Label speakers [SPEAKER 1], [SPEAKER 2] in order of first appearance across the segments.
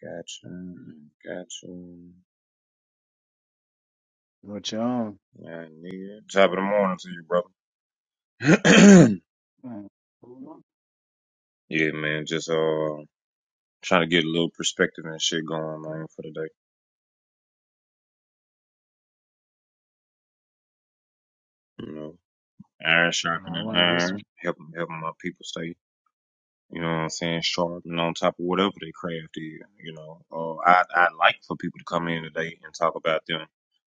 [SPEAKER 1] Gotcha. Gotcha.
[SPEAKER 2] What y'all?
[SPEAKER 1] I need it. Top of the morning to you, brother.
[SPEAKER 2] And
[SPEAKER 1] yeah, man. Just uh trying to get a little perspective and shit going, man, for the day. You know. Iron
[SPEAKER 2] I
[SPEAKER 1] sharpening
[SPEAKER 2] want to hit some.
[SPEAKER 1] iron, helping helping my people stay, you know what I'm saying, sharp and on top of whatever they craft is, you know. Uh I I like for people to come in today and talk about them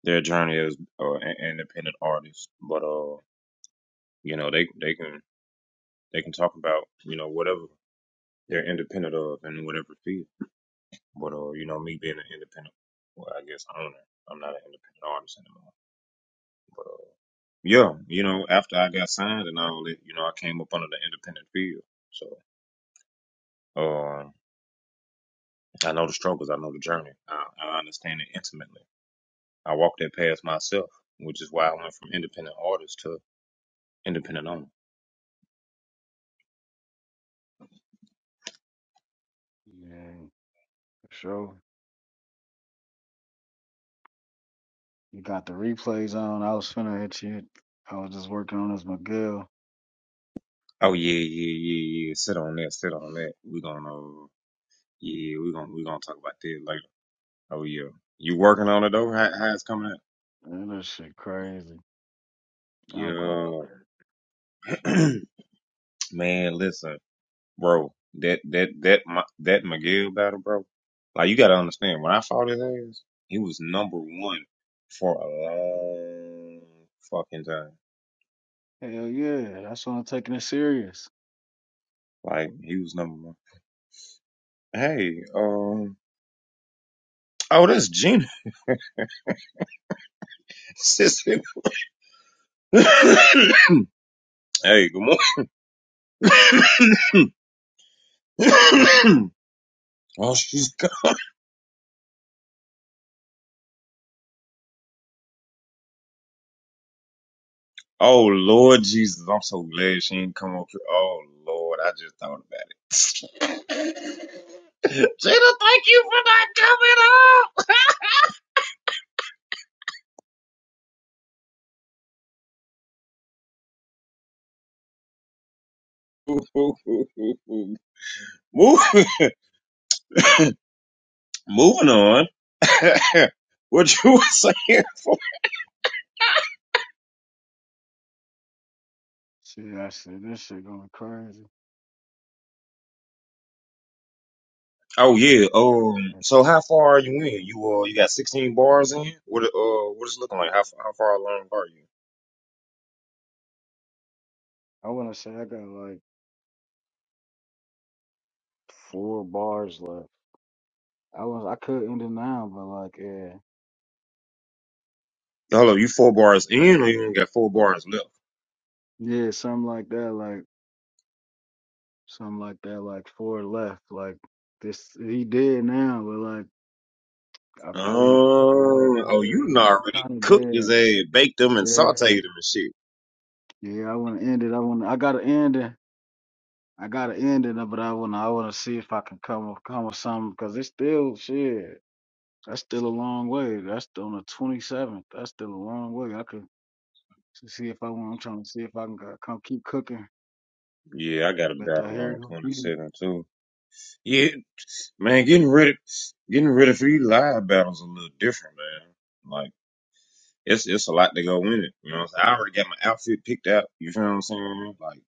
[SPEAKER 1] their journey as uh, an independent artist. But uh, you know, they they can they can talk about, you know, whatever they're independent of in whatever field. But uh, you know, me being an independent, well, I guess owner, I'm not an independent artist anymore. But uh, yeah, you know, after I got signed and all that, you know, I came up under the independent field. So uh, I know the struggles, I know the journey, I, I understand it intimately. I walked that path myself, which is why I went from independent artist to independent owner.
[SPEAKER 2] Yeah, for sure. You got the replays on. I was finna hit you. I was just working on this McGill.
[SPEAKER 1] Oh yeah, yeah, yeah, yeah. Sit on that, sit on that. We're gonna, uh, yeah, we're gonna, we're gonna talk about that later. Oh yeah, you working on it though? How, how it's coming out?
[SPEAKER 2] Man, that shit crazy. I'm going
[SPEAKER 1] Yeah,
[SPEAKER 2] crazy.
[SPEAKER 1] man. Listen, bro. That that that Ma- that McGill battle, bro. Like you gotta understand, when I fought his ass, he was number one for a long fucking time.
[SPEAKER 2] Hell yeah, that's why I'm taking it serious.
[SPEAKER 1] Like he was number one. Hey, um, oh, that's Gina. Sister. hey, good morning. oh, she's Oh Lord Jesus, I'm so glad she didn't come up here. Oh Lord, I just thought about it. Jada, thank you for not coming up. Move, moving on. what you were saying? For?
[SPEAKER 2] See, I said this shit going crazy.
[SPEAKER 1] Oh yeah. Um.
[SPEAKER 2] That's-
[SPEAKER 1] So how far are you in? You uh, you got 16 bars in. What uh, what is it looking like? How how far along are you?
[SPEAKER 2] I want to say I got like four bars left. I was I could end it now, but like yeah,
[SPEAKER 1] Hello, you four bars in, or you only got four bars left?
[SPEAKER 2] yeah, something like that, like something like that, like four left. Like this, he did now, but like. I, I wanna, I wanna,
[SPEAKER 1] Oh, oh,
[SPEAKER 2] yeah,
[SPEAKER 1] you
[SPEAKER 2] he
[SPEAKER 1] done already
[SPEAKER 2] kind of
[SPEAKER 1] cooked
[SPEAKER 2] did.
[SPEAKER 1] his egg, baked them, and sauteed
[SPEAKER 2] Yeah,
[SPEAKER 1] them and shit.
[SPEAKER 2] yeah. I wanna end it. I wanna, I gotta end it. I gotta end it, but I wanna, I wanna see if I can come, up- come with something because it's still shit. That's still a long way. That's on the twenty seventh. That's still a long way. I could s- see if I want. I'm trying to see if I can go- come keep cooking.
[SPEAKER 1] Yeah, I got a
[SPEAKER 2] But I
[SPEAKER 1] battle
[SPEAKER 2] hear
[SPEAKER 1] on
[SPEAKER 2] you.
[SPEAKER 1] twenty seven too. Yeah, man, getting ready, getting ready for these live battles a little different, man. Like it's it's a lot to go in it. You know, what I'm saying? I already got my outfit picked out. You feel what I'm saying? Like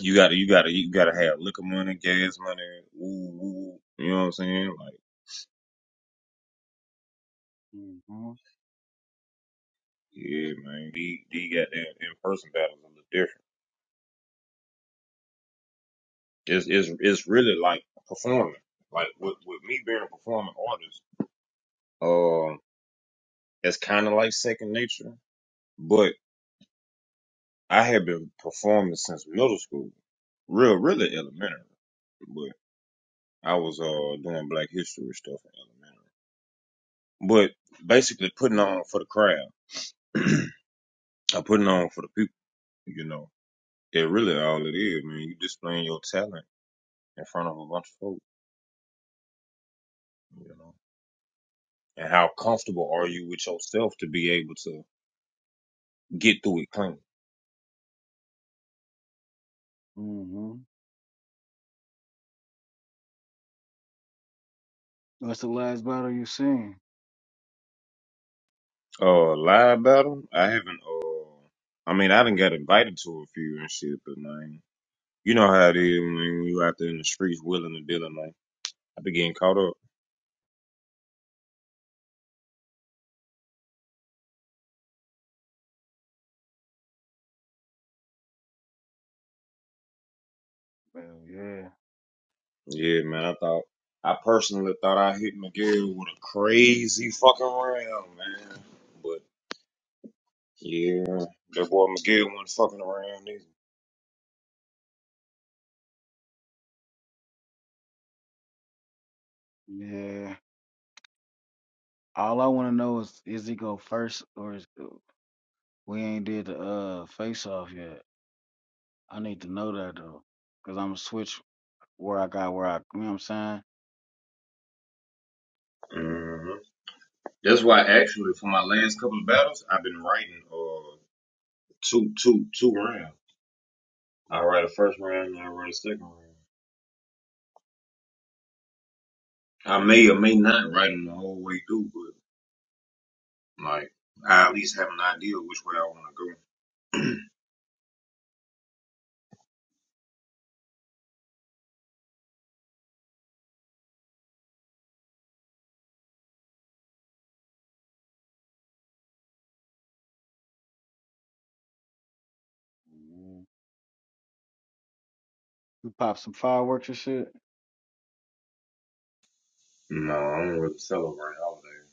[SPEAKER 1] you gotta, you gotta, you gotta have liquor money, gas money, woo woo. You know what I'm saying? Like
[SPEAKER 2] Mm-hmm.
[SPEAKER 1] yeah, man, these these goddamn in person battles a little different. It's it's, it's really like performing. Like with, with me being a performing artist, uh, it's kind of like second nature. But I have been performing since middle school, real really elementary. But I was uh doing Black History stuff in elementary. But basically putting on for the crowd, or putting on for the people. You know, it really all it is, man. You displaying your talent in front of a bunch of folks. You know, and how comfortable are you with yourself to be able to get through it clean?
[SPEAKER 2] Mm-hmm. What's the last battle you seen?
[SPEAKER 1] Oh, lie about them? I haven't. Uh, I mean, I didn't got invited to a few and shit, but man, you know how it is when when you out there in the streets, willing to dealing. Like I be getting caught up.
[SPEAKER 2] Well, yeah,
[SPEAKER 1] Yeah, man. I thought. I personally thought I hit Miguel with a crazy fucking round, man. But yeah, that boy Miguel wasn't fucking around either.
[SPEAKER 2] yeah. All I want to know is is he go first or is We ain't did the uh face off yet. I need to know that though, cause I'ma switch where I got where I. You know what I'm saying?
[SPEAKER 1] hmm That's why actually for my last couple of battles, I've been writing uh two two two rounds. I write a first round and I write a second round. I may or may not write them the whole way through, but like I at least have an idea which way I want to
[SPEAKER 2] Mhm. We pop some fireworks and shit.
[SPEAKER 1] go. No, I don't really celebrate holidays.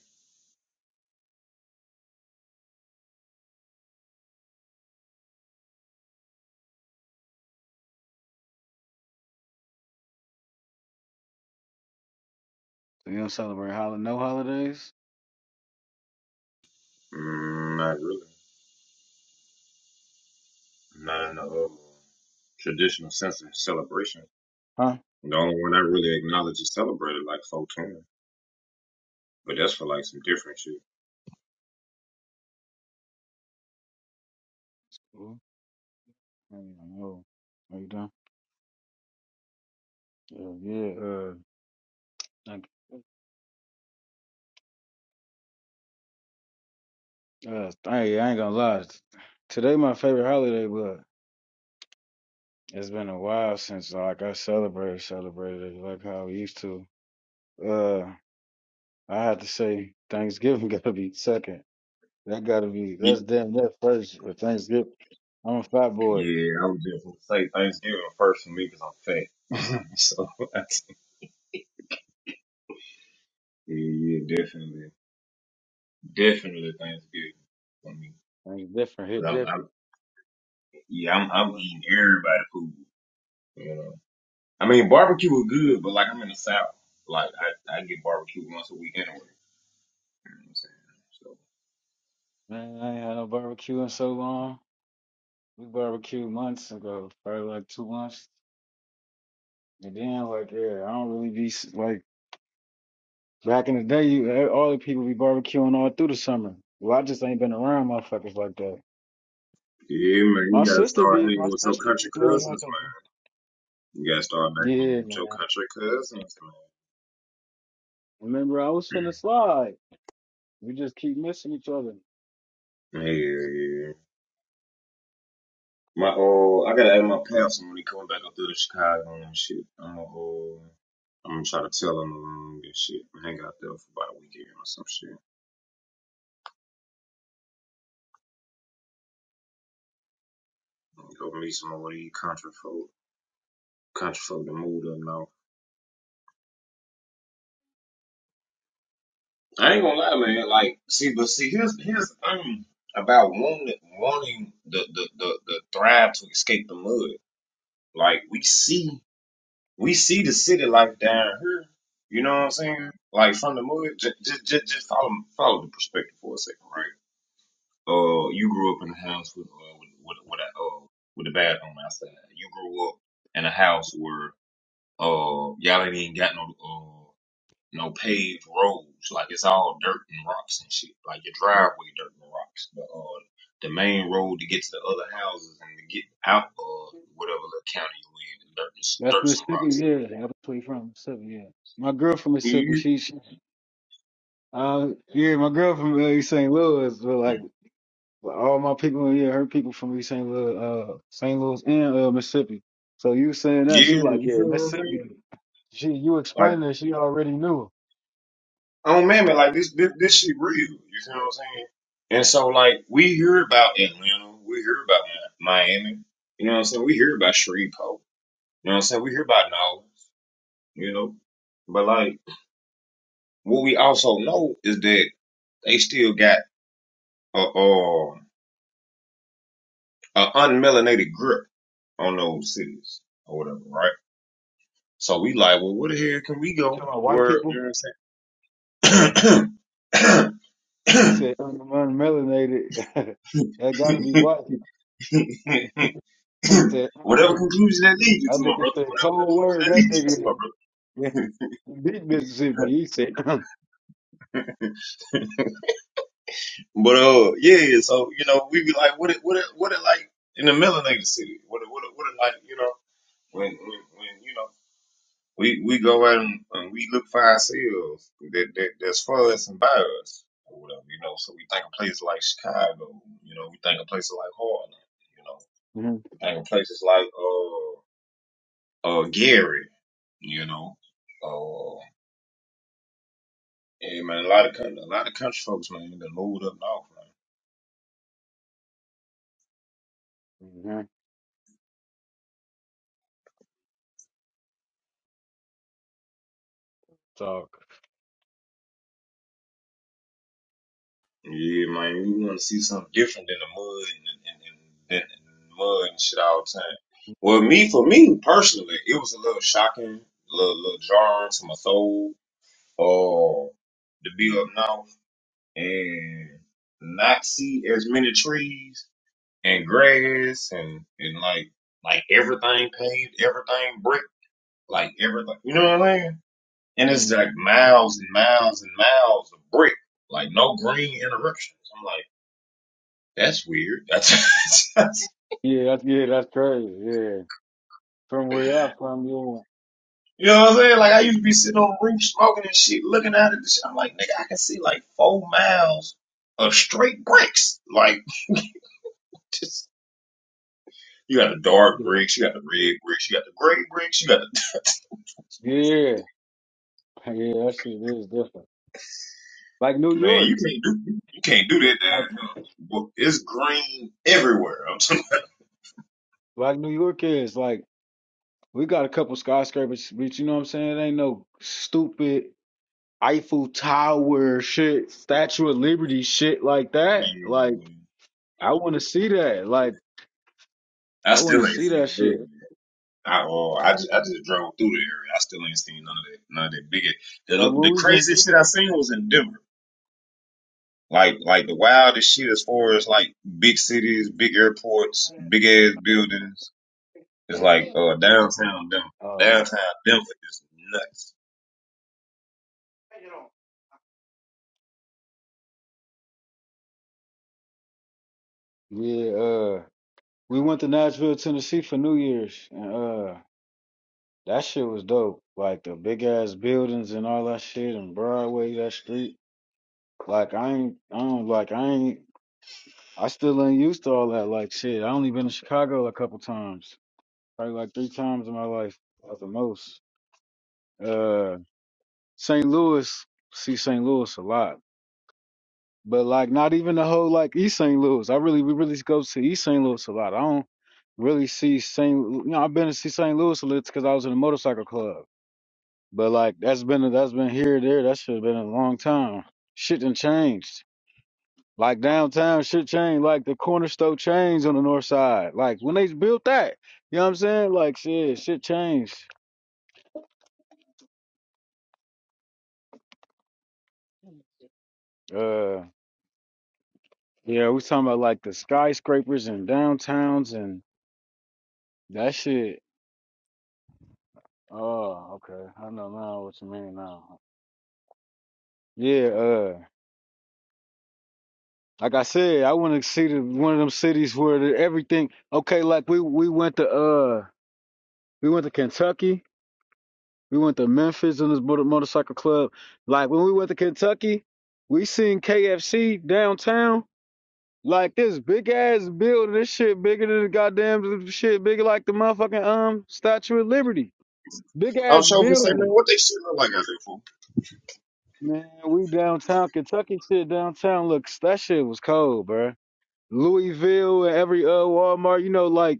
[SPEAKER 2] So you don't celebrate hol- no holidays,
[SPEAKER 1] Mm, not really. Not in the uh, traditional sense of celebration.
[SPEAKER 2] huh?
[SPEAKER 1] The only one I really acknowledge is celebrated like 420, but that's for like some different shit.
[SPEAKER 2] Cool. I don't know. Are you done? Yeah, yeah. Uh, Thank you. Uh, hey, I ain't gonna lie. Today my favorite holiday, but it's been a while since like I celebrated celebrated it like how we used to. Uh, I have to say Thanksgiving gotta be second. That gotta be that's
[SPEAKER 1] Ye-
[SPEAKER 2] damn that first for Thanksgiving. I'm a fat boy.
[SPEAKER 1] Yeah, I was just gonna say Thanksgiving first for me because I'm fat. so that's, yeah, yeah, definitely, definitely Thanksgiving for me.
[SPEAKER 2] Things different,
[SPEAKER 1] 'Cause
[SPEAKER 2] hit
[SPEAKER 1] I'm, I'm,
[SPEAKER 2] different.
[SPEAKER 1] yeah, I'm, I'm eating everybody food. You know, I mean, barbecue is good, but like I'm in the South, like I, I get barbecue once a week anyway. You know what I'm saying? So
[SPEAKER 2] Man, I ain't had no barbecue in so long. We barbecued months ago, probably like two months. And then like yeah, I don't really be s- like back in the day. You eh, all the people be barbecuing all through the summer. Well, I just ain't been around motherfuckers like that.
[SPEAKER 1] Yeah, man,
[SPEAKER 2] My
[SPEAKER 1] you gotta
[SPEAKER 2] sister
[SPEAKER 1] start
[SPEAKER 2] be
[SPEAKER 1] hanging
[SPEAKER 2] my
[SPEAKER 1] with your
[SPEAKER 2] sister
[SPEAKER 1] country
[SPEAKER 2] be doing like
[SPEAKER 1] cousins,
[SPEAKER 2] a
[SPEAKER 1] man. You gotta start back hanging
[SPEAKER 2] yeah
[SPEAKER 1] with your
[SPEAKER 2] man.
[SPEAKER 1] country cousins,
[SPEAKER 2] Remember I was finna slide. We just keep missing each other.
[SPEAKER 1] man. yeah, yeah. My oh, I gotta add my pops when he coming back up through to Chicago and shit. I'm gonna uh, I'm gonna try to tell him along and shit. Hang out there for about a weekend or some shit. Go meet some of these country folk, country folk that moved up north. I ain't gonna lie, man. Like, see, but see, here's here's the thing about wanting wanting the the the, the thrive to escape the mud. Like, we see we see the city life down here. You know what I'm saying? Like from the mud, just just just, just follow follow the perspective for a second, right? Uh, you grew up in a house with uh, with with, with a uh, with a bathroom outside. You grew up in a house where uh y'all ain't even got no uh, no paved roads. Like it's all dirt and rocks and shit. Like your driveway dirt and rocks. But uh, the main road to get to the other houses and to get out of whatever little county you in, dirt, and-
[SPEAKER 2] That's
[SPEAKER 1] dirt and
[SPEAKER 2] Mississippi,
[SPEAKER 1] rocks.
[SPEAKER 2] yeah. I am tweet from Mississippi, yeah. My girl from Mississippi,
[SPEAKER 1] You-
[SPEAKER 2] she, she uh, yeah, my girl from uh, East St. Louis, but like all my people, yeah, her people from East St. Louis, uh, St. Louis and uh, Mississippi. So you saying that, she
[SPEAKER 1] Yeah,
[SPEAKER 2] like,
[SPEAKER 1] you
[SPEAKER 2] yeah,
[SPEAKER 1] feel what I'm saying?
[SPEAKER 2] Mississippi. She, you
[SPEAKER 1] Like,
[SPEAKER 2] explained it, she already knew.
[SPEAKER 1] oh man, man, like this, this, this shit real. You feel what I'm saying? And so, like, we hear about Atlanta, we hear about Mi- Miami. You know what I'm saying? We hear about Shreveport. You know what I'm saying? We hear about Nolens. You know, but like. What we also know is that they still got a, uh, a unmelanated grip on those cities or whatever, right? So we like, well, where the hell can we go?
[SPEAKER 2] Talking about white
[SPEAKER 1] Where you
[SPEAKER 2] people,
[SPEAKER 1] know what I'm saying?
[SPEAKER 2] you said un- unmelanated. that gotta be white. He said,
[SPEAKER 1] whatever
[SPEAKER 2] that
[SPEAKER 1] conclusion that leads you to, my
[SPEAKER 2] nigga
[SPEAKER 1] brother.
[SPEAKER 2] said
[SPEAKER 1] Whatever
[SPEAKER 2] cold
[SPEAKER 1] conclusion
[SPEAKER 2] word.
[SPEAKER 1] that
[SPEAKER 2] That
[SPEAKER 1] leads you to, my
[SPEAKER 2] nigga, yeah,
[SPEAKER 1] brother.
[SPEAKER 2] deep Mississippi. He said.
[SPEAKER 1] but uh, yeah. yeah, So you know, we be like, what it, what it, what it like in the melanated city? What it, what it, what it like? You know, when, when, when you know. We we go out and, and we look for ourselves that, that that's for us and by us or whatever, you know. So we think of places like Chicago, you know, we think of places like Harlem, you know, we think of places like uh uh Gary, you know. Uh yeah man, a lot of country, a lot of country folks, man, they moved up north, man.
[SPEAKER 2] hmm Talk.
[SPEAKER 1] Yeah, man, we wanna see something different than the mud and, and, and, and, and mud and shit all the time. Well, me for me personally, it was a little shocking, a little, little jarring to my soul uh, to be up north and not see as many trees and grass and, and like like everything paved, everything brick, like everything. You know what I'm saying? And it's
[SPEAKER 2] hmm
[SPEAKER 1] like miles and miles and miles of brick, like no green interruptions. I'm like, that's weird. That's, that's
[SPEAKER 2] Yeah, that's yeah, that's crazy. Yeah, from where I'm from, you
[SPEAKER 1] you know what I'm saying? Like I used to be sitting on the roof smoking and shit, looking out at the shit. I'm like, nigga, I can see like four miles of straight bricks, like. You got the dark
[SPEAKER 2] yeah,
[SPEAKER 1] bricks, you got the red bricks, you got the gray bricks, you got the
[SPEAKER 2] yeah, yeah. That shit is different. Like New
[SPEAKER 1] man. You
[SPEAKER 2] York,
[SPEAKER 1] can't do you can't do that down
[SPEAKER 2] like
[SPEAKER 1] here. But it's green everywhere. I'm telling
[SPEAKER 2] like New York is like we got a couple skyscrapers, but you know what I'm saying? It ain't no stupid Eiffel Tower shit, Statue of Liberty shit like that. Like
[SPEAKER 1] you,
[SPEAKER 2] I want to see that. Like
[SPEAKER 1] I
[SPEAKER 2] I want to
[SPEAKER 1] still ain't
[SPEAKER 2] see that
[SPEAKER 1] seen that. yet.
[SPEAKER 2] shit.
[SPEAKER 1] I oh, I just, I just drove through the area. I still ain't seen none of that none of that big. The
[SPEAKER 2] Like what
[SPEAKER 1] the
[SPEAKER 2] was it?
[SPEAKER 1] craziest shit I seen was in Denver. Like like the wildest shit as far as like big cities, big airports, big ass buildings. It's like uh downtown Denver.
[SPEAKER 2] Uh,
[SPEAKER 1] Downtown Denver is nuts.
[SPEAKER 2] yeah, uh. We went to Nashville, Tennessee for New Year's, and uh, that shit was dope. Like the big ass buildings and all that shit, and Broadway, that street. Like I ain't, I don't like, I ain't, I still ain't used to all that. Like shit, I only been to Chicago a couple times, probably like three times in my life at the most. Uh, St. Louis, see St. Louis a lot. But like not even the whole like East St. Louis. I really we really go to East St. Louis a lot. I don't really see St. Lu- You know, I've been to see St. Louis a little because I was in a motorcycle club. But like that's been that's been here there. That should have been a long time. Shit done changed. Like downtown shit changed. Like the corner store changed on the north side. Like when they built that, you know what I'm saying? Like shit, shit changed. Uh, yeah, we talking about like the skyscrapers and downtowns and that shit. Oh, okay. I know now what you mean now. Yeah, uh, like I said, I want to see the, one of them cities where the, everything. Okay, like we we went to uh we went to Kentucky, we went to Memphis in this motor, motorcycle club. Like when we went to Kentucky, we seen KFC downtown. Like this big ass building, this shit bigger than the goddamn shit, bigger like the motherfucking um Statue of Liberty. Big
[SPEAKER 1] I'm
[SPEAKER 2] ass
[SPEAKER 1] sure if you say,
[SPEAKER 2] building.
[SPEAKER 1] man, what they shit look like out there for?
[SPEAKER 2] Man, we downtown Kentucky shit downtown looks that shit was cold, bruh. Louisville and every uh Walmart, you know, like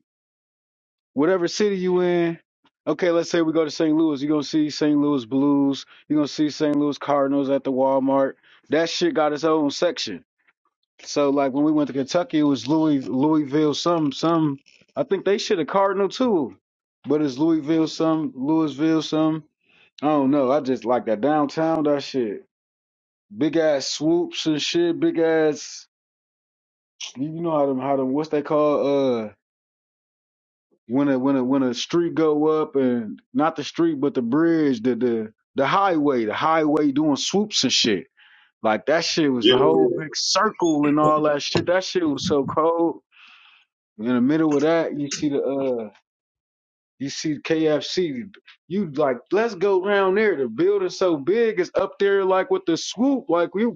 [SPEAKER 2] whatever city you in. Okay, let's say we go to St. Louis, you're gonna see St. Louis Blues, you're gonna see St. Louis Cardinals at the Walmart. That shit got its own section. So like when we went to Kentucky, it was Louis Louisville some some I think they should have Cardinal too. But it's Louisville some, Louisville some. I don't know. I just like that downtown that shit big ass swoops and shit, big ass you know how them how them what's they call uh when a when a when a street go up and not the street but the bridge, the the the highway, the highway doing swoops and shit. Like that shit was
[SPEAKER 1] Yeah,
[SPEAKER 2] the whole big circle and all that shit. That shit was so cold. In the middle of that, you see the uh You see KFC, you like, let's go round there. The building's so big, it's up there like with the swoop, like we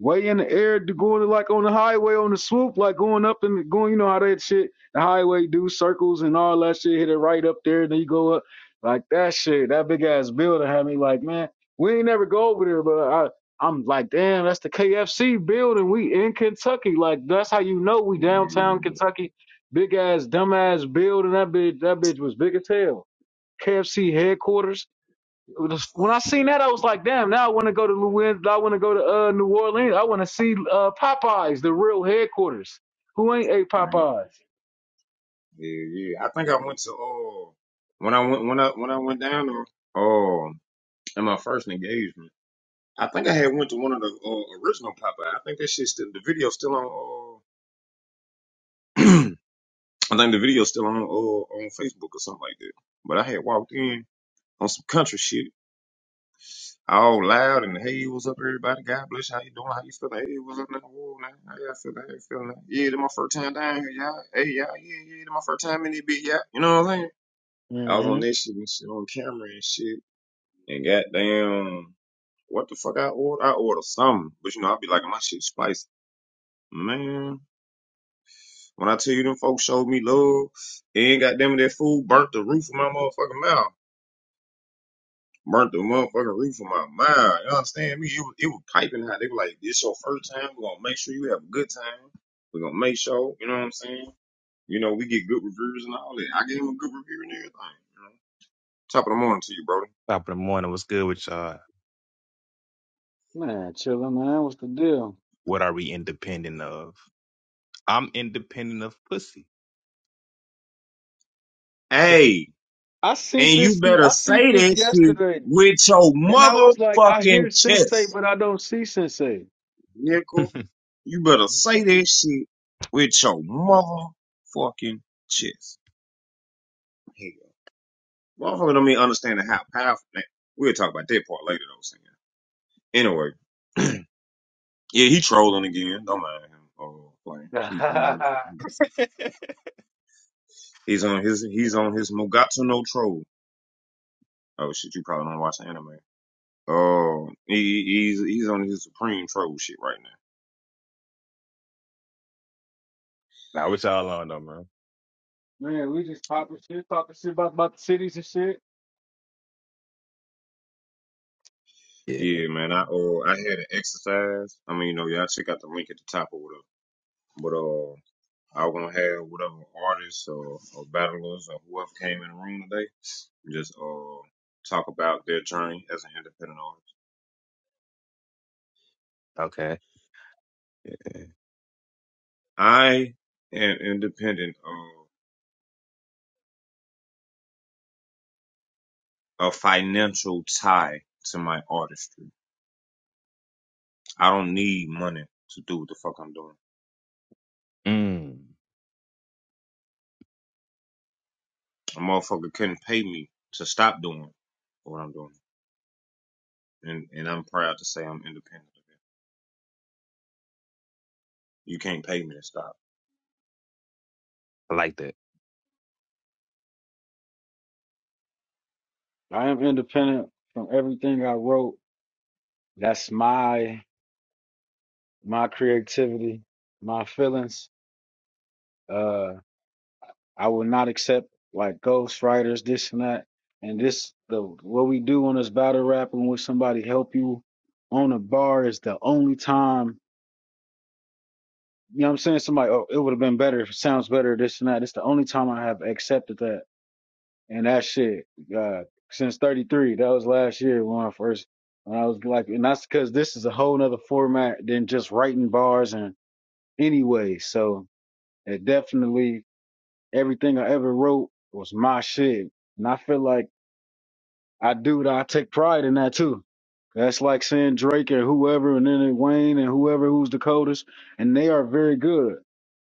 [SPEAKER 2] way in the air, to going like on the highway on the swoop, like going up and going. You know how that shit, the highway do circles and all that shit. Hit it right up there, and then you go up like that shit. That big ass building had me like, man, we ain't never go over there, but I. I'm like, damn, that's the KFC building. We in Kentucky. Like, that's how you know we downtown
[SPEAKER 1] yeah,
[SPEAKER 2] Kentucky Big ass, dumb ass building. That bitch, that bitch was big as hell. KFC headquarters. It was- When I seen that, I was like, damn. Now I want to go to Louis. I want to go to uh, New Orleans. I want to see uh, Popeyes, the real headquarters. Who ain't ate
[SPEAKER 1] man.
[SPEAKER 2] Popeyes?
[SPEAKER 1] yeah, yeah. I think I went to uh when I went when I when I went down there, uh, in my first engagement. I think I had went to one of the uh, original Popeye. I think that shit still the video still on. Uh, I think the video still on uh, on Facebook or something like that. But I had walked in on some country shit all loud and hey, what's up, everybody? God bless you. How you doing? How you feeling? Hey, what's up in the world, man? How y'all feeling? How you feeling? Yeah, this my first time down here, y'all. Hey, y'all, yeah, yeah, this my first time in this bitch, y'all. You know what I'm saying? I was
[SPEAKER 2] hmm
[SPEAKER 1] on this shit and shit on camera and shit, and goddamn, what the fuck I ordered? I ordered something, but you know, I be like, my shit spicy. Man, when I tell you them folks showed me love, and goddamn, that food burnt the roof of my motherfucking mouth. burnt the motherfucking roof of my mind. You understand me? It was, it was piping hot. They were like, this your first time. We're going to make sure you have a good time. We're going to make sure, you know what I'm saying? You know, we get good reviews and all that. I gave him a good review and everything. You know? Top of the morning to you, brody.
[SPEAKER 3] Top of the morning. What's good with y'all?
[SPEAKER 2] Man, chilling, man. What's the deal?
[SPEAKER 3] What are we independent of? I'm independent of pussy.
[SPEAKER 1] Hey,
[SPEAKER 2] I seen
[SPEAKER 1] and you
[SPEAKER 2] this.
[SPEAKER 1] better
[SPEAKER 2] I seen
[SPEAKER 1] say
[SPEAKER 2] this
[SPEAKER 1] that shit
[SPEAKER 2] yesterday,
[SPEAKER 1] with your
[SPEAKER 2] and I was like, I
[SPEAKER 1] motherfucking
[SPEAKER 2] hear Sensei,
[SPEAKER 1] chest,
[SPEAKER 2] but I don't see Sensei.
[SPEAKER 3] now,
[SPEAKER 1] nickel. You better say that shit with your motherfucking chest. Hell. Motherfucker don't even understand how powerful. Man, we'll talk about that part later, though. Sam. Anyway, yeah, he trolling again. Don't mind him. Oh, Flames. He, he
[SPEAKER 2] man,
[SPEAKER 1] he's on his he's on his Mogatsu no troll. Oh shit, you probably don't watch the anime. Oh, he he's he's on his supreme troll shit right now.
[SPEAKER 3] what y'all on though, man?
[SPEAKER 2] we just popping shit, talking shit about, about the cities and shit.
[SPEAKER 3] Yeah.
[SPEAKER 1] Yeah, man. I uh I had an exercise. I mean, you know, y'all check out the link at the top or whatever. But uh, I want to have whatever artists or, or battlers or whoever came in the room today just uh talk about their journey as an independent artist.
[SPEAKER 3] Okay.
[SPEAKER 1] I am independent of a financial tie to my artistry. I don't need money to do what the fuck I'm doing.
[SPEAKER 3] Mm.
[SPEAKER 1] A motherfucker couldn't pay me to stop doing what I'm doing, and and I'm proud to say I'm independent. of it. You can't pay me to stop.
[SPEAKER 3] I like that.
[SPEAKER 2] I am independent from everything I wrote. That's my my creativity, my feelings. Uh, I will not accept like ghostwriters, this and that. And this the what we do on this battle rap and when somebody help you on a bar is the only time you know what I'm saying? Somebody, oh, it would have been better if it sounds better, this and that. It's the only time I have accepted that And that shit, God, since 33, that was last year when I first, when I was like, and that's because this is a whole nother format than just writing bars and anyway. So it definitely, everything I ever wrote was my shit. And I feel like I do that. I take pride in that too. That's like saying Drake and whoever, and then Wayne and whoever who's the coldest, and they are very good.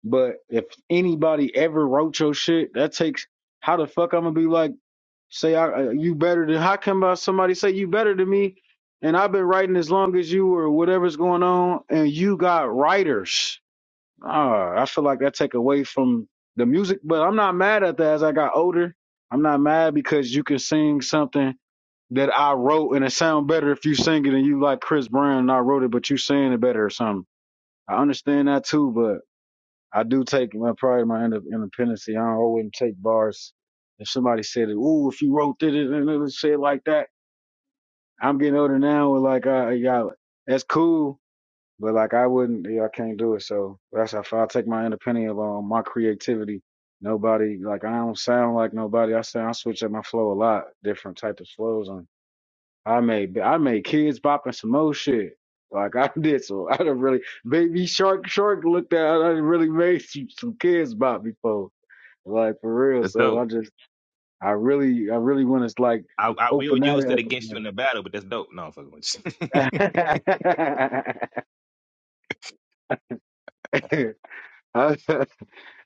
[SPEAKER 2] But if anybody ever wrote your shit, that takes how the fuck I'm gonna be like. Say I uh, you better than how come uh, somebody say you better than me, and I've been writing as long as you or whatever's going on, and you got writers. Ah, I feel like that take away from the music, but I'm not mad at that. As I got older, I'm not mad because you can sing something that I wrote, and it sound better if you sing it and you like Chris Brown and I wrote it, but you saying it better or something. I understand that too, I do take my pride, my inde- independence. I do not always take bars. If somebody said, it, "Ooh, if you wrote it and it was shit like that," I'm getting older now. With like, uh, yeah, that's cool, but like, I wouldn't. Yeah, I can't do it. So that's how far I take my independence of um, my creativity. Nobody like I don't sound like nobody. I sound I switch up my flow a lot, different type of flows. and. I made I made kids bopping some more shit. Like I did so I done really baby shark shark looked at I done really made some, some kids bop before. Like for real.
[SPEAKER 3] That's
[SPEAKER 2] So
[SPEAKER 3] dope.
[SPEAKER 2] I just I really I really wanna like
[SPEAKER 3] I, I will
[SPEAKER 2] open that
[SPEAKER 3] use that
[SPEAKER 2] up
[SPEAKER 3] against you
[SPEAKER 2] again.
[SPEAKER 3] in the battle, but that's dope. No, I'm fucking with you.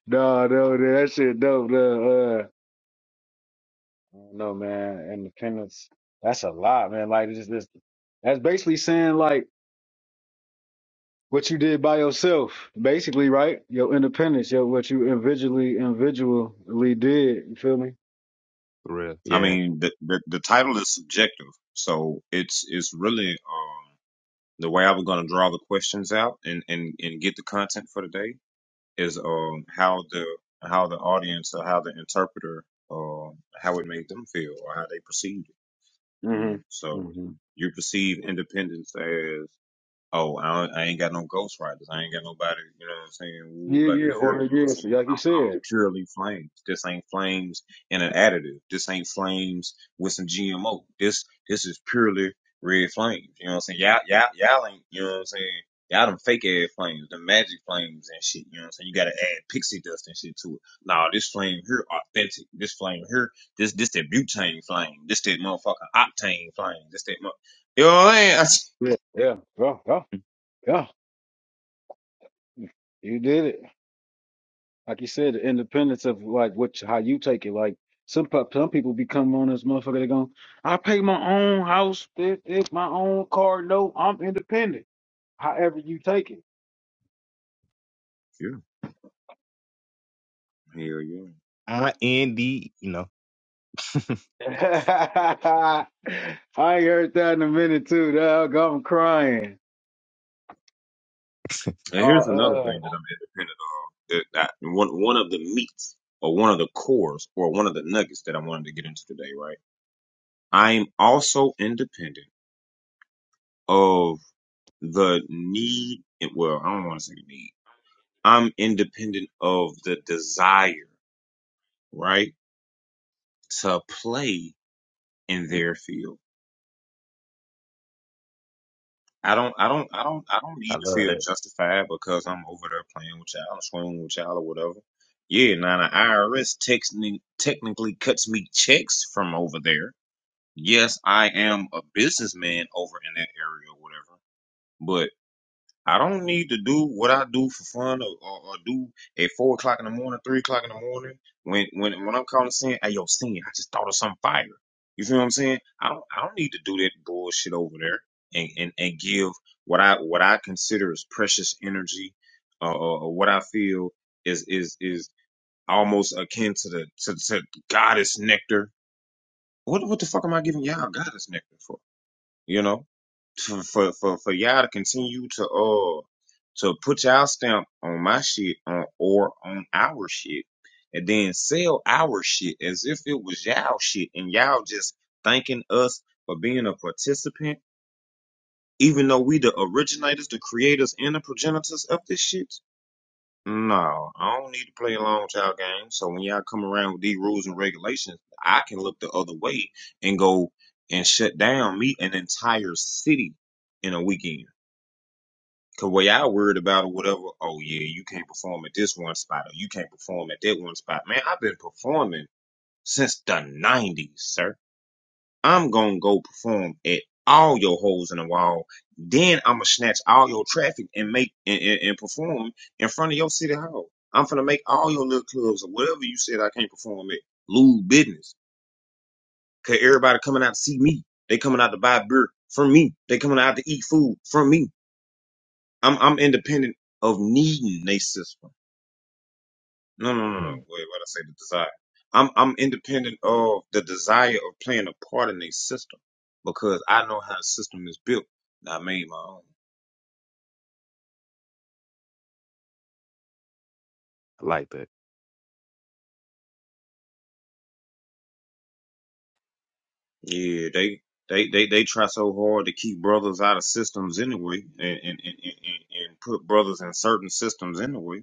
[SPEAKER 2] no, no, no, that shit dope. No, uh, I man. Independence. That's a lot, man. Like this, this. That's basically saying like what you did by yourself, basically, right? Your independence, your what you individually individually did. You feel me?
[SPEAKER 3] For real.
[SPEAKER 1] I
[SPEAKER 3] Yeah.
[SPEAKER 1] mean, the the, the title is subjective, so it's it's really. Um, The way I was going to draw the questions out and, and, and get the content for today is um how the how the audience or how the interpreter uh, how it made them feel or how they perceived it. You
[SPEAKER 2] hmm
[SPEAKER 1] know, so
[SPEAKER 2] hmm
[SPEAKER 1] you perceive independence as Oh, I, don't, I ain't got no ghost riders. I ain't got nobody, you know what I'm saying, woo
[SPEAKER 2] Yeah,
[SPEAKER 1] like
[SPEAKER 2] yeah,
[SPEAKER 1] this here. You
[SPEAKER 2] or
[SPEAKER 1] know what I'm,
[SPEAKER 2] yes,
[SPEAKER 1] saying?
[SPEAKER 2] like you
[SPEAKER 1] I'm I'm
[SPEAKER 2] said.
[SPEAKER 1] purely flames. This ain't flames and an additive. This ain't flames with some GMO. This this is purely red flames. You know what I'm saying? Y'all, y'all, y'all ain't, you know what I'm saying? Y'all them fake ass flames, the magic flames and shit. You know what I'm saying? You gotta add pixie dust and shit to it. Nah, this flame here authentic. This flame here, this this that butane flame. This that motherfucking octane flame. This that mo- You know what I'm saying?
[SPEAKER 2] Yeah, yeah, yeah, yeah, yeah. You did it. Like you said, the independence of like what how you take it. Like some pop- some people become on this motherfucker. They going, I pay my own house, it, it's my own car. No, I'm independent. However you take it.
[SPEAKER 1] Hell yeah.
[SPEAKER 3] I N D. You know,
[SPEAKER 2] I ain't heard that in a minute too, dog. I'm crying.
[SPEAKER 1] And here's another thing
[SPEAKER 2] Oh, uh.
[SPEAKER 1] that I'm independent of. That, that one one of the meats or one of the cores or one of the nuggets that I wanted to get into today, right? I'm also independent of the need. Well, I don't want to say the need. I'm independent of the desire, right, to play in their field. I don't, I don't, I don't, I don't need
[SPEAKER 3] I
[SPEAKER 1] to
[SPEAKER 3] love
[SPEAKER 1] feel
[SPEAKER 3] that.
[SPEAKER 1] justified because I'm over there playing with y'all, or swinging with y'all, or whatever. Yeah, now the IRS techni- technically cuts me checks from over there. Yes, I am a businessman over in that area, or whatever. I don't need to do what I do for fun or, or, or do at four o'clock in the morning, three o'clock in the morning. When when when I'm calling saying, "Hey, yo, sin," I just thought of some fire. You feel what I'm saying? I don't I don't need to do that bullshit over there and and, and give what I what I consider is precious energy, uh, or, or what I feel is is is almost akin to the to, to goddess nectar. What what the fuck am I giving y'all goddess nectar for? you know, to, for for for y'all to continue to uh to put y'all stamp on my shit on or on our shit, and then sell our shit as if it was y'all shit, and y'all just thanking us for being a participant, even though we the originators, the creators, and the progenitors of this shit. No, I don't need to play a long child game. So when y'all come around with these rules and regulations, I can look the other way and go and shut down me an entire city in a weekend. Cause what y'all worried about or whatever, oh yeah, you can't perform at this one spot or you can't perform at that one spot. Man, I've been performing since the nineties, sir. I'm gonna go perform at all your holes in the wall. Then I'm gonna snatch all your traffic and make and, and, and perform in front of your city hall. I'm gonna make all your little clubs or whatever you said I can't perform at lose business. Cause everybody coming out to see me. They coming out to buy beer from me. They coming out to eat food from me. I'm I'm independent of needing they system. No, no, no, no.
[SPEAKER 3] Mm.
[SPEAKER 1] Wait, what I say the desire. I'm I'm independent of the desire of playing a part in a system because I know how the system is built. and I made my own.
[SPEAKER 3] I like that.
[SPEAKER 1] Yeah, they they they they try so hard to keep brothers out of systems anyway, and and and, and, and and put brothers in certain systems anyway.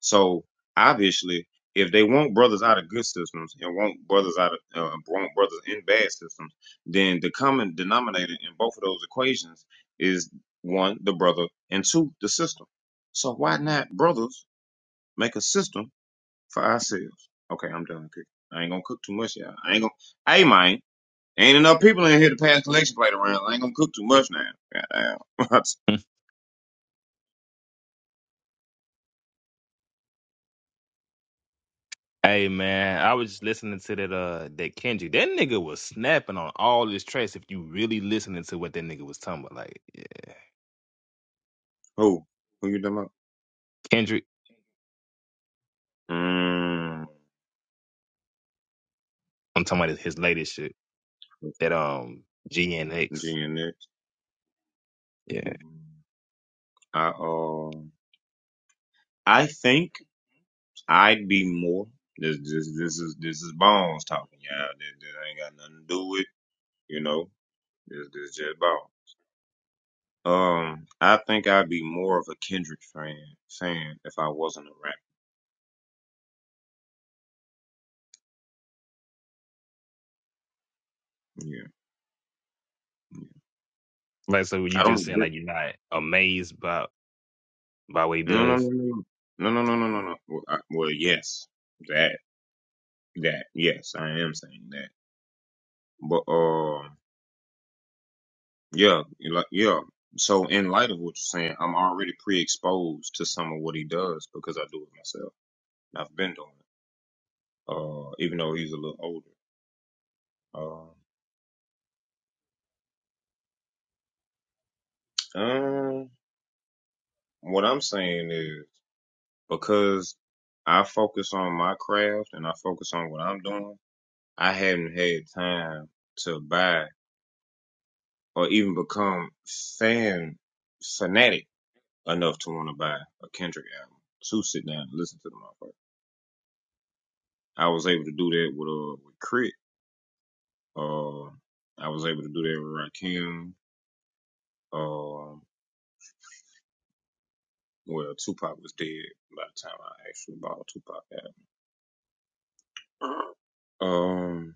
[SPEAKER 1] So obviously, if they want brothers out of good systems and want brothers out of uh, want brothers in bad systems, then the common denominator in both of those equations is one, the brother, and two, the system. So why not brothers make a system for ourselves? Okay, I'm done cooking. I ain't gonna cook too much, y'all. I ain't gonna. Hey, man, ain't enough people in here to pass collection plate around. I ain't gonna cook too much now. Goddamn. What's-
[SPEAKER 3] Hey man, I was just listening to that uh that Kendrick. That nigga was snapping on all his tracks if you really listening to what that nigga was talking about. Like yeah.
[SPEAKER 1] Who? Who you talking about?
[SPEAKER 3] Kendrick
[SPEAKER 1] Mmm.
[SPEAKER 3] I'm talking about his latest shit. That um GNX.
[SPEAKER 1] Continue next.
[SPEAKER 3] Yeah.
[SPEAKER 1] I uh, um, I think I'd be more. This this this is this is Bones talking, y'all. This, this ain't got nothing to do with you know. This this just Bones. Um, I think I'd be more of a Kendrick fan fan if I wasn't a rapper. Yeah, yeah.
[SPEAKER 3] Like so you
[SPEAKER 1] I
[SPEAKER 3] just
[SPEAKER 1] don't.
[SPEAKER 3] saying
[SPEAKER 1] di-
[SPEAKER 3] like you're not amazed by by what he
[SPEAKER 1] No, no,
[SPEAKER 3] does?
[SPEAKER 1] no, no, no, no, no, no, no. no. Well, I, well, yes, that that yes, I am saying that. But um. Yeah, you like yeah. So in light of what you're saying, I'm already pre-exposed to some of what he does because I do it myself. And I've been doing it, uh, even though he's a little older. Uh, um, what I'm saying is because I focus on my craft and I focus on what I'm doing, I hadn't had time to buy or even become fan fanatic enough to want to buy a Kendrick album to sit down and listen to the motherfucker. I was able to do that with uh with Crit Uh, I was able to do that with Rakim. Um, well, Tupac was dead by the time I actually bought a Tupac album. Um,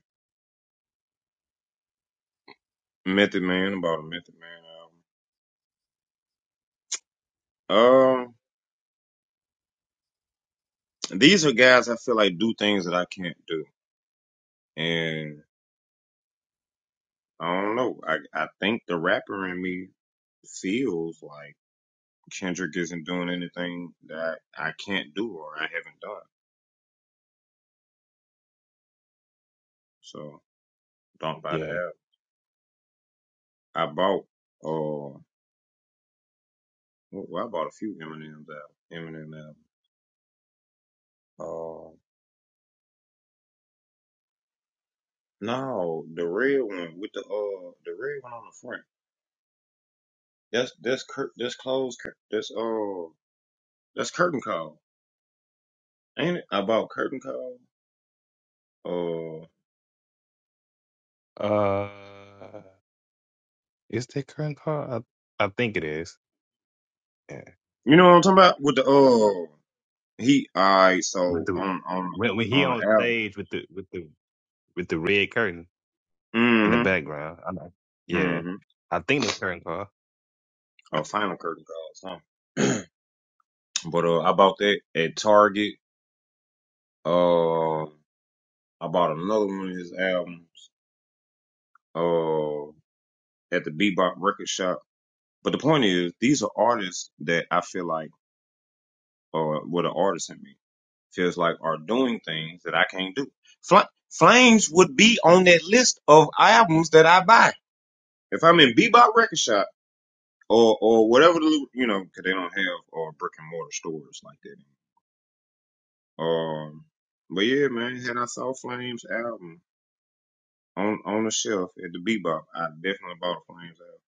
[SPEAKER 1] Method Man, about a Method Man album. Um, these are guys I feel like do things that I can't do, and I don't know. I I think the rapper in me feels like Kendrick isn't doing anything that I can't do or I haven't done. So don't buy the
[SPEAKER 3] Yeah.
[SPEAKER 1] album. I bought. uh Well, well, I bought a few Eminem's out. Eminem album. Uh, no, the red one with the uh, the red one on the front. That's that's cur- that's closed. Cur- that's uh, that's curtain call, ain't it? I bought curtain call. Uh,
[SPEAKER 3] Uh is that current car? I, I think it is. Yeah.
[SPEAKER 1] you know what I'm talking about with the uh, he. Alright,
[SPEAKER 3] But
[SPEAKER 1] so
[SPEAKER 3] the,
[SPEAKER 1] on on
[SPEAKER 3] when when he
[SPEAKER 1] on
[SPEAKER 3] on
[SPEAKER 1] the album.
[SPEAKER 3] stage with the with the with the red curtain in the
[SPEAKER 1] Mm-hmm.
[SPEAKER 3] background. I know. Yeah.
[SPEAKER 1] Mm-hmm.
[SPEAKER 3] I think that's current car.
[SPEAKER 1] Oh, final curtain call. or Something. but uh, I bought that at Target. Uh, I bought another one of his albums. Uh. at the Bebop Record Shop. But the point is, these are artists that I feel like, or what an artist in me feels like, are doing things that I can't do. Fl- Flames would be on that list of albums that I buy if I'm in Bebop Record Shop or or whatever the you know, because they don't have or brick and mortar stores like that. Um, but yeah, man, had I saw Flames album on on the shelf at the Bebop, I definitely bought a Flames album.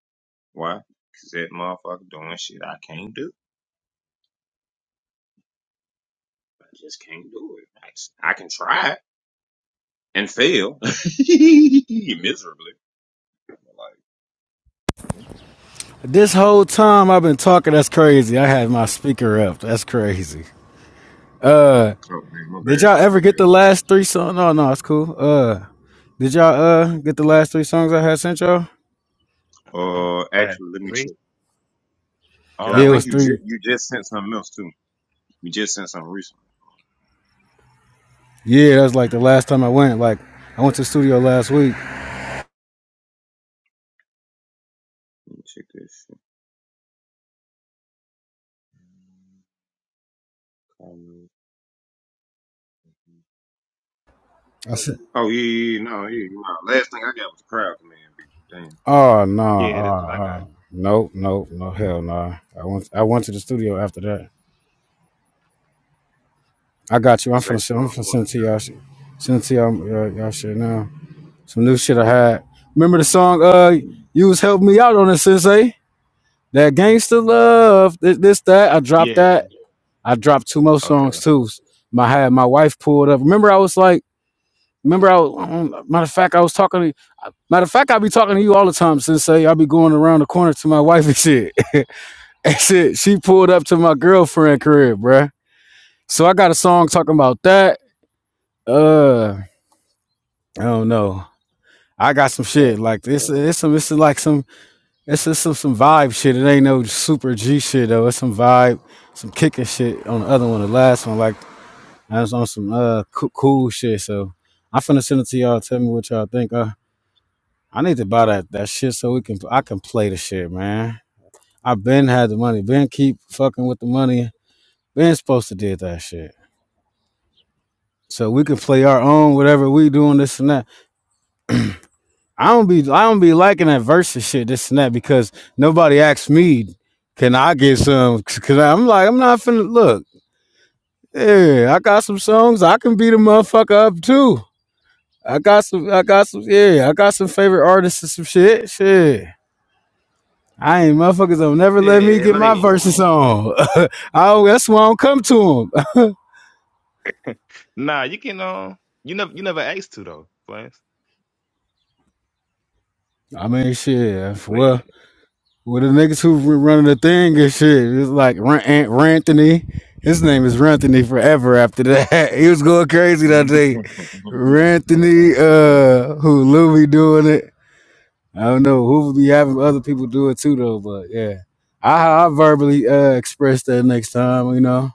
[SPEAKER 1] Cause that motherfucker doing shit I can't do. I just can't do it. I, I can try and fail miserably. Like,
[SPEAKER 2] This whole time I've been talking, that's crazy. I had my speaker up. That's crazy. Uh,
[SPEAKER 1] oh man, my
[SPEAKER 2] did
[SPEAKER 1] bad,
[SPEAKER 2] y'all
[SPEAKER 1] bro.
[SPEAKER 2] ever get the last three songs? No, no, it's cool. Uh, did y'all uh get the last three songs I had sent y'all?
[SPEAKER 1] Uh,
[SPEAKER 3] Fast
[SPEAKER 1] actually, let me
[SPEAKER 3] three.
[SPEAKER 1] check because
[SPEAKER 2] Yeah,
[SPEAKER 1] I
[SPEAKER 2] it was
[SPEAKER 1] think
[SPEAKER 3] Um
[SPEAKER 1] you ju-
[SPEAKER 2] three.
[SPEAKER 1] you just sent something else too. You just sent something recently.
[SPEAKER 2] Yeah, that was like the last time I went. Like I went to the studio last week.
[SPEAKER 1] Let me check this. Shit. Um,
[SPEAKER 2] I said,
[SPEAKER 1] Oh yeah, yeah, yeah, no, yeah, you right. Last thing I got was a crowd command beat. Damn,
[SPEAKER 2] oh no,
[SPEAKER 3] yeah, that's
[SPEAKER 2] uh,
[SPEAKER 3] what I got.
[SPEAKER 2] uh, nope, nope, no hell no. I went, I went to the studio after that. I got you. I'm
[SPEAKER 1] that's like
[SPEAKER 2] finna send. I'm
[SPEAKER 1] John
[SPEAKER 2] finna
[SPEAKER 1] for
[SPEAKER 2] send it to y'all. shit. Send it to y'all. Y'all, y'all shit now. Some new shit I had. Remember the song? Uh, you was helping me out on it, Sensei. That gangster love. This, this, that. I dropped
[SPEAKER 3] Yeah.
[SPEAKER 2] that. I dropped two more
[SPEAKER 3] Okay.
[SPEAKER 2] songs too. My I had my wife pulled up. Remember, I was like, remember, I was, um, matter of fact, I was talking to. Matter of fact, I be talking to you all the time, Sensei. I be going around the corner to my wife and shit. and shit, she pulled up to my girlfriend crib, bruh. So I got a song talking about that. Uh. I don't know. I got some shit like this. It's some. It's like some. It's just some some vibe shit. It ain't no super G shit though. It's some vibe, some kicking shit on the other one. The last one, like I was on some uh cool, cool shit. So I'm finna send it to y'all. Tell me what y'all think. Uh, I need to buy that that shit so we can I can play the shit, man. I been had the money. Been keep fucking with the money. Been supposed to did that shit. So we can play our own whatever we doing this and that. I don't be I don't be liking that versus shit, this and that, because nobody asked me, can I get some? Cause I'm like, I'm not finna look. Yeah, I got some songs. I can beat a motherfucker up too. I got some I got some yeah, I got some favorite artists and some shit. Shit. I ain't motherfuckers don't never let
[SPEAKER 3] Yeah,
[SPEAKER 2] me get
[SPEAKER 3] like
[SPEAKER 2] my verses on. I that's why I don't come to them.
[SPEAKER 3] nah, you can um you never you never asked to though, Flames.
[SPEAKER 2] I mean shit. yeah,
[SPEAKER 3] But
[SPEAKER 2] Well With the niggas who were running the thing and shit. It's like Ran- Ant- Ranthony. His name is Ranthony forever after that. he was going crazy that day.
[SPEAKER 1] the crowd. Yeah.
[SPEAKER 2] Ranthony, uh, who Louie doing it. I don't know who be having other people do it too though, but yeah. I I verbally uh express that next time, you know.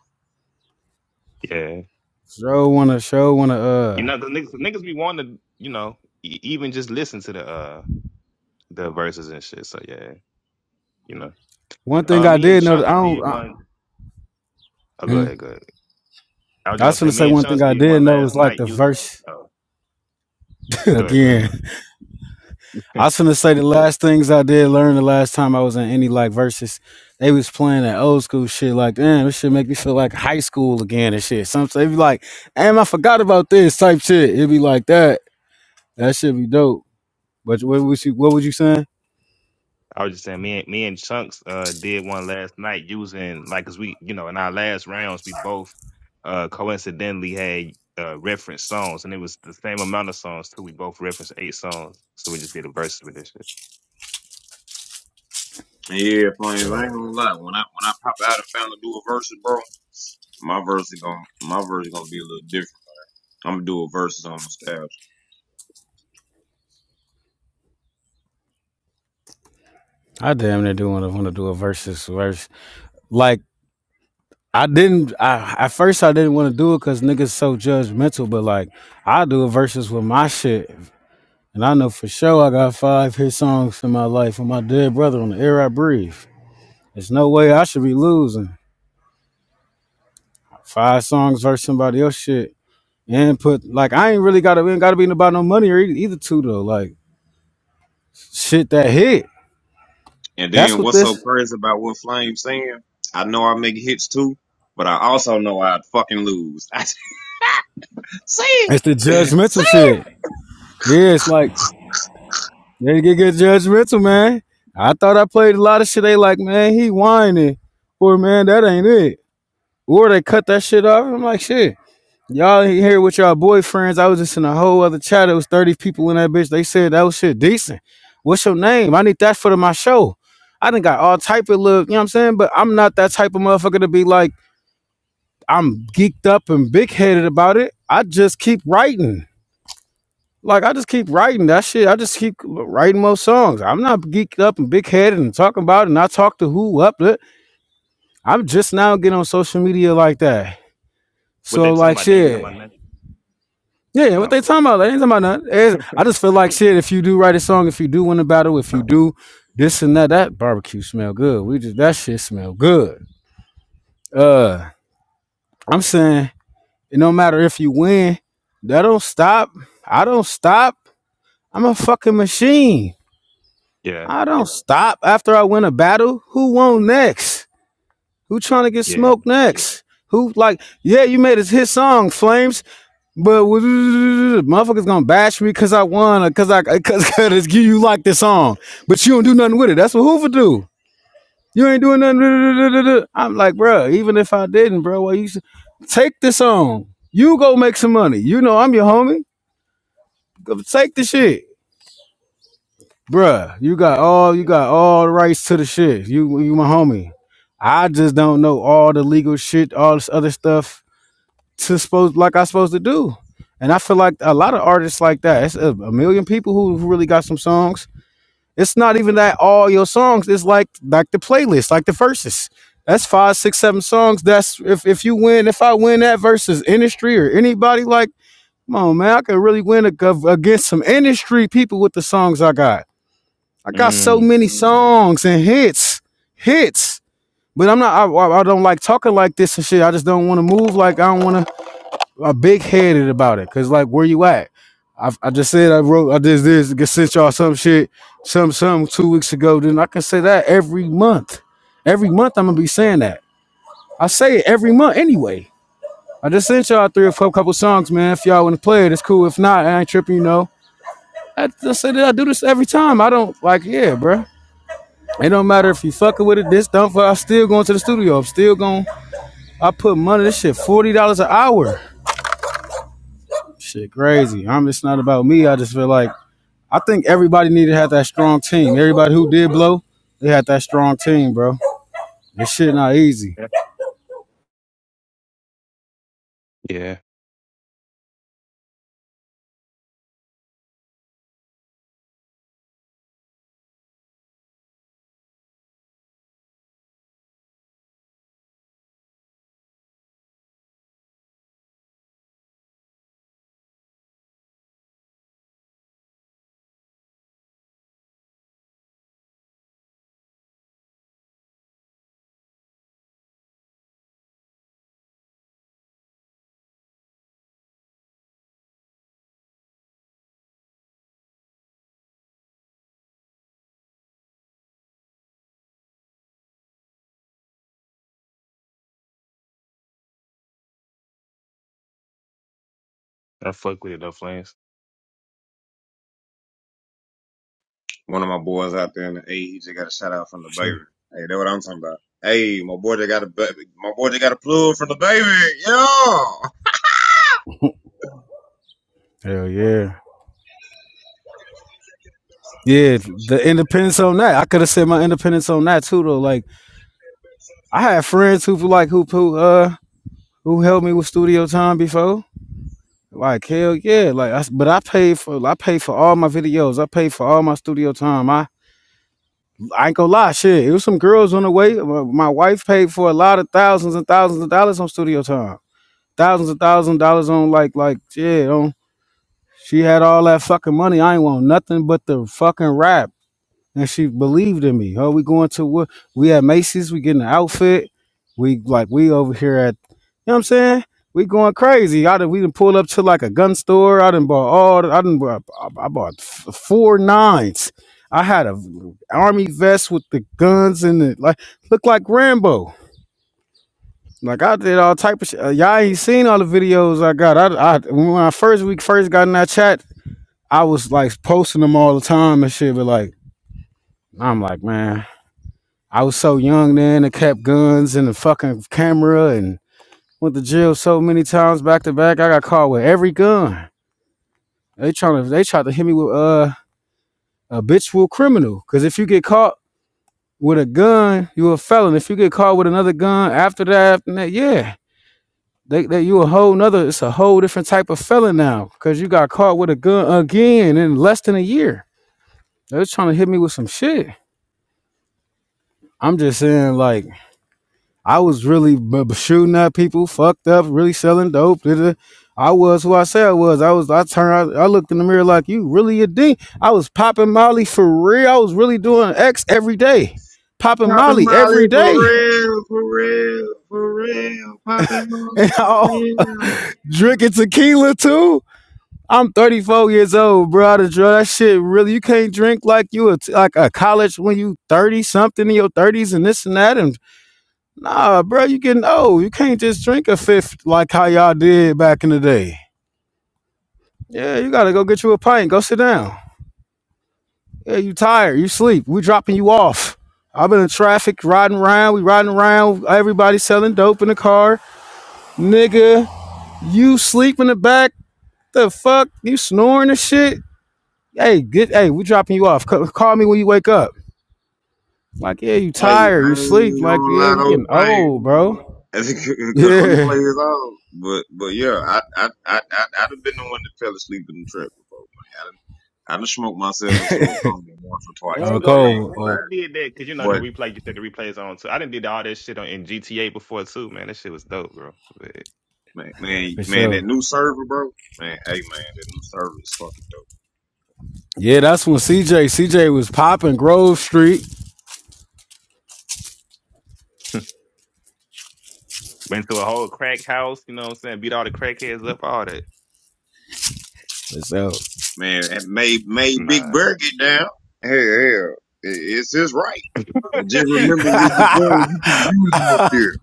[SPEAKER 3] yeah,
[SPEAKER 2] Show wanna show wanna
[SPEAKER 3] you
[SPEAKER 2] uh
[SPEAKER 3] know, 'cause niggas, niggas be wanting to, you know, e- even just listen to the uh the verses and shit. So yeah, you know,
[SPEAKER 2] one thing
[SPEAKER 3] uh,
[SPEAKER 2] I
[SPEAKER 3] me and
[SPEAKER 2] did know that I
[SPEAKER 3] Chunks
[SPEAKER 2] don't
[SPEAKER 3] did
[SPEAKER 2] I,
[SPEAKER 3] one. Oh, go
[SPEAKER 2] Mhm.
[SPEAKER 3] ahead, go ahead. I was
[SPEAKER 2] I
[SPEAKER 3] just gonna
[SPEAKER 2] was
[SPEAKER 3] say,
[SPEAKER 2] gonna say
[SPEAKER 3] me and
[SPEAKER 2] one thing
[SPEAKER 3] Chunks
[SPEAKER 2] I
[SPEAKER 3] did
[SPEAKER 2] did
[SPEAKER 3] one
[SPEAKER 2] know was
[SPEAKER 3] last
[SPEAKER 2] like
[SPEAKER 3] night.
[SPEAKER 2] the
[SPEAKER 3] You,
[SPEAKER 2] verse
[SPEAKER 3] oh, go ahead, go ahead,
[SPEAKER 2] again.
[SPEAKER 3] bro.
[SPEAKER 2] I was gonna say the last things I did learn the last time I was in any like versus they was playing that old school shit like damn this shit make me feel like high school again and shit. Some they be like, damn I forgot about this type shit. It'd be like that. That should be dope. But what was you what was you saying?
[SPEAKER 3] I was just saying, me and me and Chunks uh did one last night using like, 'cause we, you know, in our last rounds, we both uh coincidentally had uh reference songs, and it was the same amount of songs too. We both referenced eight songs, so we just did a verses with this shit.
[SPEAKER 1] Yeah, flames. I
[SPEAKER 2] God.
[SPEAKER 1] ain't gonna lie. When I when I pop out and found to do a new bro, my verse is gonna my verse is gonna be a little different. I'm gonna do a verses on nostalgia.
[SPEAKER 2] I damn near do want to want to do a versus verse. Like I didn't. I at first I didn't want to do it because niggas so judgmental. But like I do a versus with my shit. And I know for sure I got five hit songs in my life with my dead brother on the air I breathe. There's no way I should be losing. Five songs versus somebody else shit. And put like I ain't really gotta ain't gotta be about no money or either, either two though. Like shit that hit.
[SPEAKER 1] And
[SPEAKER 2] That's
[SPEAKER 1] then
[SPEAKER 2] what
[SPEAKER 1] what's so
[SPEAKER 2] this
[SPEAKER 1] crazy about what Flame's saying? I know I make hits too, but I also know I'd fucking lose. see it,
[SPEAKER 2] it's the
[SPEAKER 1] see
[SPEAKER 2] judgmental
[SPEAKER 1] it.
[SPEAKER 2] shit. Yeah, it's like they get get judgmental, man. I thought I played a lot of shit. They like, man, he whining. Or man, that ain't it. Or they cut that shit off. I'm like, shit. Y'all ain't here with y'all boyfriends. I was just in a whole other chat. It was 30 people in that bitch. They said that was shit decent. What's your name? I need that for the- my show. I done got all type of love, you know what I'm saying? But I'm not that type of motherfucker to be like, I'm geeked up and big headed about it. I just keep writing. Like I just keep writing that shit. I just keep writing more songs. I'm not geeked up and big headed and talking about it and I talk to who up I'm just now getting on social media like that.
[SPEAKER 3] What they
[SPEAKER 2] So
[SPEAKER 3] talking
[SPEAKER 2] like
[SPEAKER 3] about? They ain't talking
[SPEAKER 2] shit.
[SPEAKER 3] about nothing.
[SPEAKER 2] Yeah, yeah, what
[SPEAKER 3] Not
[SPEAKER 2] they
[SPEAKER 3] for the.
[SPEAKER 2] talking about? They ain't talking about nothing. It's- I just feel like shit. If you do write a song, if you do win a battle, if
[SPEAKER 3] uh,
[SPEAKER 2] you do this and that, that barbecue smell good. We just that shit smell good. Uh, I'm saying it no matter if you win, that don't stop. I don't stop. I'm a fucking machine.
[SPEAKER 3] Yeah,
[SPEAKER 2] I don't stop after I win a battle. Who won next? Who trying to get
[SPEAKER 3] yeah,
[SPEAKER 2] smoked next? Who like? Yeah, you made a hit song, Flames. But what- motherfuckers gonna bash me cause I won or cause I cause, cause you like this song, but you don't do nothing with it. That's what Hoover do. You ain't doing nothing. I'm like, bro. even if I didn't, bro, well, you s- take this song. You go make some money. You know I'm your homie. Go Take the shit, bruh. You got
[SPEAKER 3] yeah.
[SPEAKER 2] all you got all the rights to the shit. You you my homie. I just don't know all the legal shit, all this other stuff to supposed like I supposed to do. And I feel like a lot of artists like that. It's a, a million people who, who really got some songs. It's not even that all your songs. It's like like the playlist, like the verses. That's five, six, seven songs. That's if if you win, if I win that versus industry or anybody like, come on man, I could really win ag- against some industry people with the songs I got. I got so
[SPEAKER 3] Mm.
[SPEAKER 2] many songs and hits, hits. But I'm not. I I don't like talking like this and shit. I just don't want to move like I don't want to I'm big headed about it. Cause like, where you at? I, I just said I wrote I did this I sent y'all some shit some some two weeks ago. Then I can say that every month, every month I'm gonna be saying that. I say it every month anyway. I just sent y'all three or four couple songs, man. If y'all want to play it, it's cool. If not, I ain't tripping, you know. I just say that I do this every time. I don't like, yeah, bruh. It don't matter if you fucking with it, this don't. fuck- I'm still going to the studio. I'm still going. I put money. This shit forty dollars an hour. Shit, crazy. I'm. It's not about me. I just feel like I think everybody needed to have that strong team. Everybody who did blow, they had that strong team, bro. This shit not easy.
[SPEAKER 3] Yeah, yeah. I fuck with it though, Flames.
[SPEAKER 1] One of my boys out there in the A, he just got a shout out from the
[SPEAKER 2] Shit.
[SPEAKER 1] baby. Hey, that's what I'm talking about. Hey, my boy, they got a baby. My boy, they got a plug from the baby. Yo.
[SPEAKER 2] Hell yeah. Yeah, the independence on that. I could have said my independence on that too though. Like I had friends who like who who uh who helped me with studio time before. Like hell yeah, like I, s- but I paid for I paid for all my videos. I paid for all my studio time. I I ain't gonna lie, shit. It was some girls on the way. my wife paid for a lot of thousands and thousands of dollars on studio time. thousands and thousands of dollars on like like yeah on she had all that fucking money i ain't want nothing but the fucking rap and she believed in me oh we going to what we at macy's we getting an outfit we like we over here at you know what i'm saying we going crazy i done, we done pulled up to like a gun store i done bought all the- i done bought, i I bought f- four nines i had a army vest with the guns in it like looked like rambo like I did all type of shit. Uh, y'all ain't seen all the videos I got. I, I when I first week first got in that chat, I was like posting them all the time and shit. But like I'm like, man, I was so young then I kept guns and the fucking camera and went to jail so many times back to back. I got caught with every gun. They trying to they tried to hit me with uh a habitual criminal. Cause if you get caught with a gun, you a felon. If you get caught with another gun after that, after that, yeah. They, they you a whole nother. It's a whole different type of felon now because you got caught with a gun again in less than a year. They was trying to hit me with some shit. I'm just saying, like I was really b- b- shooting at people, fucked up, really selling dope. da- da. I was who I said I was. I was. I turned. I, I looked in the mirror like you really a D. I was popping Molly for real. I was really doing X every day, popping
[SPEAKER 1] Popping
[SPEAKER 2] Molly
[SPEAKER 1] Molly
[SPEAKER 2] every
[SPEAKER 1] for
[SPEAKER 2] day,
[SPEAKER 1] real, for real, for real. Popping
[SPEAKER 2] and
[SPEAKER 1] Molly's for
[SPEAKER 2] I
[SPEAKER 1] real.
[SPEAKER 2] drinking tequila too. I'm 34 years old, bro. I done drunk. That shit really. You can't drink like you a t- like a college when you 30 something in your 30s and this and that. And nah, bro, you getting old. You can't just drink a fifth like how y'all did back in the day. Yeah, you gotta go get you a pint. Go sit down. Yeah, you tired. You sleep. We dropping you off. I've been in traffic riding around. We riding around. Everybody selling dope in the car. Nigga, you sleep in the back. The fuck? You snoring and shit? Hey, good. Hey, we dropping you off. C- call me when you wake up. Like, yeah, you
[SPEAKER 1] Hey, I ain't
[SPEAKER 2] tired, you sleep. Like,
[SPEAKER 1] gonna
[SPEAKER 2] yeah,
[SPEAKER 1] lie,
[SPEAKER 2] we
[SPEAKER 1] those
[SPEAKER 2] getting
[SPEAKER 1] playing.
[SPEAKER 2] old, bro.
[SPEAKER 1] I think because
[SPEAKER 2] Yeah.
[SPEAKER 1] replay is all. But but yeah, I I I I I've would been the one that fell asleep in the trap before, man. I done, I done smoked myself into a coma once or
[SPEAKER 3] I
[SPEAKER 1] twice,
[SPEAKER 2] Oh,
[SPEAKER 3] ain't
[SPEAKER 1] man.
[SPEAKER 3] gonna
[SPEAKER 1] I ain't
[SPEAKER 3] lie,
[SPEAKER 2] cold.
[SPEAKER 3] I,
[SPEAKER 1] gonna
[SPEAKER 3] I
[SPEAKER 2] Oh,
[SPEAKER 3] did that because you know the
[SPEAKER 1] lie.
[SPEAKER 3] replay. You said the replay is on too. I didn't did all that shit on in GTA before too, man. That shit was dope, bro. But,
[SPEAKER 1] But man,
[SPEAKER 3] yeah.
[SPEAKER 1] man,
[SPEAKER 2] for
[SPEAKER 1] man, that
[SPEAKER 2] sure.
[SPEAKER 1] new server, bro. Man, hey man, that new server is fucking dope.
[SPEAKER 2] Yeah, that's when CJ CJ was popping Grove Street.
[SPEAKER 3] Went to a whole crack house, you know what I'm saying? Beat all the crackheads up, all that.
[SPEAKER 2] So,
[SPEAKER 1] Man, it made made Big
[SPEAKER 3] Nah.
[SPEAKER 1] Bird get down. Hell, hell, it- it's his right. But just remember
[SPEAKER 2] hey,
[SPEAKER 1] where you're going, you can use them up there.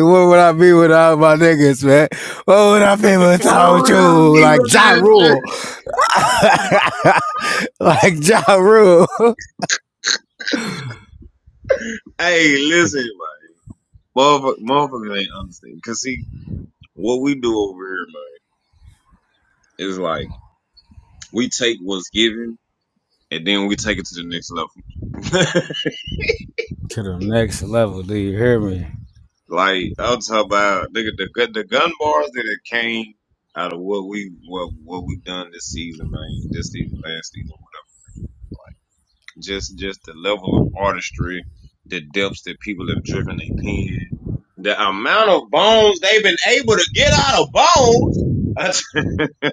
[SPEAKER 2] what would I be without my niggas, man? What would I be
[SPEAKER 1] Well,
[SPEAKER 2] without
[SPEAKER 1] what I
[SPEAKER 2] you?
[SPEAKER 1] mean
[SPEAKER 2] Like
[SPEAKER 1] with
[SPEAKER 2] Ja
[SPEAKER 1] that, sir?
[SPEAKER 2] Rule, like Ja Rule.
[SPEAKER 1] Hey, listen, man. Motherfuckers, motherfuckers ain't understand. Cause see, what we do over here, man, is like, we take what's given and then we take it to the next level.
[SPEAKER 2] to the next level. Do you hear me?
[SPEAKER 1] like, I'm talking about, nigga, the, gu- the gun bars that it came out of what we, what, what we done this season, man, this season, last season. Just just the level of artistry, the depths that people have driven their pen, the amount of bones they've been able to get out of bones.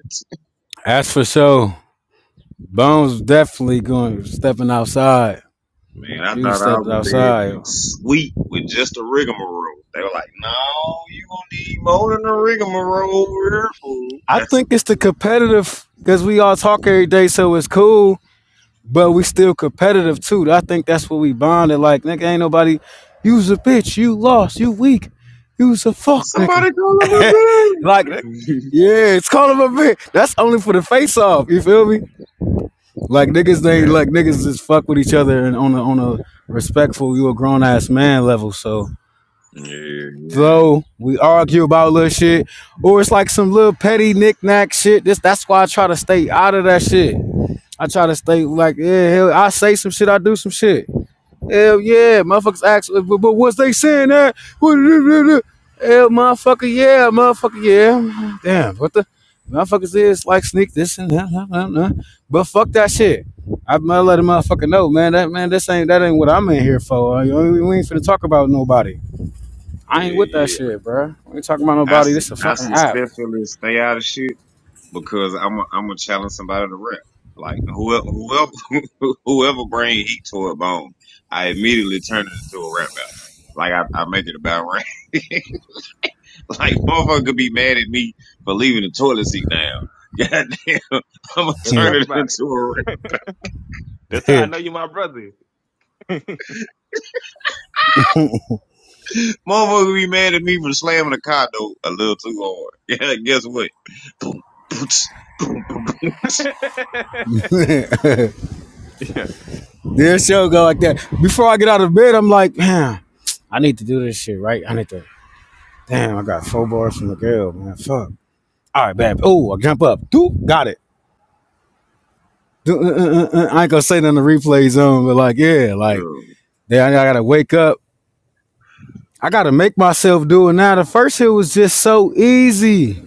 [SPEAKER 2] That's for sure. Bones definitely going stepping outside.
[SPEAKER 1] Man, I
[SPEAKER 2] You
[SPEAKER 1] thought I was
[SPEAKER 2] stepping
[SPEAKER 1] gonna be able
[SPEAKER 2] outside.
[SPEAKER 1] to sweep with just a rigmarole. They were like, "No, you gonna need more than a rigmarole here, fool."
[SPEAKER 2] I
[SPEAKER 1] That's,
[SPEAKER 2] think it's the competitive because we all talk every day, so it's cool. But we still competitive too. I think that's what we bonded. Like nigga, ain't nobody. You's a bitch. You lost. You weak. You's a fuck nigga.
[SPEAKER 1] somebody call him a
[SPEAKER 2] Like
[SPEAKER 1] bitch.
[SPEAKER 2] yeah, it's called him a bitch. That's only for the face off. You feel me? Like niggas, they
[SPEAKER 3] yeah.
[SPEAKER 2] like niggas just fuck with each other and on a on a respectful, you a grown ass man level. So
[SPEAKER 1] yeah, yeah,
[SPEAKER 2] though we argue about little shit, or it's like some little petty knick-knack shit. This that's why I try to stay out of that shit. I try to stay like, yeah, hell, I say some shit, I do some shit. Hell yeah, motherfuckers ask, but, but was they saying that? Hell, motherfucker, yeah, motherfucker, yeah. Damn, what the motherfuckers is like sneak this and that, that, that, that. but fuck that shit. I might let a motherfucker know, man. That man, this ain't that ain't what I'm in here for. We ain't finna talk about nobody. I ain't
[SPEAKER 1] yeah,
[SPEAKER 2] with that
[SPEAKER 1] yeah.
[SPEAKER 2] shit, bro. We ain't talking about
[SPEAKER 1] I,
[SPEAKER 2] nobody.
[SPEAKER 1] su-
[SPEAKER 2] This is a
[SPEAKER 1] I
[SPEAKER 2] fucking app.
[SPEAKER 1] successfully stay out of shit because I'm i I'm gonna challenge somebody to rap. Like whoever whoever whoever bring heat to a bone, I immediately turn it into a rap battle. Like I, I make it about rap. like motherfucker could be mad at me for leaving the toilet seat down. Goddamn, I'm gonna
[SPEAKER 3] Let's
[SPEAKER 2] Yeah,
[SPEAKER 1] turn
[SPEAKER 3] rap
[SPEAKER 1] it
[SPEAKER 3] about it.
[SPEAKER 1] into a rap.
[SPEAKER 3] That's how I
[SPEAKER 2] yeah.
[SPEAKER 3] know you my brother.
[SPEAKER 1] Motherfucker could be mad at me for slamming the car door a little too hard. Yeah, guess what? Boom, boots, boom, boom, boots.
[SPEAKER 3] yeah.
[SPEAKER 2] This show go like that. Before I get out of bed, I'm like, man, I need to do this shit, right? I need to. Damn, I got four bars from the girl, man. Fuck. All right, bad. Oh, I jump up. Doop, got it. uh, uh, uh, uh. I ain't gonna say nothing to replay zone, but like, yeah,
[SPEAKER 1] Yeah,
[SPEAKER 2] like, then I gotta wake up. I gotta make myself do it now. The first hit was just so easy,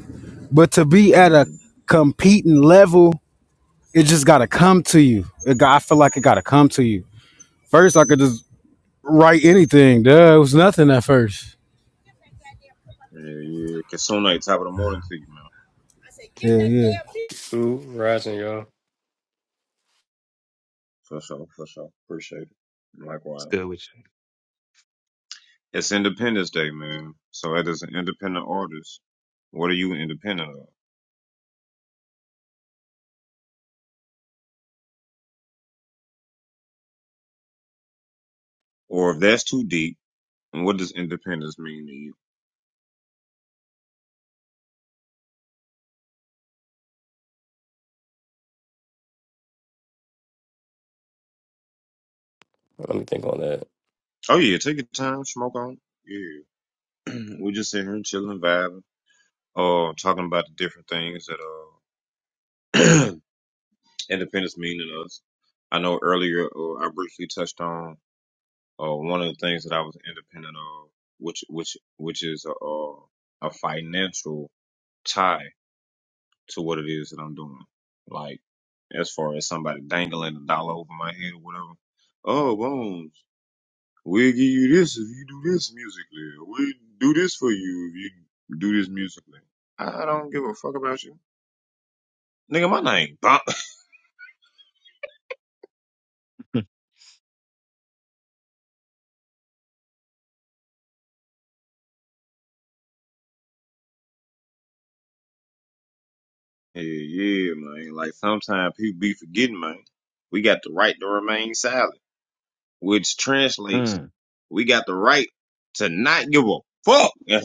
[SPEAKER 2] but to be at a
[SPEAKER 1] mm-hmm.
[SPEAKER 2] competing level It just gotta come to you. It got, I feel like it gotta come to you. First, I could just write anything. Duh, it was nothing at first.
[SPEAKER 1] yeah, yeah. Kasuna, top of the morning to you, man.
[SPEAKER 2] I said, Yeah, yeah.
[SPEAKER 4] Ooh, rising, y'all.
[SPEAKER 1] For sure, for sure. Appreciate it. Likewise.
[SPEAKER 3] Still with
[SPEAKER 1] It's Independence Day, man. So as an independent artist. What are you independent of? Or if that's too deep, what does independence mean to you?
[SPEAKER 4] Let me think on that.
[SPEAKER 1] Oh yeah, take your time, smoke on. Yeah. we just sitting here chilling, vibing, uh, talking about the different things that uh independence mean to us. I know earlier uh, I briefly touched on uh one of the things that I was independent of, which which which is a a, a financial tie to what it is that I'm doing. Like, as far as somebody dangling a dollar over my head or whatever. Oh, Bones, we'll give you this if you do this musically. We'll do this for you if you do this musically. I don't give a fuck about you. Nigga, my name Bob.
[SPEAKER 3] you.
[SPEAKER 1] Yeah, yeah, man. Like, sometimes people be forgetting, man. We got the right to remain silent, which
[SPEAKER 3] Mm.
[SPEAKER 1] translates, we got the right to not give a fuck.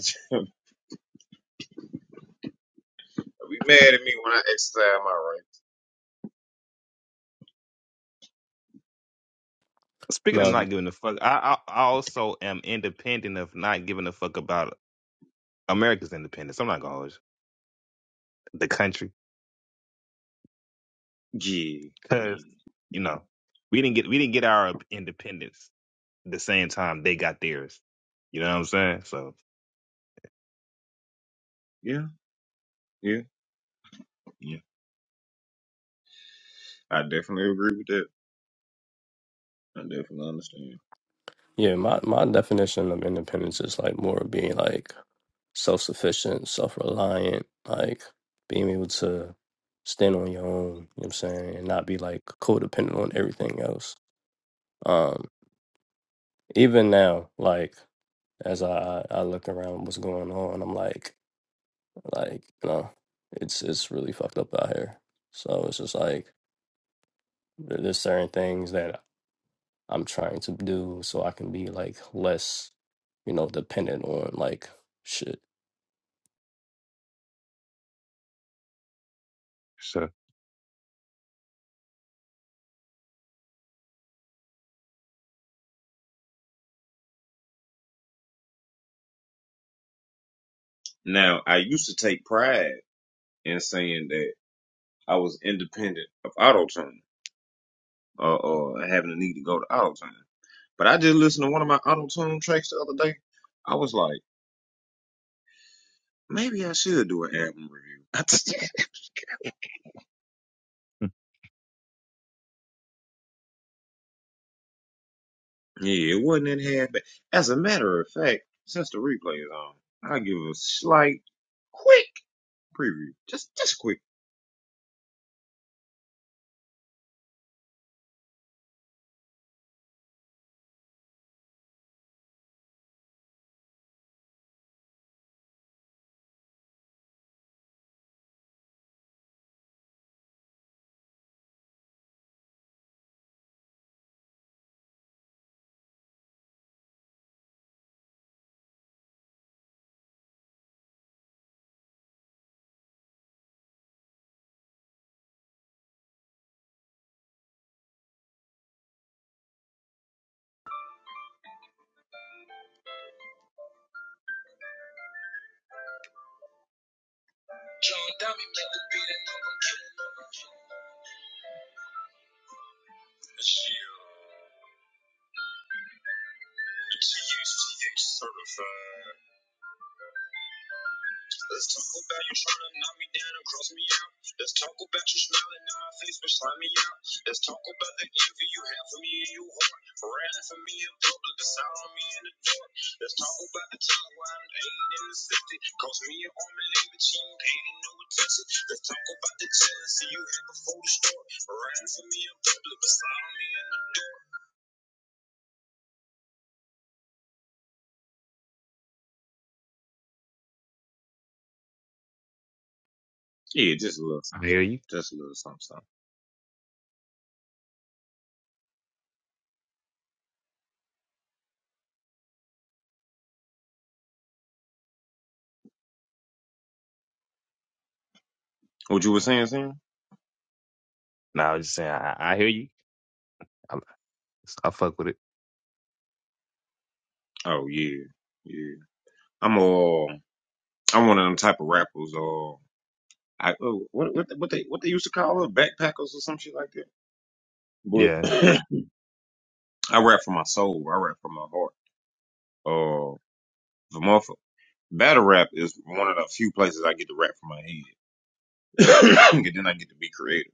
[SPEAKER 1] be mad at me when I exercise my right.
[SPEAKER 3] Speaking of
[SPEAKER 4] No, but-
[SPEAKER 3] not giving a fuck, I, I I also am independent of not giving a fuck about America's independence. I'm not gonna hold you. the country
[SPEAKER 1] Yeah, yeah,
[SPEAKER 3] because you know we didn't get we didn't get our independence the same time they got theirs. You know what I'm saying? So
[SPEAKER 1] yeah, yeah, yeah. I definitely agree with that. I definitely understand.
[SPEAKER 4] Yeah, my, my definition of independence is like more of being like self sufficient, self reliant, like being able to stand on your own, you know what I'm saying, and not be like codependent on everything else. Um, even now, like as I, I I look around what's going on, I'm like like, you know, it's it's really fucked up out here. So it's just like there- there's certain things that I'm trying to do so I can be like less, you know, dependent on like shit.
[SPEAKER 3] sure,
[SPEAKER 1] Now, I used to take pride in saying that I was independent of auto tune or, or having a need to go to auto tune. But I just listened to one of my auto tune tracks the other day. I was like, maybe I should do an album review. I just-
[SPEAKER 3] I
[SPEAKER 1] yeah, it wasn't that half bad. As a matter of fact, since the replay is on, I'll give a slight, quick preview. Just, just quick. John Dummy make the beat and I'm gonna kill him. Let's talk about the jealousy you had before the storm. Riding for me in public beside me. Yeah, just a little something,
[SPEAKER 3] hear you.
[SPEAKER 1] Just a little something, something. What you were saying, Sam?
[SPEAKER 3] No, I was just saying I, I hear you. I, I fuck with it.
[SPEAKER 1] Oh yeah, yeah. I'm uh, I'm one of them type of rappers. Uh, I oh, what what what they what they used to call it, backpackers or some shit like that. But
[SPEAKER 3] Yeah.
[SPEAKER 1] I rap for my soul. I rap for my heart. Uh, the motherfucker. Battle rap is one of the few places I get to rap for my head. and then I get to be creative.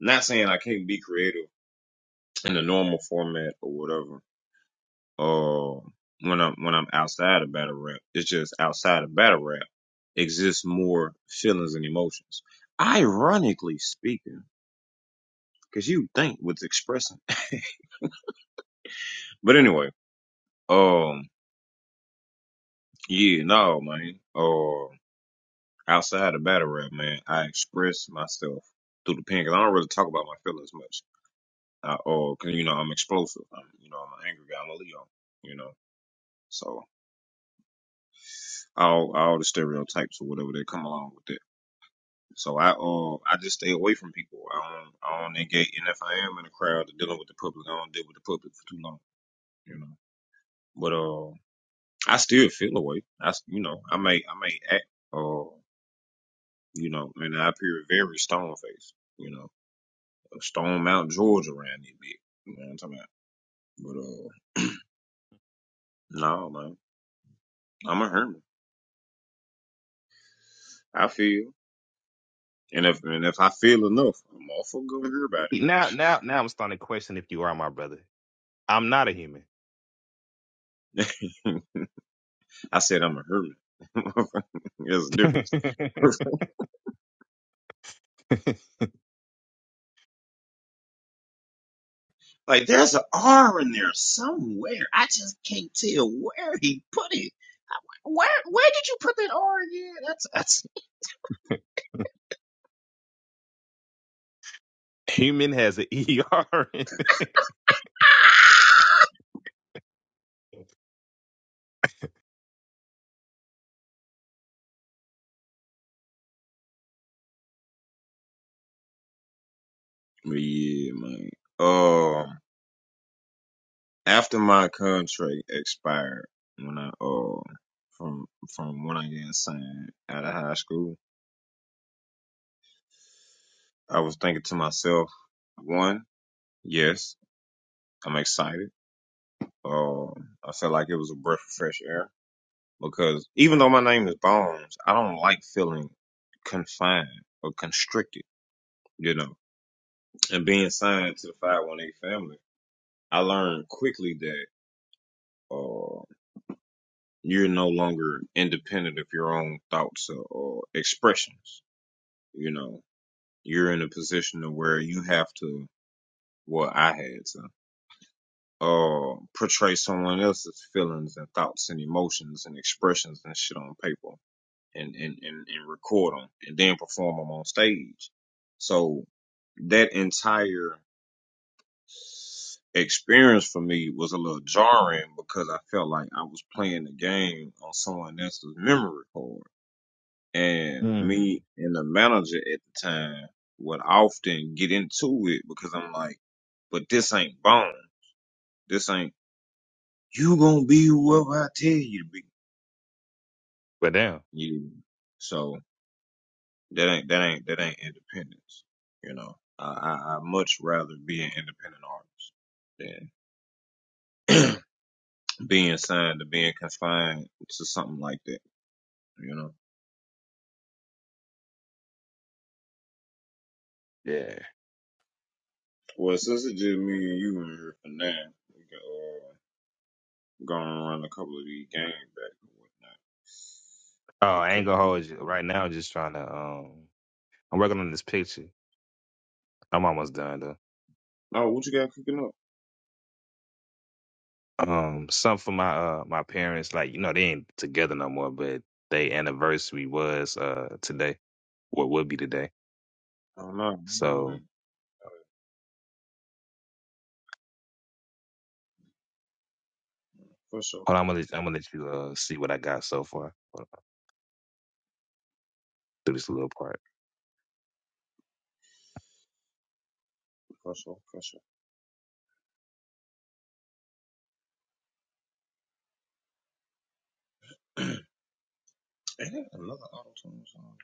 [SPEAKER 1] I'm Not saying I can't be creative in the normal format or whatever. Uh, when I'm when I'm outside of battle rap, it's just outside of battle rap exists more feelings and emotions. Ironically speaking, because you think what's expressing. But anyway, um, yeah, no, man. Uh, outside of battle rap, man, I express myself through the Cause I don't really talk about my feelings much. uh, or 'cause, you know I'm explosive. I'm you know I'm an angry guy. I'm a Leo. You know, so all all the stereotypes or whatever that come along with it. So I uh I just stay away from people. I don't I don't engage, and if I am in a crowd dealing with the public, I don't deal with the public for too long. You know, but uh I still feel away. I s- you know I may I may act uh you know and I appear very stone faced. You know, Stone Mount George around it big. You know what I'm talking about? But uh no man, I'm a hermit. I feel. And if and if I feel enough, I'm all for going to hear about
[SPEAKER 3] Now now now I'm starting to question if you are my brother. I'm not a human.
[SPEAKER 1] it. I said I'm a hermit. There's a difference. Like there's an R in there somewhere. I just can't tell where he put it. Where?
[SPEAKER 3] human has an er in. it.
[SPEAKER 1] But yeah, man. Uh, after my contract expired, when I uh from from when I got signed out of high school, I was thinking to myself, one, yes, I'm excited. Uh, I felt like it was a breath of fresh air because even though my name is Bones, I don't like feeling confined or constricted, you know. And being signed to the 518 family, I learned quickly that uh, you're no longer independent of your own thoughts or, or expressions, you know. You're in a position of where you have to, well, I had to, uh, portray someone else's feelings and thoughts and emotions and expressions and shit on paper and and and, and record them and then perform them on stage. So that entire experience for me was a little jarring because I felt like I was playing the game on someone else's memory card. And
[SPEAKER 3] Mm.
[SPEAKER 1] me and the manager at the time would often get into it because I'm like, but this ain't bone. This ain't you gonna be whoever I tell you to be.
[SPEAKER 3] But damn.
[SPEAKER 1] Yeah. So That ain't that ain't that ain't independence. You know, I I, I much rather be an independent artist than being signed to being confined to something like that. You know.
[SPEAKER 3] Yeah.
[SPEAKER 1] Well, since it's just me and you in here for now, we can uh, go and run a couple of these games back and whatnot.
[SPEAKER 3] Oh,
[SPEAKER 1] The
[SPEAKER 3] I ain't
[SPEAKER 1] couple.
[SPEAKER 3] gonna hold you. Right now, I'm just trying to. Um, I'm working on this picture. I'm almost done though.
[SPEAKER 1] Oh, what you got cooking up?
[SPEAKER 3] Um, some for my uh my parents, like you know, they ain't together no more, but they anniversary was uh today, or would be today.
[SPEAKER 1] Oh no, I didn't know that.
[SPEAKER 3] So
[SPEAKER 1] For sure,
[SPEAKER 3] hold on, I'm gonna let, I'm gonna let you uh see what I got so far. Hold on, do this little part.
[SPEAKER 1] for sure, for sure. Ain't that another auto tune song?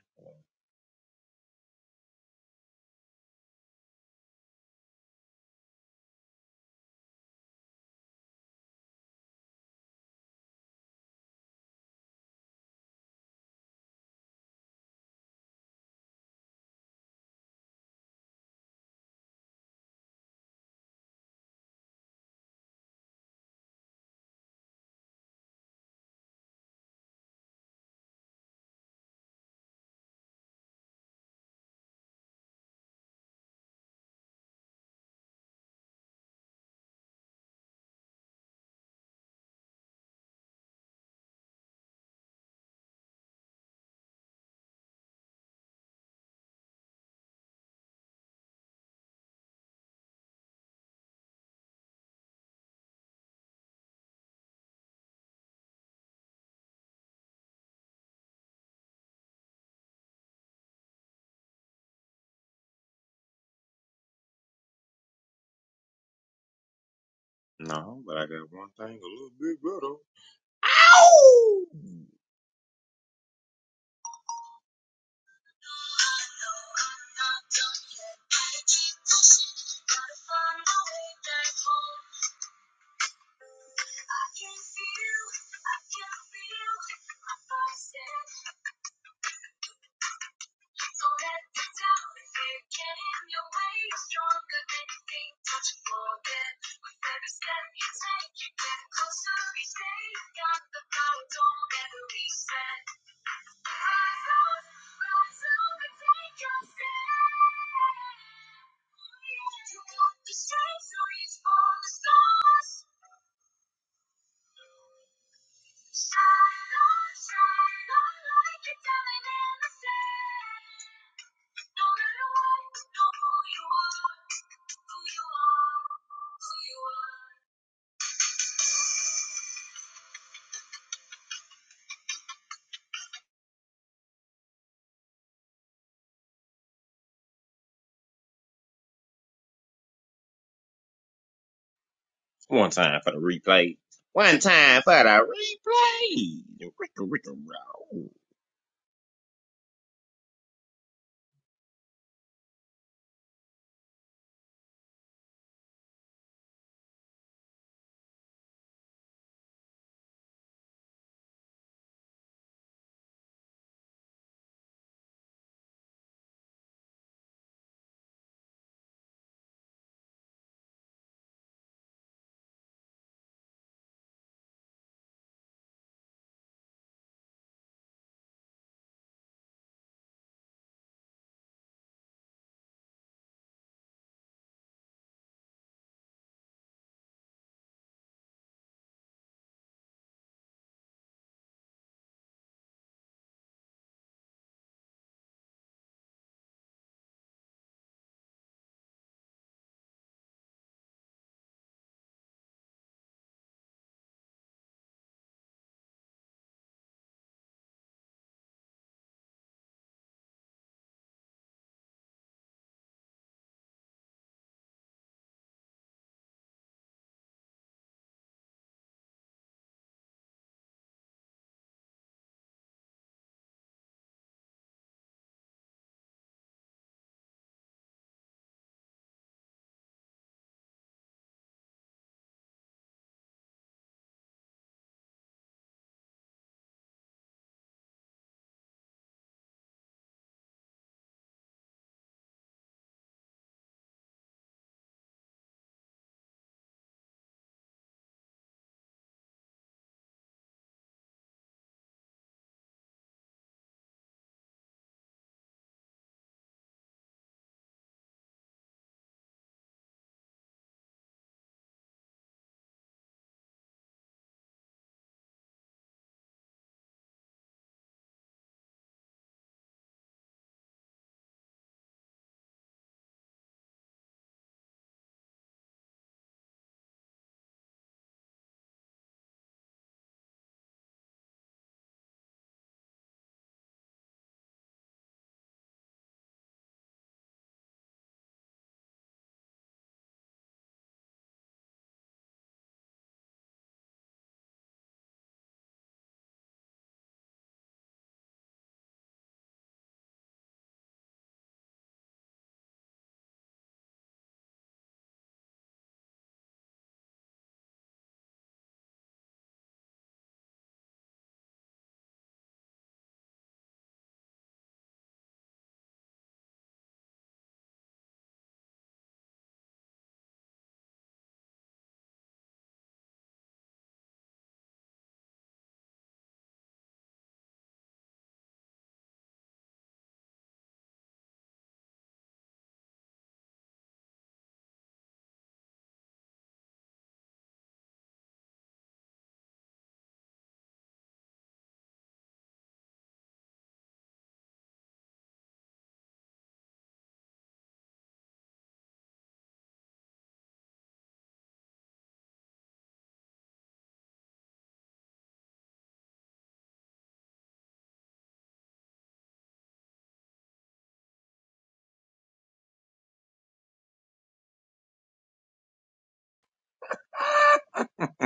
[SPEAKER 1] No, but I got one thing a little bit better. One time for the replay. One time for the replay. Ricka, ricka, row.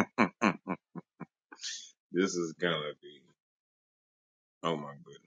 [SPEAKER 1] this is gonna be. Oh my goodness.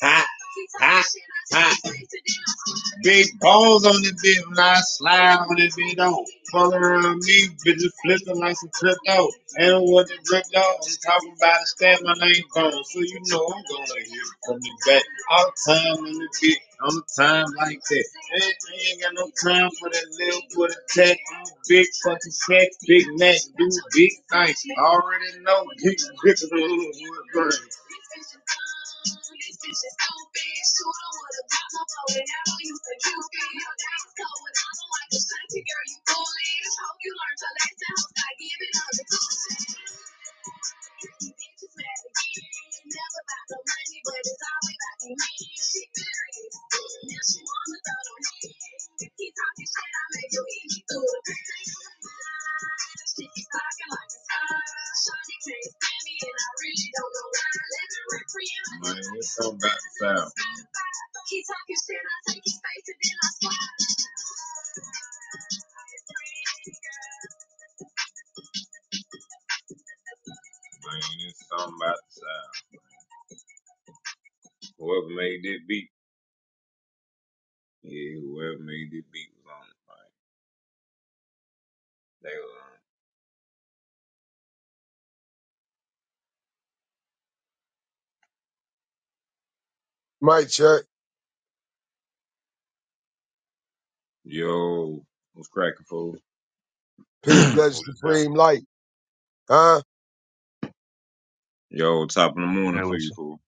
[SPEAKER 1] Ha, ha, ha. Big balls on the bitch when I slide on this bitch though. Fuck around me, bitches flipping like some crypto. ain't And what the off. I'm talking about a stab my name phone. So you know I'm gonna hit from the back. All the time on the bitch, I'm a time like that. Ain't, I ain't got no time for that little for the tech. I'm big fucking check, big neck, do big things. Already know big bitches on the wood burn. Wow, man, it's something about the size. Whoever made this beat, yeah, whoever made this beat was on it. They was on
[SPEAKER 5] Mike check.
[SPEAKER 1] it. Yo, what's cracking, fool?
[SPEAKER 5] Peace, bless,
[SPEAKER 1] what is that?
[SPEAKER 5] supreme light. Huh?
[SPEAKER 1] Yo, top of the morning
[SPEAKER 3] Good
[SPEAKER 1] to
[SPEAKER 3] with
[SPEAKER 1] you,
[SPEAKER 3] you.
[SPEAKER 1] fool.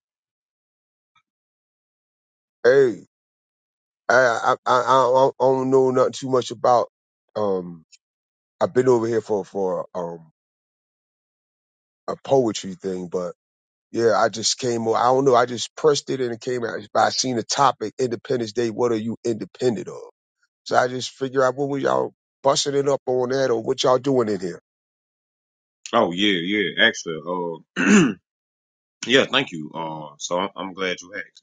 [SPEAKER 5] Hey, I I I, I, I don't know nothing too much about. Um, I've been over here for for um a poetry thing, but yeah, I just came. o- I don't know. I just pressed it and it came out. But I seen the topic, Independence Day. What are you independent of? So I just figure out what were y'all busting it up on that, or what y'all doing in here.
[SPEAKER 1] Oh yeah, yeah. Actually, uh, yeah, thank you. Uh, so I'm, I'm glad you asked.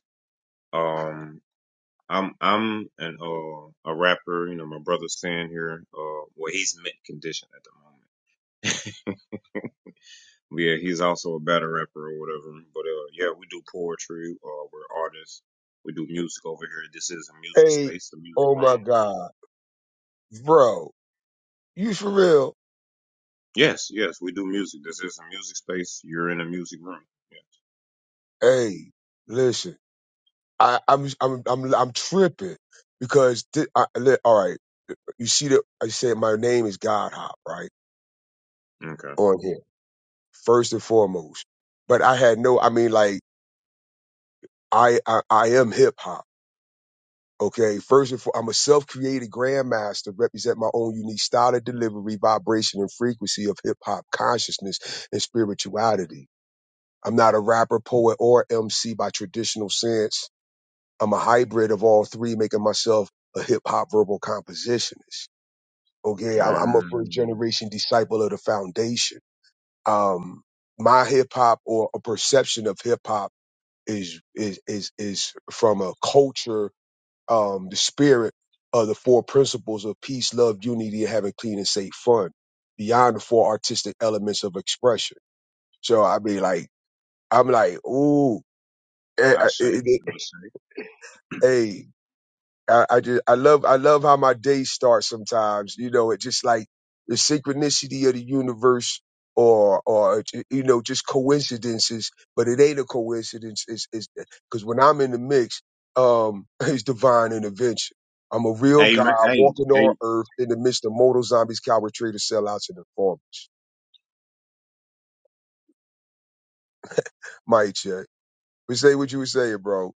[SPEAKER 1] Um, I'm I'm an uh a rapper. You know, my brother's staying here. Uh, well, he's mint condition at the moment. Yeah, he's also a battle rapper or whatever. But uh, yeah, we do poetry. Uh, we're artists. We do music over here. This is a music
[SPEAKER 5] Hey,
[SPEAKER 1] space, a music
[SPEAKER 5] oh
[SPEAKER 1] room.
[SPEAKER 5] my God, bro, you for real?
[SPEAKER 1] Yes, yes, we do music. This is a music space. You're in a music room.
[SPEAKER 5] Hey, listen. I, I'm I'm I'm I'm tripping because thi- I, li- all right, you see that I said my name is God Hop right
[SPEAKER 1] Yeah. Okay.
[SPEAKER 5] on here first and foremost, but I had no I mean like I I, I am hip hop okay first and foremost I'm a self created grandmaster represent my own unique style of delivery vibration and frequency of hip hop consciousness and spirituality. I'm not a rapper, poet, or MC by traditional sense. I'm a hybrid of all three, making myself a hip hop verbal compositionist. Okay, I- I'm a first
[SPEAKER 1] Mm.
[SPEAKER 5] generation disciple of the foundation. Um, my hip hop or a perception of hip hop is is is is from a culture, um, the spirit of the four principles of peace, love, unity, and having clean and safe fun. Beyond the four artistic elements of expression. So I be like I'm like, ooh, eh,
[SPEAKER 1] I
[SPEAKER 5] eh,
[SPEAKER 1] say,
[SPEAKER 5] eh, eh, eh,
[SPEAKER 1] I say.
[SPEAKER 5] hey, I, I just I love I love how my days start sometimes. You know, it just like the synchronicity of the universe or or you know, just coincidences, but it ain't a coincidence. It's it's because when I'm in the mix, um it's divine intervention. I'm a real
[SPEAKER 1] Hey, man,
[SPEAKER 5] God
[SPEAKER 1] hey,
[SPEAKER 5] walking on
[SPEAKER 1] hey.
[SPEAKER 5] earth in the midst of mortal zombies, coward traitors, sellouts, and informers. Mike check. But say what you were saying, bro.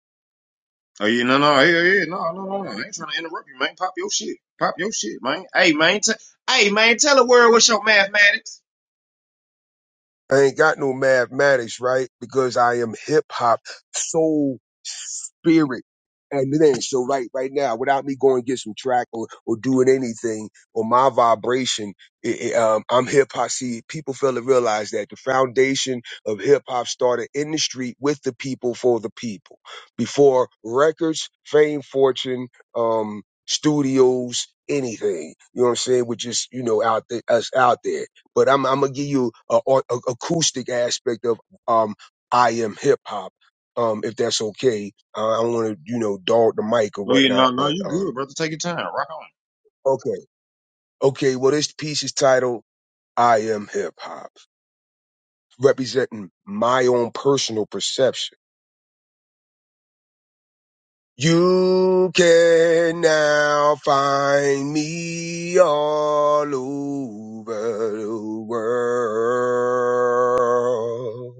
[SPEAKER 1] Oh, yeah, no, no, hey, hey, hey, no, no, no, no. I ain't trying to interrupt you, man. Pop your shit. Pop your shit, man. Hey, man, t- hey, man, tell the world what's your mathematics.
[SPEAKER 5] I ain't got no mathematics, right? Because I am hip hop, soul, spirit, and it ain't. So right, right now, without me going get some track or, or doing anything or my vibration, it, it, um, I'm hip hop. See, people fail to realize that the foundation of hip hop started in the street with the people for the people before records, fame, fortune, um, studios, anything. You know what I'm saying? We're just, you know, out there, us out there but I'm, I'm gonna give you a, a, a acoustic aspect of um I am hip hop, um if that's okay. Uh, I don't want to you know dog the mic or
[SPEAKER 1] Oh, yeah, no,
[SPEAKER 5] whatnot,
[SPEAKER 1] no,
[SPEAKER 5] but
[SPEAKER 1] you
[SPEAKER 5] um
[SPEAKER 1] good, brother. Take your time. Rock on.
[SPEAKER 5] okay, okay. Well, this piece is titled I am hip hop, representing my own personal perception. You can now find me all over the world.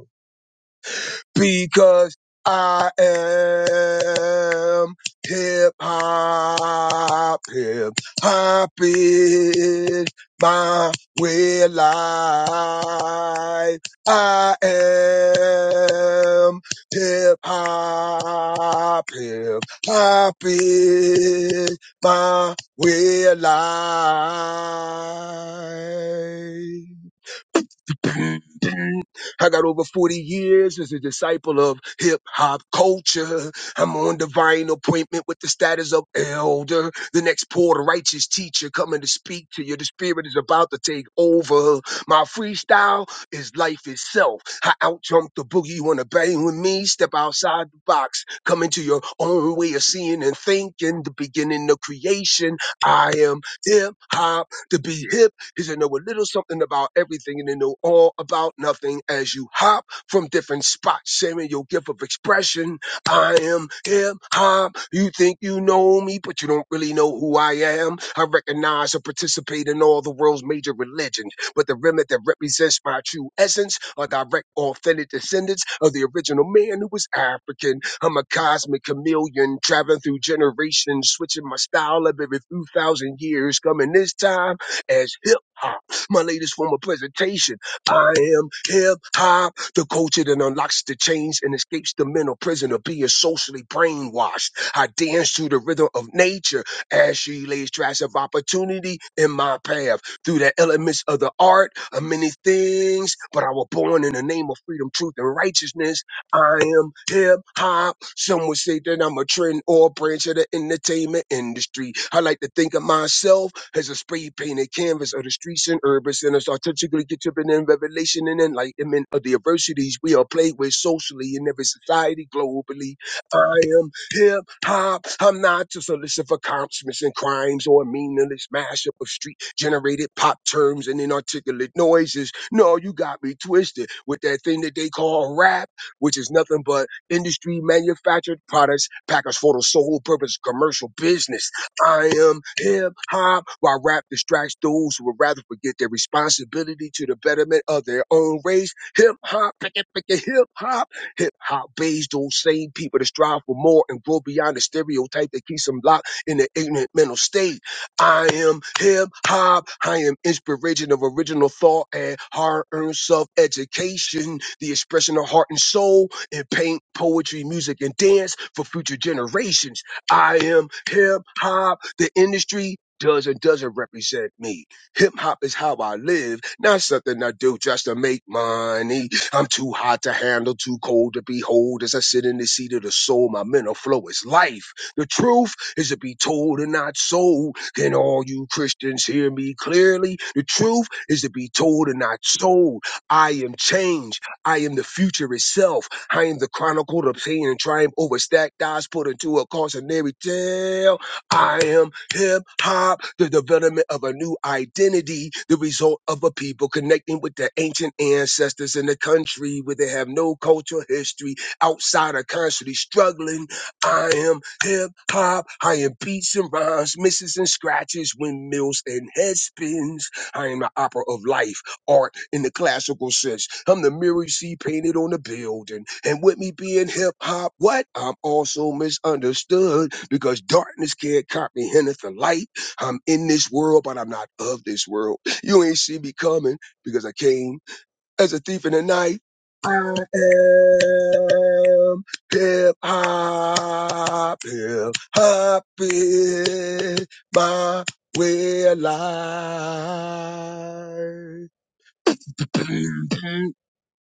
[SPEAKER 5] because I am hip hop. Hip hop is my way of life. I am hip hop. Hip hop is my way of life. I got over 40 years as a disciple of hip hop culture. I'm on divine appointment with the status of elder, the next poor righteous teacher coming to speak to you. The spirit is about to take over. My freestyle is life itself. I out jump the boogie. You want to bang with me? Step outside the box. Come into your own way of seeing and thinking. The beginning of creation. I am hip hop to be hip is they know a little something about everything and they know all about nothing as you hop from different spots, sharing your gift of expression. I am hip hop. You think you know me, but you don't really know who I am. I recognize and participate in all the world's major religions, but the remnant that represents my true essence are direct, authentic descendants of the original man who was African. I'm a cosmic chameleon traveling through generations, switching my style up every few thousand years, coming this time as hip. My latest form of presentation. I am hip hop, the culture that unlocks the chains and escapes the mental prison of being socially brainwashed. I dance to the rhythm of nature as she lays tracks of opportunity in my path. Through the elements of the art of many things, but I was born in the name of freedom, truth, and righteousness. I am hip hop. Some would say that I'm a trend or branch of the entertainment industry. I like to think of myself as a spray painted canvas of the streets and urban centers, artistically contributing in revelation and enlightenment of the adversities we are played with socially in every society globally. I am hip hop. I'm not just a list of accomplishments and crimes or a meaningless mashup of street generated pop terms and inarticulate noises. No, you got me twisted with that thing that they call rap which is nothing but industry manufactured products packaged for the sole purpose of commercial business. I am hip hop, while rap distracts those who would rather forget their responsibility to the betterment of their own race. Hip hop, pick it, pick it, hip hop. Hip hop based those same people to strive for more and grow beyond the stereotype that keeps them locked in the ignorant mental state. I am hip hop. I am inspiration of original thought and hard earned self education, the expression of heart and soul in paint, poetry, music, and dance for future generations. I am hip hop. The industry does and doesn't represent me. Hip hop is how I live, not something I do just to make money. I'm too hot to handle, too cold to behold. As I sit in the seat of the soul, my mental flow is life. The truth is to be told and not sold. Can all you Christians hear me clearly? The truth is to be told and not sold. I am change. I am the future itself. I am the chronicle of pain and triumph over stacked odds put into a cautionary tale. I am hip hop, the development of a new identity, the result of a people connecting with their ancient ancestors in a country where they have no cultural history outside a country struggling I am hip hop. I am beats and rhymes, misses and scratches, windmills and head spins. I am the opera of life, art in the classical sense. I'm the mirror you see painted on the building. And with me being hip hop, what? I'm also misunderstood because darkness can't comprehend the light. I'm in this world, but I'm not of this world. You ain't see me coming because I came as a thief in the night. I am hip hop, hip hop is my way of life.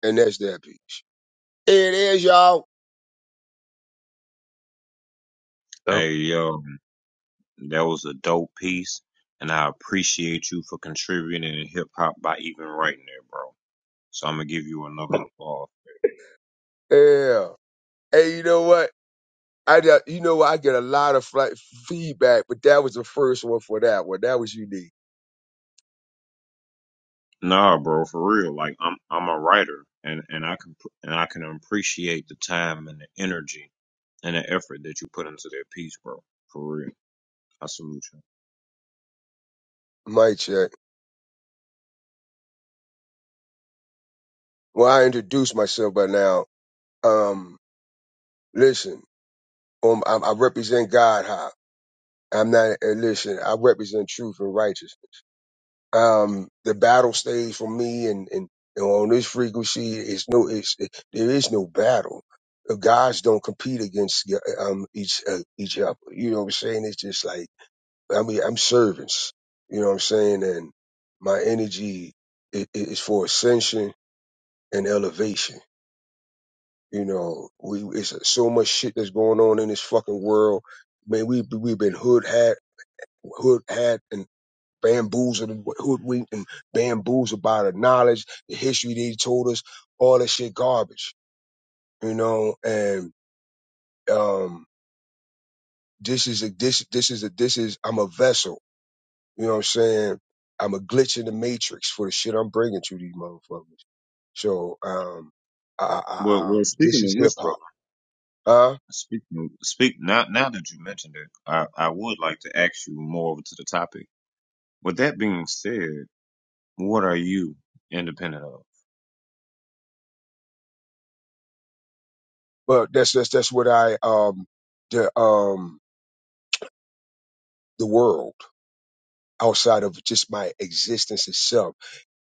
[SPEAKER 5] and that's that piece. It is y'all.
[SPEAKER 3] Oh,
[SPEAKER 1] Hey, yo, that was a dope piece, and I appreciate you for contributing in hip hop by even writing it, bro. So I'm gonna give you another applause.
[SPEAKER 5] Yeah. Hey, you know what? I got- you know what? I get a lot of flight feedback, but that was the first one for that one. That was unique.
[SPEAKER 1] Nah, bro, for real. Like I'm I'm a writer and and I can pr- and I can appreciate the time and the energy and the effort that you put into that piece, bro. For real. I salute you.
[SPEAKER 5] Mic check. Well, I introduced myself by now. Um, listen. Um, I, I represent God high. I'm not, and listen, I represent truth and righteousness. Um, the battle stage for me and, and, and on this frequency is no, it's, it, there is no battle. The Gods don't compete against um, each, uh, each other. You know what I'm saying? It's just like, I mean, I'm servants. You know what I'm saying? And my energy i- i- is for ascension and elevation. You know, we, it's so much shit that's going on in this fucking world man, we we've been hoodhacked. who had and bamboozled, hoodwinked and bamboozled by the knowledge, the history they told us, all that shit garbage, you know. And um, this is a this this is a this is I'm a vessel, you know what I'm saying? I'm a glitch in the matrix for the shit I'm bringing to these motherfuckers. So um, I, I,
[SPEAKER 1] Well, well,
[SPEAKER 5] um, this
[SPEAKER 1] speaking of
[SPEAKER 5] is hip
[SPEAKER 1] which,
[SPEAKER 5] hop,
[SPEAKER 1] brother,
[SPEAKER 5] huh?
[SPEAKER 1] speaking of, speak now now that you mentioned it, I I would like to ask you more over to the topic. With that being said, what are you independent of?
[SPEAKER 5] But that's that's that's what I um the um the world. outside of just my existence itself.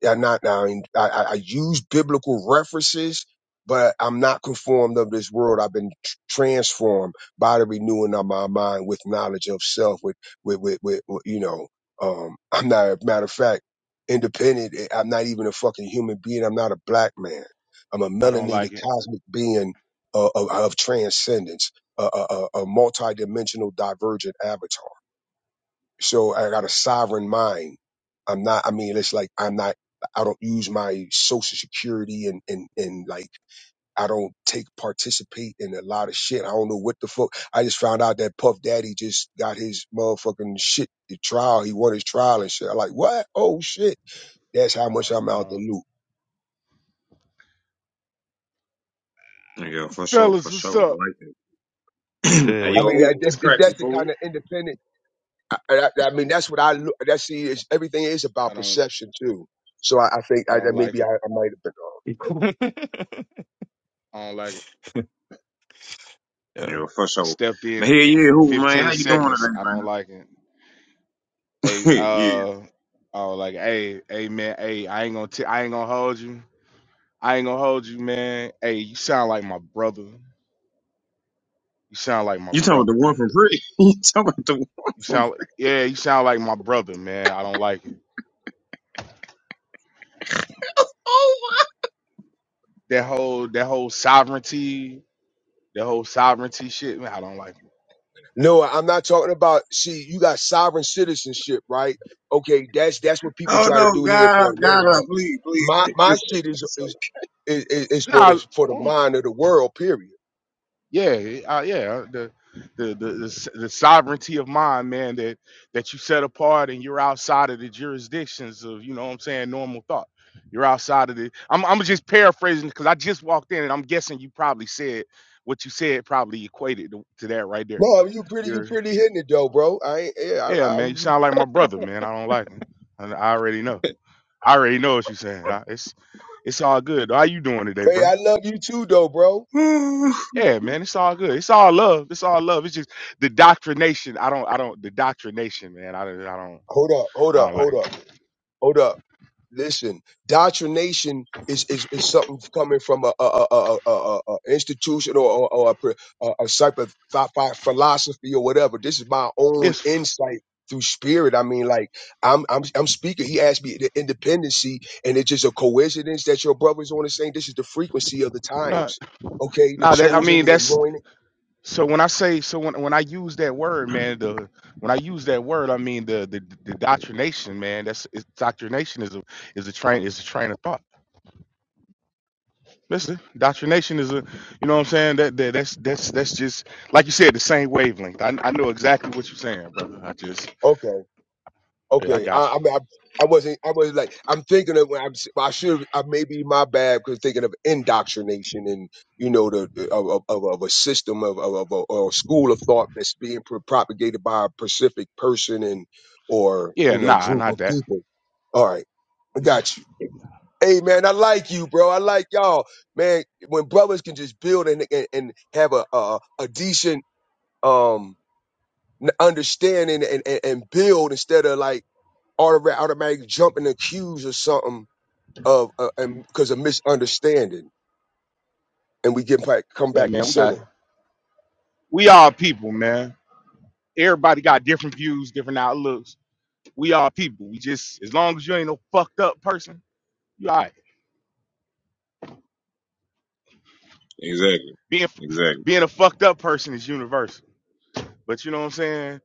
[SPEAKER 5] Yeah, I'm not now. I, mean, I I I use biblical references, but I'm not conformed of this world. I've been tr- transformed by the renewing of my mind with knowledge of self. With with with, with, with you know, um, I'm not. Matter of fact, independent. eh, I'm not even a fucking human being. I'm not a black man. I'm a
[SPEAKER 6] I don't
[SPEAKER 5] melanated
[SPEAKER 6] like it.
[SPEAKER 5] cosmic being uh, of, of transcendence, a, a, a a multi-dimensional divergent avatar. So I got a sovereign mind. I'm not, I mean, it's like I'm not, I don't use my social security and, and, and like, I don't take participate in a lot of shit. I don't know what the fuck. I just found out that Puff Daddy just got his motherfucking shit, the trial. He won his trial and shit. I'm like, what? Oh shit. That's how
[SPEAKER 6] I
[SPEAKER 5] much
[SPEAKER 6] don't.
[SPEAKER 5] I'm
[SPEAKER 6] I
[SPEAKER 5] out the
[SPEAKER 6] don't.
[SPEAKER 5] loop.
[SPEAKER 1] Yeah, for sure,
[SPEAKER 6] Fellas,
[SPEAKER 1] for
[SPEAKER 6] what's
[SPEAKER 1] sure. I
[SPEAKER 6] up?
[SPEAKER 1] like that.
[SPEAKER 3] good
[SPEAKER 1] hey,
[SPEAKER 5] I
[SPEAKER 3] with
[SPEAKER 1] yo,
[SPEAKER 3] you.
[SPEAKER 5] mean, that,
[SPEAKER 1] who? What's
[SPEAKER 5] that, if
[SPEAKER 1] cracking,
[SPEAKER 5] that's the
[SPEAKER 1] fool?
[SPEAKER 5] kind of independent, I, I, I mean, that's what I look, that's see, it's, everything is
[SPEAKER 6] I
[SPEAKER 5] about
[SPEAKER 6] don't.
[SPEAKER 5] perception too. So I, I think
[SPEAKER 6] I
[SPEAKER 5] I,
[SPEAKER 6] don't
[SPEAKER 5] that
[SPEAKER 6] like
[SPEAKER 5] maybe I,
[SPEAKER 6] it.
[SPEAKER 5] I might have been off.
[SPEAKER 6] I don't like it.
[SPEAKER 3] yeah.
[SPEAKER 1] Yeah, for
[SPEAKER 6] I
[SPEAKER 1] sure.
[SPEAKER 6] stepped in
[SPEAKER 1] But hey, yeah, who, man?
[SPEAKER 6] 15
[SPEAKER 1] How you doing
[SPEAKER 6] seconds. I
[SPEAKER 1] today,
[SPEAKER 6] don't like it. Hey,
[SPEAKER 1] man? yeah.
[SPEAKER 6] uh, oh, like, hey, hey, man, hey, I ain't gonna, t- I ain't gonna hold you. I ain't gonna hold you, man. Hey, you sound like my brother. You sound like my
[SPEAKER 1] You talking about
[SPEAKER 6] brother.
[SPEAKER 1] the one from Pretty? You talking about the one
[SPEAKER 6] You
[SPEAKER 1] from?
[SPEAKER 6] sound, like, yeah, you sound like my brother, man. I don't like it. That whole, that whole sovereignty, that whole sovereignty shit, man. I don't like
[SPEAKER 5] No, I'm not talking about. See, you got sovereign citizenship, right? Okay, that's that's what people
[SPEAKER 1] Oh
[SPEAKER 5] try to
[SPEAKER 1] no,
[SPEAKER 5] do here for
[SPEAKER 1] God, God, uh,
[SPEAKER 5] America.
[SPEAKER 1] please, please,
[SPEAKER 5] My my
[SPEAKER 1] please.
[SPEAKER 5] shit is is is, is
[SPEAKER 6] it.
[SPEAKER 5] for
[SPEAKER 6] Nah,
[SPEAKER 5] the for the mind of the world. Period.
[SPEAKER 6] Yeah, uh, yeah. The, the the the s- the sovereignty of mind, man. That that you set apart and you're outside of the jurisdictions of you know what I'm saying normal thought. You're outside of the. I'm I'm just paraphrasing because I just walked in and I'm guessing you probably said what you said probably equated to, to that right there.
[SPEAKER 5] No, I mean, you pretty you
[SPEAKER 6] You're
[SPEAKER 5] pretty hitting it though, bro. I ain't, yeah,
[SPEAKER 6] yeah,
[SPEAKER 5] I,
[SPEAKER 6] man. You
[SPEAKER 5] I'm.
[SPEAKER 6] sound like my brother, man. I don't like him. I, I already know. I already know what you're saying. I, it's it's all good. How you doing today,
[SPEAKER 5] Man,
[SPEAKER 6] bro?
[SPEAKER 5] I love you too, though, bro.
[SPEAKER 6] Yeah, man, it's all good. It's all love. It's all love. It's just the doctrination. I don't. I don't. The doctrination, man. I don't. I don't.
[SPEAKER 5] Hold up, hold
[SPEAKER 6] I
[SPEAKER 5] up,
[SPEAKER 6] don't like
[SPEAKER 5] hold up,
[SPEAKER 6] it.
[SPEAKER 5] hold up. Listen, doctrination is is, is something coming from a, a, a, a, a, a a institution or, or, or a, pre- a, a type of phi- phi- philosophy or whatever. This is my own
[SPEAKER 6] It's f-
[SPEAKER 5] insight through spirit. I mean, like I'm I'm I'm speaking. He asked me the independency, and it's just a coincidence that your brother's on the same. This is the frequency of the
[SPEAKER 6] no,
[SPEAKER 5] times. Okay, the
[SPEAKER 6] no. That I
[SPEAKER 5] chosen,
[SPEAKER 6] mean,
[SPEAKER 5] the
[SPEAKER 6] that's
[SPEAKER 5] anointed.
[SPEAKER 6] so. When I say so, when when I use that word, man, the when I use that word, I mean the the, the doctrination, man. That's it's, doctrination is a is a train is a train of thought. Listen, doctrination is a, you know what I'm saying? That, that that's that's that's just like you said, the same wavelength. I I know exactly what you're saying, brother. I just
[SPEAKER 5] Okay.
[SPEAKER 6] yeah, I
[SPEAKER 5] Okay, I,
[SPEAKER 6] got
[SPEAKER 5] I
[SPEAKER 6] you.
[SPEAKER 5] mean, I, I wasn't, I was like, I'm thinking of when I'm, s- I should, I maybe my bad because thinking of indoctrination and you know the the- of of, of of a system of of, of a, or a school of thought that's being pro- propagated by a specific person and or
[SPEAKER 6] Yeah,
[SPEAKER 5] you know
[SPEAKER 6] nah,
[SPEAKER 5] group
[SPEAKER 6] not
[SPEAKER 5] of
[SPEAKER 6] that.
[SPEAKER 5] people. All right, I got you. Hey man, I like you, bro. I like y'all, man. When brothers can just build and and, and have a, a a decent um n- understanding and, and and build instead of like automatic, automatic jump and accuse of something of uh, and- 'cause of misunderstanding, and we get back come
[SPEAKER 6] Yeah,
[SPEAKER 5] back to
[SPEAKER 6] man, we got
[SPEAKER 5] center.
[SPEAKER 6] we all people, man. Everybody got different views, different outlooks. We all people. We just as long as you ain't no fucked up person, you all right.
[SPEAKER 1] exactly,
[SPEAKER 6] Being
[SPEAKER 1] exactly.
[SPEAKER 6] being a fucked up person is universal. But you know what I'm saying?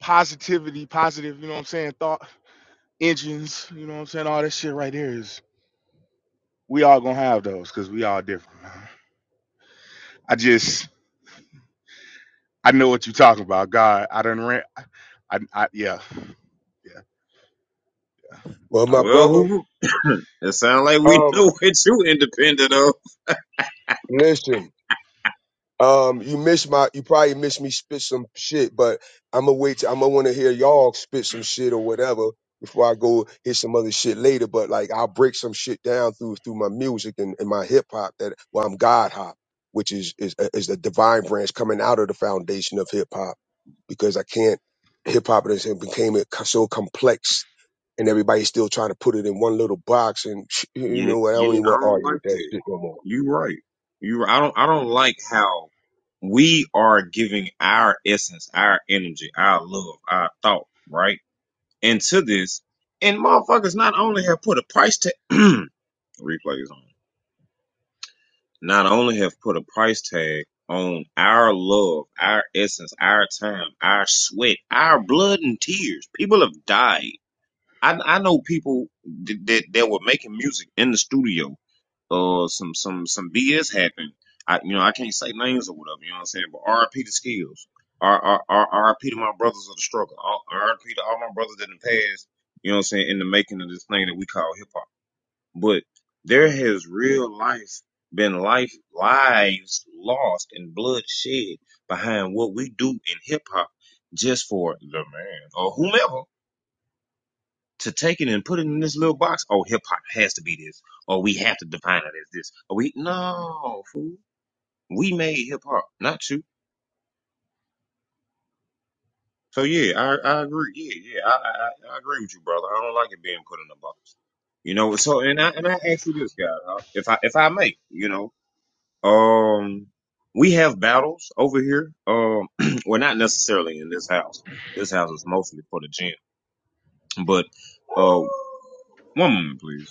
[SPEAKER 6] Positivity, positive, you know what I'm saying, thought engines, you know what I'm saying? All that shit right there is we all gonna have those because we all different, man. I just I know what you're talking about. God, I done rent I, I yeah, yeah,
[SPEAKER 5] Well,
[SPEAKER 6] I
[SPEAKER 5] my
[SPEAKER 6] don't like
[SPEAKER 1] Well,
[SPEAKER 6] it.
[SPEAKER 5] brother,
[SPEAKER 1] who? It sounds like we
[SPEAKER 5] um,
[SPEAKER 1] know it. though.
[SPEAKER 5] listen. Um, you missed my, you probably missed me spit some shit, but I'm gonna wait. I'm gonna want to hear y'all spit some shit or whatever before I go hit some other shit later. But like, I'll break some shit down through through my music and, and my hip hop that well, I'm God hop, which is is uh, is the divine branch coming out of the foundation of hip hop because I can't. Hip hop has became it co- so complex, and everybody's still trying to put it in one little box. And you
[SPEAKER 1] Yeah,
[SPEAKER 5] know, what? I don't
[SPEAKER 1] yeah.
[SPEAKER 5] even
[SPEAKER 1] I
[SPEAKER 5] want to
[SPEAKER 1] don't
[SPEAKER 5] argue
[SPEAKER 1] like
[SPEAKER 5] with that
[SPEAKER 1] that.
[SPEAKER 5] shit no more.
[SPEAKER 1] You right. You. right. I don't. I don't like how we are giving our essence, our energy, our love, our thought, right, into this, and motherfuckers not only have put a price tag. replays on. not only have put a price tag on our love, our essence, our time, our sweat, our blood and tears. People have died. I, I know people th- that that were making music in the studio. Uh, some some some BS happened. I you know I can't say names or whatever. You know what I'm saying? But R.I.P. to Skills. R R R R.I.P. to my brothers of the struggle. R- R.I.P. to all my brothers that have passed. You know what I'm saying? In the making of this thing that we call hip hop but there has real life been life lives lost and blood shed behind what we do in hip hop just for the man or whomever to take it and put it in this little box. Oh, hip hop has to be this, or we have to define it as this. Or we no fool. We made hip hop, not you. So yeah, I I agree. Yeah, yeah, I, I I I agree with you, brother. I don't like it being put in a box. You know, so and I and I ask you this, guy, huh? if I if I may, you know. Um, we have battles over here. Um, well, not necessarily in this house. This house is mostly for the gym. But uh, one moment, please.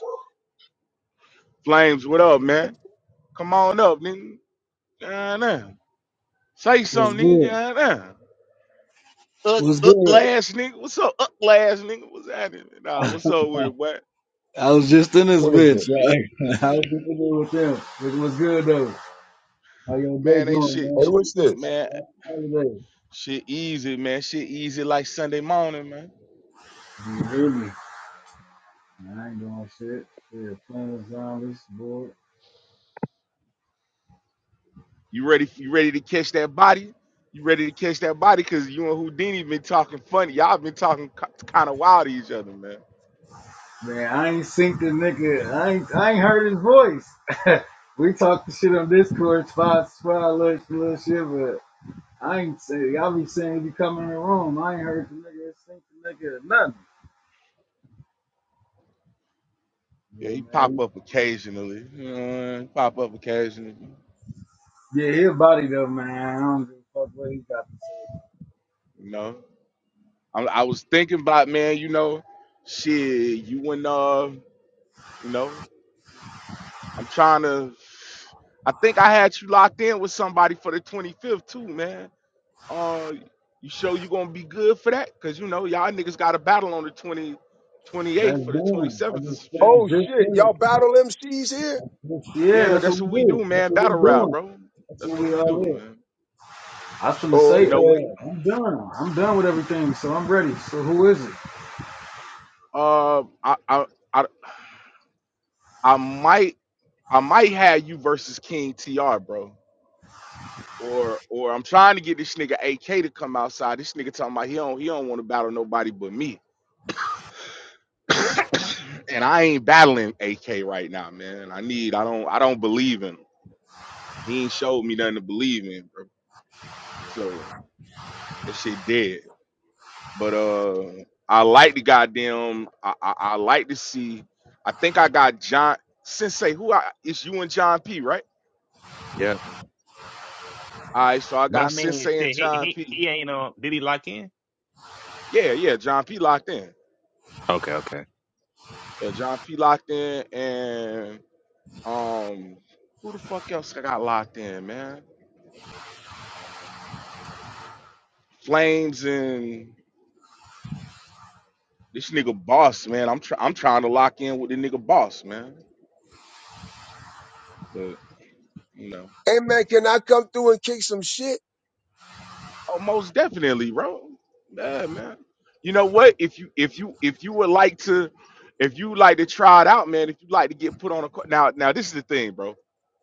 [SPEAKER 6] Flames, what up, man? Come on up, nigga. God damn. Say
[SPEAKER 7] What's
[SPEAKER 6] something, nigga.
[SPEAKER 7] good?
[SPEAKER 6] God damn. Up,
[SPEAKER 7] What's
[SPEAKER 6] up
[SPEAKER 7] good?
[SPEAKER 6] last nigga. What's up? Up last nigga. What's happening? Nah, what's up with it, boy?
[SPEAKER 7] I was just in this
[SPEAKER 5] What is
[SPEAKER 7] bitch.
[SPEAKER 5] this?
[SPEAKER 7] Yeah. I was just in there with them. It was good though. How your day
[SPEAKER 6] Man, ain't
[SPEAKER 7] going,
[SPEAKER 6] shit.
[SPEAKER 5] Hey,
[SPEAKER 7] man?
[SPEAKER 5] what's this?
[SPEAKER 7] Happy
[SPEAKER 6] Man,
[SPEAKER 7] holiday.
[SPEAKER 6] shit easy, man. Shit easy like Sunday morning, man.
[SPEAKER 7] You hear me? I ain't doing shit. Yeah, playing with zombies, boy.
[SPEAKER 6] You ready? You ready to catch that body? You ready to catch that body? Cause you and Houdini been talking funny. Y'all been talking kind of wild to each other, man.
[SPEAKER 7] Man, I ain't synced the nigga. I ain't, I ain't heard his voice. we talked the shit on Discord, spot, spot, little, little shit, but I ain't say, y'all be saying if you come in the room, I ain't heard the nigga sync the nigga or nothing.
[SPEAKER 6] Yeah,
[SPEAKER 7] Yeah,
[SPEAKER 6] he
[SPEAKER 7] man.
[SPEAKER 6] pop up occasionally. You know, he pop up occasionally.
[SPEAKER 7] Yeah, his body though, man. I don't give a fuck what he got to say.
[SPEAKER 6] You know. I, I was thinking about man, you know, shit, you and uh, you know, I'm trying to. I think I had you locked in with somebody for the 25th too, man. Uh, you sure you gonna be good for that? Cause you know y'all niggas got a battle on the 20,
[SPEAKER 7] That's
[SPEAKER 6] 28th for the
[SPEAKER 7] doing. I
[SPEAKER 6] 27th or
[SPEAKER 7] just
[SPEAKER 6] some shit.
[SPEAKER 7] stand
[SPEAKER 5] Oh
[SPEAKER 7] drift
[SPEAKER 5] shit,
[SPEAKER 7] to
[SPEAKER 5] y'all
[SPEAKER 7] it.
[SPEAKER 5] battle MCs here?
[SPEAKER 7] That's just- Yeah,
[SPEAKER 6] Yeah,
[SPEAKER 7] that's what
[SPEAKER 6] that's
[SPEAKER 7] we
[SPEAKER 6] what we do,
[SPEAKER 7] do. That's
[SPEAKER 6] man.
[SPEAKER 7] what
[SPEAKER 6] Battle
[SPEAKER 7] we
[SPEAKER 6] rap,
[SPEAKER 7] doing.
[SPEAKER 6] bro.
[SPEAKER 7] That's
[SPEAKER 6] That's
[SPEAKER 7] what
[SPEAKER 6] what
[SPEAKER 7] we
[SPEAKER 6] we
[SPEAKER 7] all
[SPEAKER 6] do,
[SPEAKER 7] is.
[SPEAKER 6] man.
[SPEAKER 7] I was gonna
[SPEAKER 5] Oh,
[SPEAKER 7] say,
[SPEAKER 6] You know, we
[SPEAKER 5] okay.
[SPEAKER 7] uh, I'm done. I'm done with everything, so I'm ready. So who is it?
[SPEAKER 6] uh, I I I, I might I might have you versus King Tr, bro. Or or I'm trying to get this nigga AK to come outside. This nigga talking about he don't he don't want to battle nobody but me. and I ain't battling AK right now, man. I need I don't I don't believe in him. He ain't showed me nothing to believe in, bro. So that shit dead. But uh I like the goddamn I I, I like to see I think I got John Sensei, who I it's you and John P, right?
[SPEAKER 3] Yep.
[SPEAKER 6] All right, so I
[SPEAKER 3] But I
[SPEAKER 6] got
[SPEAKER 3] mean,
[SPEAKER 6] Sensei and
[SPEAKER 3] shit, he
[SPEAKER 6] John
[SPEAKER 3] he
[SPEAKER 6] P.
[SPEAKER 3] he ain't on. Did he lock in?
[SPEAKER 6] Yeah, yeah, John P locked in.
[SPEAKER 3] Okay, okay,
[SPEAKER 6] Yeah, John P locked in and Um, who the fuck else I got locked in, man? Flames and this nigga boss, man. I'm try- I'm trying to lock in with the nigga boss, man. But you know,
[SPEAKER 5] Hey man, can I come through and kick some shit?
[SPEAKER 6] oh, most definitely, bro. Yeah, man. You know what? If you if you if you would like to, if you would like to try it out, man. If you like to get put on a co- now now this is the thing, bro.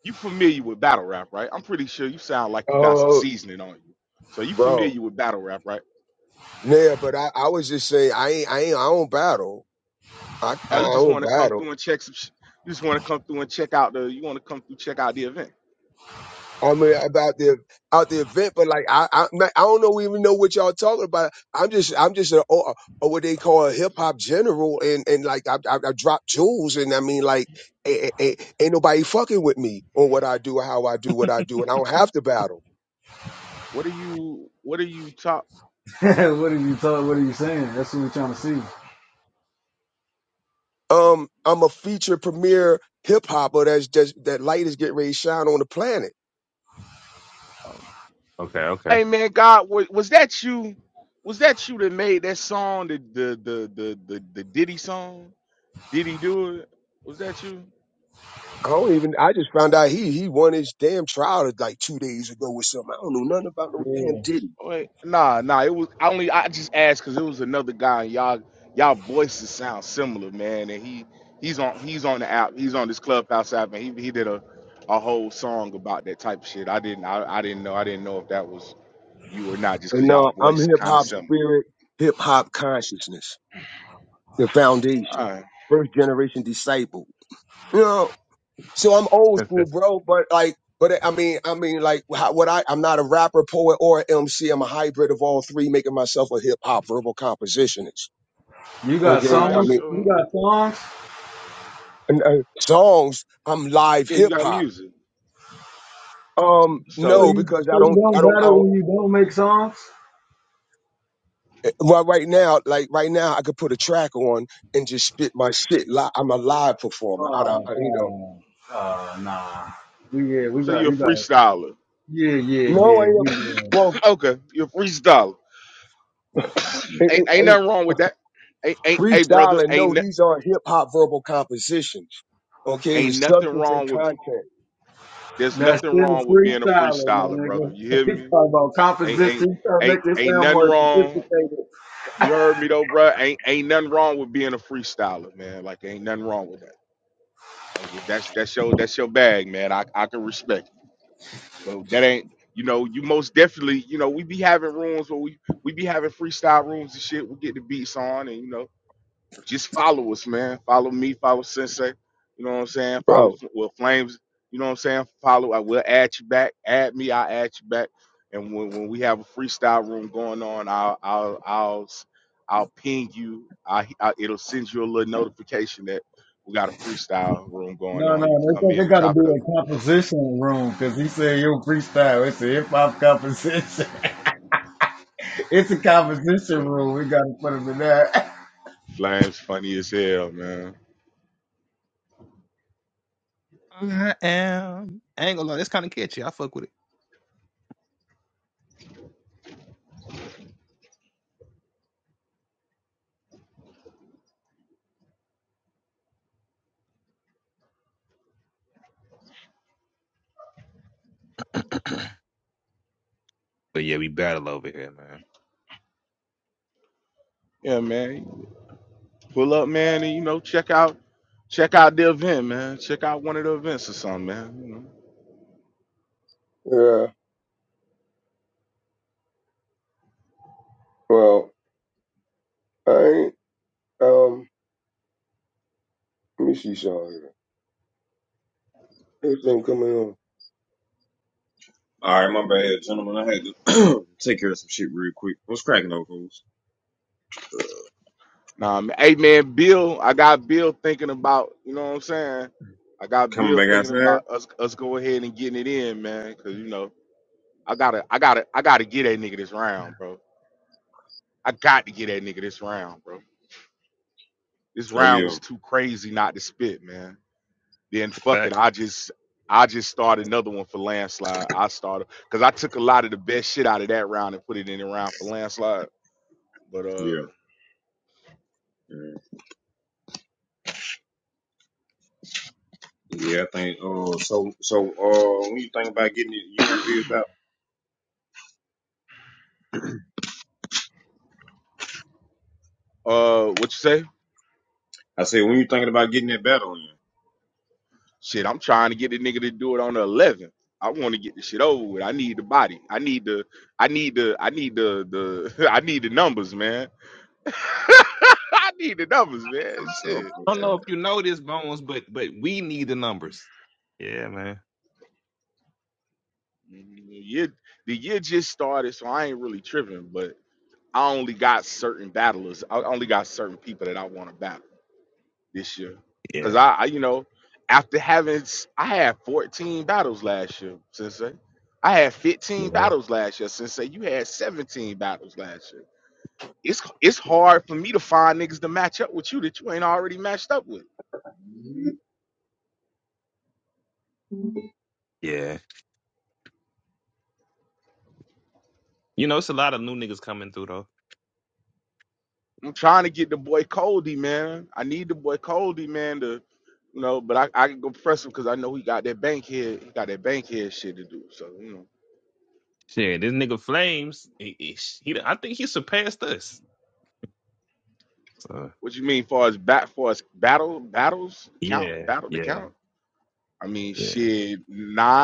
[SPEAKER 6] You familiar with battle rap, right? I'm pretty sure you sound like you got some
[SPEAKER 5] Oh,
[SPEAKER 6] seasoning on you. So you
[SPEAKER 5] bro.
[SPEAKER 6] familiar with battle rap, right?
[SPEAKER 5] Yeah, but I, I was just saying, I ain't, I ain't, I don't battle. I,
[SPEAKER 6] Oh, you
[SPEAKER 5] I
[SPEAKER 6] just want
[SPEAKER 5] don't
[SPEAKER 6] to come
[SPEAKER 5] battle.
[SPEAKER 6] through and check some. Sh- you just want to come through and check out the. You want to come through check out the event.
[SPEAKER 5] I mean, about the out the event, but like I, I, man, I don't know even know what y'all talking about. I'm just, I'm just a, a, a what they call a hip hop general, and and like I, I, I drop jewels, and I mean like, a, a, a- ain't nobody fucking with me on what I do, how I do what I do, and I don't have to battle.
[SPEAKER 6] What are you? What are you talk?
[SPEAKER 7] what are you talking? What are you saying? That's what we're trying to see.
[SPEAKER 5] Um, I'm a feature premier hip hopper that's just that light is getting ready to shine on the planet.
[SPEAKER 6] Oh.
[SPEAKER 3] okay, okay.
[SPEAKER 6] Hey man, God, was, was that you? Was that you that made that song? The the the the the, the Diddy song? Diddy do it? Was that you?
[SPEAKER 5] I don't even I just found out he he won his damn trial like two days ago or something. I don't know nothing about no damn
[SPEAKER 7] Yeah.
[SPEAKER 5] Diddy.
[SPEAKER 6] Wait, nah, nah. It was I only I just asked because it was another guy. And y'all, y'all voices sound similar, man. And he he's on he's on the app. He's on this clubhouse app, and he he did a a whole song about that type of shit. I didn't I, I didn't know I didn't know if that was you or not, just
[SPEAKER 5] And
[SPEAKER 6] because y'all
[SPEAKER 5] no, I'm
[SPEAKER 6] voice
[SPEAKER 5] hip
[SPEAKER 6] kind of
[SPEAKER 5] hop
[SPEAKER 6] similar.
[SPEAKER 5] spirit, hip hop consciousness, the
[SPEAKER 6] All
[SPEAKER 5] foundation,
[SPEAKER 6] right,
[SPEAKER 5] first generation disciple. You know. So I'm old
[SPEAKER 3] That's
[SPEAKER 5] school,
[SPEAKER 3] that's.
[SPEAKER 5] bro. But like, but I mean, I mean, like, how, what I I'm not a rapper, poet, or MC. I'm a hybrid of all three, making myself a hip hop verbal compositionist.
[SPEAKER 7] You got
[SPEAKER 6] all
[SPEAKER 5] Okay, I
[SPEAKER 6] right.
[SPEAKER 7] songs.
[SPEAKER 5] mean,
[SPEAKER 7] You
[SPEAKER 6] So
[SPEAKER 7] got songs.
[SPEAKER 5] and, uh, songs. I'm live
[SPEAKER 6] yeah, you
[SPEAKER 5] hip
[SPEAKER 6] got
[SPEAKER 5] hop.
[SPEAKER 6] music.
[SPEAKER 5] Um,
[SPEAKER 7] So
[SPEAKER 5] no,
[SPEAKER 6] So
[SPEAKER 7] you
[SPEAKER 5] because I
[SPEAKER 7] so you
[SPEAKER 5] don't,
[SPEAKER 7] don't
[SPEAKER 5] I don't, I
[SPEAKER 7] battle
[SPEAKER 5] don't.
[SPEAKER 7] when you don't make songs.
[SPEAKER 5] eh, Well, right now, like right now, I could put a track on and just spit my shit. Li- I'm a live performer. I, don't-
[SPEAKER 7] Oh,
[SPEAKER 5] I, you know,
[SPEAKER 7] oh, oh nah. We yeah, we
[SPEAKER 6] so you're
[SPEAKER 7] got
[SPEAKER 6] a
[SPEAKER 7] you got.
[SPEAKER 6] freestyler.
[SPEAKER 7] Yeah, yeah,
[SPEAKER 5] no, I
[SPEAKER 7] yeah.
[SPEAKER 5] am.
[SPEAKER 7] We uh,
[SPEAKER 5] Well,
[SPEAKER 6] okay, you're a freestyler. ain't ain't nothing wrong with that. Ain't ain't hey
[SPEAKER 5] Freestyle
[SPEAKER 6] brother.
[SPEAKER 5] and
[SPEAKER 6] Ain't
[SPEAKER 5] know
[SPEAKER 6] no-
[SPEAKER 5] these aren't hip hop verbal compositions. Okay,
[SPEAKER 6] ain't
[SPEAKER 5] it's
[SPEAKER 6] nothing
[SPEAKER 5] substance and
[SPEAKER 6] wrong with.
[SPEAKER 5] content,
[SPEAKER 6] There's
[SPEAKER 7] that's
[SPEAKER 6] nothing
[SPEAKER 7] still
[SPEAKER 6] wrong with being a
[SPEAKER 7] freestyling, my
[SPEAKER 6] freestyler, brother.
[SPEAKER 7] nigga.
[SPEAKER 6] You hear
[SPEAKER 7] He's
[SPEAKER 6] me?
[SPEAKER 7] talking about
[SPEAKER 6] Ain't ain't
[SPEAKER 7] composition, trying to make
[SPEAKER 6] ain't
[SPEAKER 7] it
[SPEAKER 6] ain't
[SPEAKER 7] sound
[SPEAKER 6] nothing
[SPEAKER 7] more
[SPEAKER 6] wrong.
[SPEAKER 7] sophisticated.
[SPEAKER 6] You heard me though, bro. Ain't ain't nothing wrong with being a freestyler, man. Like ain't nothing wrong with that. Like if that's that's your that's your bag, man. I I can respect. It. But that ain't you know you most definitely you know we be having rooms where we we be having freestyle rooms and shit. We get the beats on and you know just follow us, man. Follow me, follow Sensei. You know what I'm saying? Follow
[SPEAKER 5] bro.
[SPEAKER 6] Fl- well Flames. You know what I'm saying? Follow. I will add you back. Add me. I'll add you back. And when, when we have a freestyle room going on, I'll I'll I'll s- I'll ping you. I, I it'll send you a little notification that we got a freestyle room going
[SPEAKER 7] No, no,
[SPEAKER 6] on. You can
[SPEAKER 7] they
[SPEAKER 6] come
[SPEAKER 7] think
[SPEAKER 6] in
[SPEAKER 7] it
[SPEAKER 6] and
[SPEAKER 7] got to
[SPEAKER 6] chop it
[SPEAKER 7] be
[SPEAKER 6] up.
[SPEAKER 7] a composition room because he said you freestyle. It's a hip hop composition. it's a composition
[SPEAKER 6] Yeah.
[SPEAKER 7] room. We got to put him in there.
[SPEAKER 6] Flames funny as hell, man.
[SPEAKER 3] I am. I ain't gonna lie, that's kind of catchy. I fuck with it. But yeah, we battle over here, man.
[SPEAKER 6] Yeah, man. Pull up, man, and you know check out check out the event, man. Check out one of the events or something, man. You know.
[SPEAKER 5] Yeah, well, I ain't. Um, let me see something here. This thing coming on.
[SPEAKER 1] All right, my bad, gentlemen. I had to take care of some shit real quick. What's cracking, though, fools?
[SPEAKER 6] Um, hey man, Bill, I got Bill thinking about, you know what I'm saying? I got
[SPEAKER 1] Coming
[SPEAKER 6] Bill
[SPEAKER 1] back
[SPEAKER 6] thinking
[SPEAKER 1] outside?
[SPEAKER 6] about us us go ahead and getting it in, man, cause you know, I gotta I gotta I gotta get that nigga this round, bro. I got to get that nigga this round, bro. This
[SPEAKER 1] Oh
[SPEAKER 6] round
[SPEAKER 1] yeah,
[SPEAKER 6] was too crazy not to spit, man. Then
[SPEAKER 3] The
[SPEAKER 6] fuck it,
[SPEAKER 3] fact.
[SPEAKER 6] I just I just started another one for landslide. I started because I took a lot of the best shit out of that round and put it in the round for landslide. But uh
[SPEAKER 1] yeah, yeah. Yeah, I think. Uh, so, so, uh, when you think about getting it, you and Bill about,
[SPEAKER 6] uh what you say?
[SPEAKER 1] I said, oh, yeah,
[SPEAKER 6] Shit, I'm trying to get the nigga to do it on the 11th. I want to get the shit over with. I need the body. I need the. I need the. I need the. The. I need the numbers, man. I need the numbers, man.
[SPEAKER 1] I'm sure, I'm
[SPEAKER 6] Shit.
[SPEAKER 3] I don't
[SPEAKER 6] Yeah.
[SPEAKER 3] know
[SPEAKER 1] sure.
[SPEAKER 3] if you know this, Bones, but but we need the numbers. Yeah, man.
[SPEAKER 6] The Year, the year just started, so I ain't really tripping. But I only got certain battlers. I only got certain people that I want to battle. this year because
[SPEAKER 3] Yeah.
[SPEAKER 6] I, I, you know, after having s- I had 14 battles last year, Sensei. I had 15
[SPEAKER 3] Yeah.
[SPEAKER 6] battles last year, Sensei. You had 17 battles last year. It's it's hard for me to find niggas to match up with you that you ain't already matched up with.
[SPEAKER 3] Yeah. You know, it's a lot of new niggas coming through though.
[SPEAKER 6] I'm trying to get the boy Coldy, man. I need the boy Coldy, man, to you know, but I, I can go press him because I know he got that bank head, he got that bank head shit to do. So, you know.
[SPEAKER 3] Shit, this nigga Flames, he, he, he- I think he surpassed us. So
[SPEAKER 6] What you mean far as bat far as battle battles count
[SPEAKER 3] yeah,
[SPEAKER 6] battle to
[SPEAKER 3] yeah,
[SPEAKER 6] count? I mean,
[SPEAKER 3] yeah.
[SPEAKER 6] shit,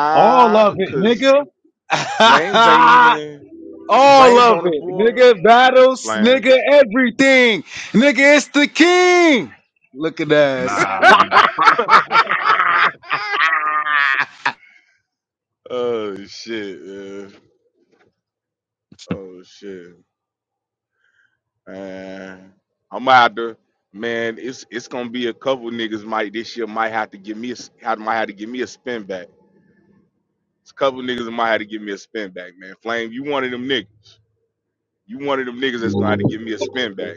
[SPEAKER 7] All of it,
[SPEAKER 6] cause
[SPEAKER 7] nigga.
[SPEAKER 6] Flames ain't even
[SPEAKER 7] All
[SPEAKER 6] Flames
[SPEAKER 7] of
[SPEAKER 6] on the
[SPEAKER 7] it,
[SPEAKER 6] board.
[SPEAKER 7] nigga. Battles, nigga.
[SPEAKER 6] Flames.
[SPEAKER 7] Everything, nigga. It's the king. Look at that.
[SPEAKER 3] Nah, you do
[SPEAKER 6] oh shit. man. Oh shit. Man, I'm out to Man, it's it's gonna be a couple niggas might this year might have to give me a s- have- might have to give me a spin back. It's a couple niggas that might have to give me a spin back, man. Flame, you one of them niggas. You one of them niggas that's gonna have to give me a spin back,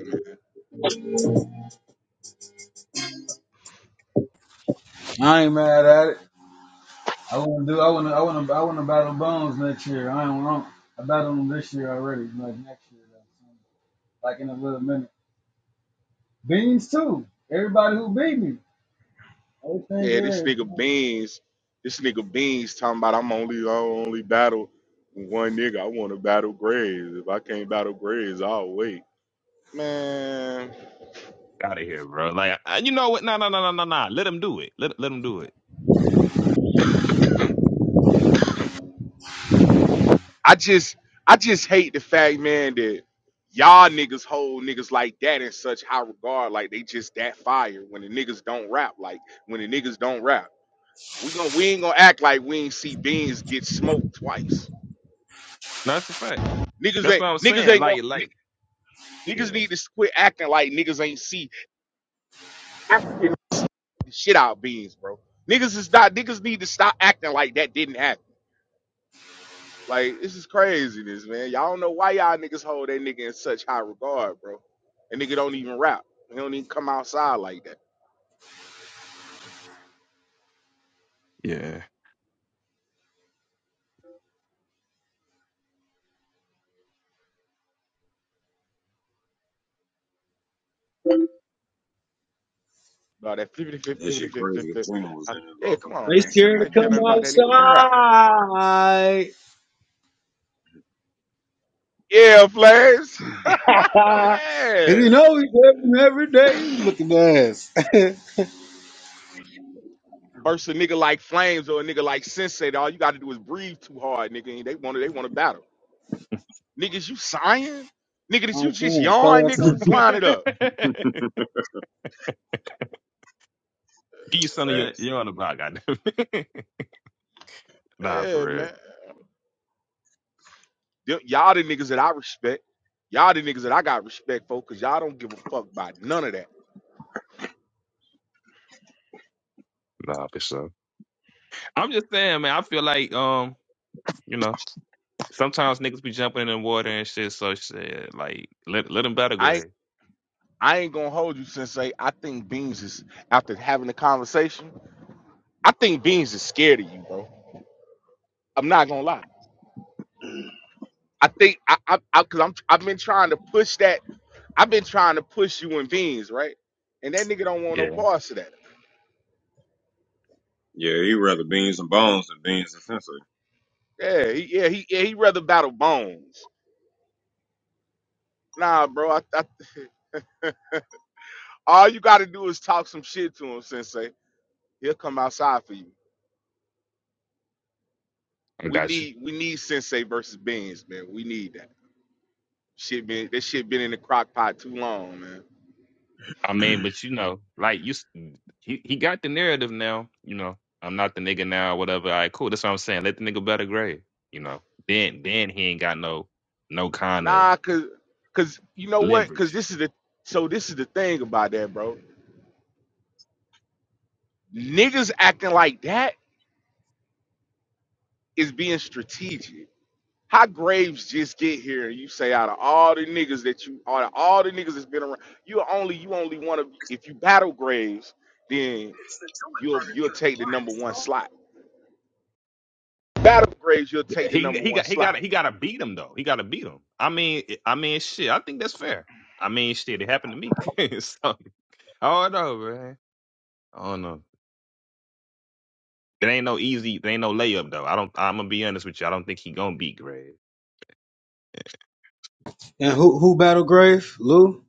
[SPEAKER 7] I ain't mad at it. I want to do. I want to. I want to. I want to battle Bones next year. I don't want. I battled him this year already. Like next year, though. so, like in a little minute. Beans too. Everybody who beat me. Everything.
[SPEAKER 6] Yeah,
[SPEAKER 7] Yeah.
[SPEAKER 6] this
[SPEAKER 7] it's
[SPEAKER 6] nigga
[SPEAKER 7] cool.
[SPEAKER 6] Beans, this nigga Beans talking about I'm only I only battle one nigga. I want to battle Graves. If I can't battle Graves, I'll wait. Man,
[SPEAKER 3] out of here, bro. Like Uh, you know what? No, no, no, no, no, no. Let him do it. Let let him do it. Let him do it.
[SPEAKER 6] I just I just hate the fact, man, that y'all niggas hold niggas like that in such high regard, like they just that fire. When the niggas don't rap, like when the niggas don't rap, we gon' we ain't gonna act like we ain't see Beans get smoked twice.
[SPEAKER 3] No, that's a fact.
[SPEAKER 6] Niggas
[SPEAKER 3] That's
[SPEAKER 6] ain't
[SPEAKER 3] what I was
[SPEAKER 6] niggas
[SPEAKER 3] saying.
[SPEAKER 6] ain't gonna.
[SPEAKER 3] Like like.
[SPEAKER 6] Niggas
[SPEAKER 3] Yeah,
[SPEAKER 6] need to quit acting like niggas ain't see African the shit out beans, bro. Niggas is not niggas need to stop acting like that didn't happen. Like this is craziness, man. Y'all don't know why y'all niggas hold that nigga in such high regard, bro. That nigga don't even rap. He don't even come outside like that.
[SPEAKER 3] yeah.
[SPEAKER 6] No, that flippity flip
[SPEAKER 1] That's
[SPEAKER 6] flippity flip flip flip. Uh, yeah, come on,
[SPEAKER 7] They
[SPEAKER 6] man.
[SPEAKER 7] scared to
[SPEAKER 6] Like care
[SPEAKER 7] come
[SPEAKER 6] nothing about that nigga. Come rap.
[SPEAKER 7] outside.
[SPEAKER 6] Yeah, flames.
[SPEAKER 7] Cause
[SPEAKER 6] yeah.
[SPEAKER 7] you know he's living every day. Look at that ass.
[SPEAKER 6] Burst a nigga like flames or a nigga like sensei. All you gotta do is breathe too hard, nigga. And they wanna they wanna battle. Niggas, you sighing? Niggas, you
[SPEAKER 7] I'm
[SPEAKER 6] just
[SPEAKER 7] cool. tell
[SPEAKER 6] yawn,
[SPEAKER 7] her I
[SPEAKER 6] nigga.
[SPEAKER 7] come.
[SPEAKER 6] niggas? Line it up.
[SPEAKER 3] Give you
[SPEAKER 1] just
[SPEAKER 3] son of your,
[SPEAKER 1] facts.
[SPEAKER 3] your other block, goddamn. nah, for
[SPEAKER 6] Yeah,
[SPEAKER 3] real.
[SPEAKER 6] man. Them- Y'all the niggas that I respect. Y'all the niggas that I got respect for, cause y'all don't give a fuck about none of that.
[SPEAKER 3] Nah, for sure. I'm just saying, man, I feel like um, you know, sometimes niggas be jumping in the water and shit, so shit, like let let him battle
[SPEAKER 6] I ain't
[SPEAKER 3] grade.
[SPEAKER 6] I ain't gonna hold you, Sensei. I think Beans is after having the conversation. I think Beans is scared of you, bro. I'm not gonna lie. I think I, I, I cause I'm I've been trying to push that. I've been trying to push you and Beans, right? And that nigga don't want no
[SPEAKER 3] Yeah,
[SPEAKER 6] parts of that.
[SPEAKER 1] Yeah, he rather beans and bones than beans and sensory.
[SPEAKER 6] Yeah, he, yeah, he, yeah, he rather battle Bones. Nah, bro, I, I All you got to do is talk some shit to him, Sensei. He'll come outside for you.
[SPEAKER 3] I
[SPEAKER 6] We
[SPEAKER 3] got you.
[SPEAKER 6] need we need Sensei versus Beans, man. We need that shit. Been that shit been in the crock pot too long, man.
[SPEAKER 3] I mean, but you know, like you s- he, he got the narrative now, you know. I'm not the nigga now, whatever. All right, cool. That's what I'm saying. Let the nigga better grade, you know. Then then he ain't got no no kind of
[SPEAKER 6] Nah, cause cause you know what? Cause
[SPEAKER 3] leverage.
[SPEAKER 6] this is the so this is the thing about that, bro. Niggas acting like that is being strategic. How Graves just get here and you say out of all the niggas that you out of all the niggas that's been around, you only you only want to if you battle Graves, then you'll you'll take the number one slot battle grades, you'll
[SPEAKER 3] Yeah,
[SPEAKER 6] take the
[SPEAKER 3] He
[SPEAKER 6] number
[SPEAKER 3] he
[SPEAKER 6] one
[SPEAKER 3] got he got
[SPEAKER 6] slot.
[SPEAKER 3] he got to beat him though. He got to beat him. I mean eh, I mean shit. I think that's fair. I mean shit. It happened to me. so, I don't know, man. I don't know. It ain't no easy. There ain't no layup though. I don't. I'm gonna be honest with you. I don't think he gonna beat Graves.
[SPEAKER 7] And who who battle grave? Lou?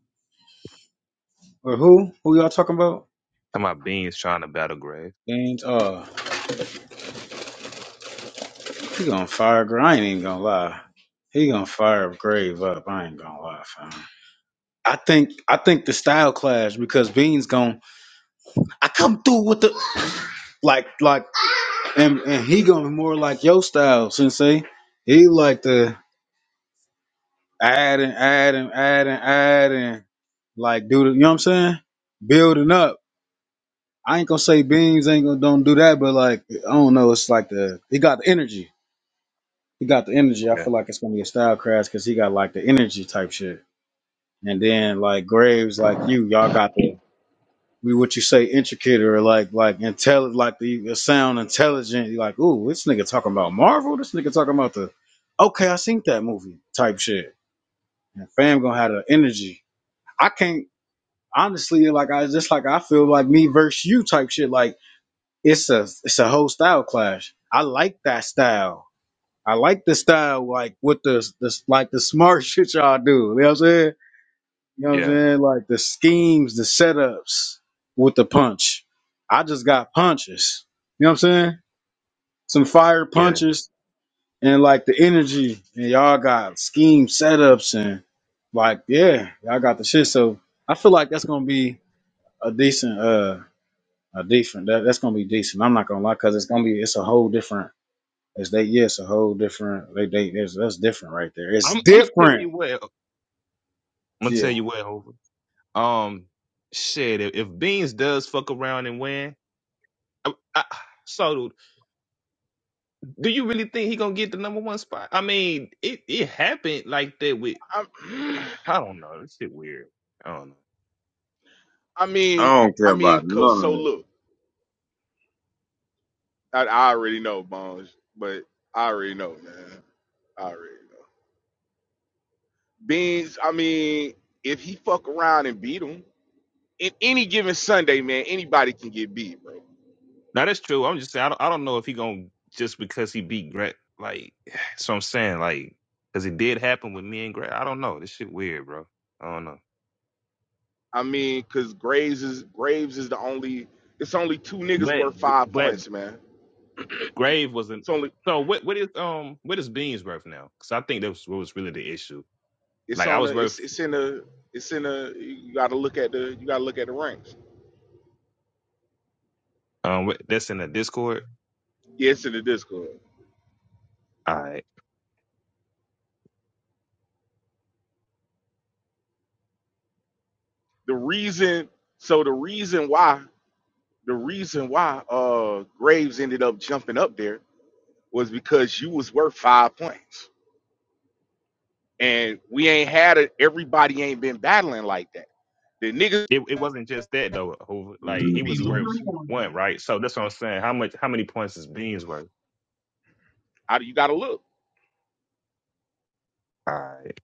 [SPEAKER 7] Or who? Who y'all talking about?
[SPEAKER 3] Talking about Beans trying to battle Graves.
[SPEAKER 7] Beans. James. He gonna fire Gra- I ain't even gonna lie. He gonna fire Grave up. I ain't gonna lie, fam. I think I think the style clash because Bean's gonna I come through with the like like and and he gonna be more like your style, Sensei. He like to add and add and add and add and like do the you know what I'm saying? Building up. I ain't gonna say Beans ain't gonna don't do that, but like I don't know, it's like the he got the energy. He got the energy. I
[SPEAKER 3] Yeah,
[SPEAKER 7] feel like it's gonna be a style crash because he got like the energy type shit. And then like Graves, like you, y'all got the we what you say intricate or like like intelligent, like the it sound intelligent. You're like, ooh, this nigga talking about Marvel. This nigga talking about the okay, I seen that movie type shit. And fam gonna have the energy. I can't honestly like I just like I feel like me versus you type shit. Like it's a it's a whole style clash. I like that style. I like the style like with the, the like the smart shit y'all do. You know what I'm saying? You know what I'm
[SPEAKER 3] yeah,
[SPEAKER 7] saying? Like the schemes, the setups with the punch. I just got punches. You know what I'm saying? Some fire
[SPEAKER 3] yeah.
[SPEAKER 7] punches and like the energy. And y'all got scheme setups and like, yeah, y'all got the shit. So I feel like that's gonna be a decent uh a different. that, that's gonna be decent. I'm not gonna lie, cause it's gonna be it's a whole different it's they yeah, it's a whole different they they it's, that's different right there. It's
[SPEAKER 3] I'm I'm gonna tell you
[SPEAKER 7] different.
[SPEAKER 3] what. I'm gonna
[SPEAKER 7] Yeah.
[SPEAKER 3] tell you what. Hov. Um, shit. If, if Beans does fuck around and win, I, I, so do you really think he gonna get the number one spot? I mean, it it happened like that with.
[SPEAKER 6] i
[SPEAKER 3] I don't know. This shit weird. I don't know.
[SPEAKER 6] I
[SPEAKER 1] I
[SPEAKER 6] mean,
[SPEAKER 1] don't care
[SPEAKER 6] I mean,
[SPEAKER 1] about
[SPEAKER 6] cause
[SPEAKER 1] none
[SPEAKER 6] So
[SPEAKER 1] of it.
[SPEAKER 6] look, I, I already know Bones, but I already know, man. I already know Beans. I mean, if he fuck around and beat him in any given Sunday, man, anybody can get beat, bro.
[SPEAKER 3] Now that's true. I'm just saying. I don't, I don't know if he gonna just because he beat Greg. Like, so I'm saying like because it did happen with me and Greg. I don't know. This shit weird, bro. I don't know.
[SPEAKER 6] I mean, cause Graves is Graves is the only. It's only two niggas
[SPEAKER 3] But
[SPEAKER 6] worth
[SPEAKER 3] G-
[SPEAKER 6] five
[SPEAKER 3] but
[SPEAKER 6] points, man.
[SPEAKER 3] Grave wasn't.
[SPEAKER 6] It's only.
[SPEAKER 3] So what what is um what is Beans worth now? Because I think that was what was really the issue.
[SPEAKER 6] It's
[SPEAKER 3] Like I
[SPEAKER 6] on the.
[SPEAKER 3] was worth
[SPEAKER 6] It's it's in the. It's in the. You gotta look at the. You gotta look at the ranks.
[SPEAKER 3] Um, wh- that's in the Discord.
[SPEAKER 6] Yeah, it's in the Discord.
[SPEAKER 3] All right.
[SPEAKER 6] the reason so the reason why the reason why uh Graves ended up jumping up there was because you was worth five points. And we ain't had it, everybody ain't been battling like that. The niggas
[SPEAKER 3] It it wasn't just that though. Who like he
[SPEAKER 6] be
[SPEAKER 3] was worth
[SPEAKER 6] losing.
[SPEAKER 3] one, right? So that's what I'm saying. How much? How many points is Beans worth?
[SPEAKER 6] How do you gotta look?
[SPEAKER 3] All right.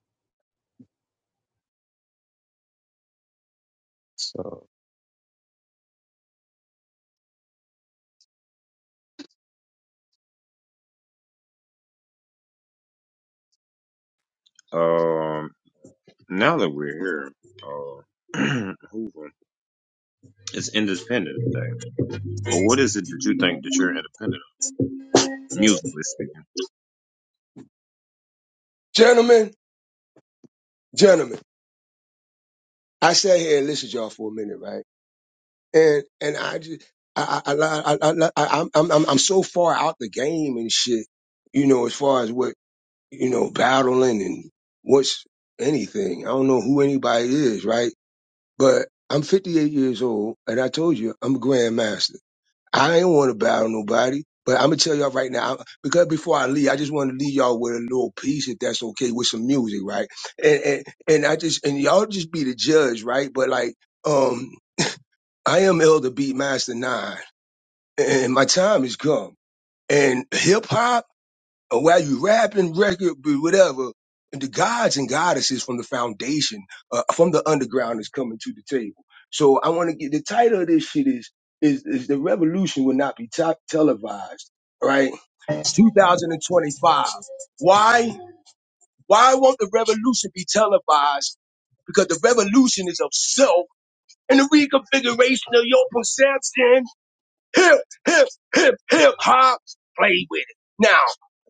[SPEAKER 3] So
[SPEAKER 1] Um. Now that we're here, uh, Hoover, it's Independence Day. But what is it that you think that you're independent of, musically speaking?
[SPEAKER 5] Gentlemen, gentlemen, I sat here and listened to y'all for a minute, right? And and I just I I I, I, I, I I'm I'm I'm I'm so far out the game and shit, you know, as far as what you know, battling and what's anything. I don't know who anybody is, right? But I'm 58 years old, and I told you I'm a grandmaster. I ain't want to battle nobody, but I'm gonna tell y'all right now I- because before I leave, I just want to leave y'all with a little piece, if that's okay, with some music, right? And and, and I just and y'all just be the judge, right? But like, um, I am Elder Beat Master Nine, and my time has come. And hip hop or while you rapping record but whatever and the gods and goddesses from the foundation uh, from the underground is coming to the table so i want to get the title of this shit is is, is the revolution will not be top televised right it's 2025 why why won't the revolution be televised because the revolution is of self and the reconfiguration of your perception hip, hip, hip, hip hop. Play with it. Now,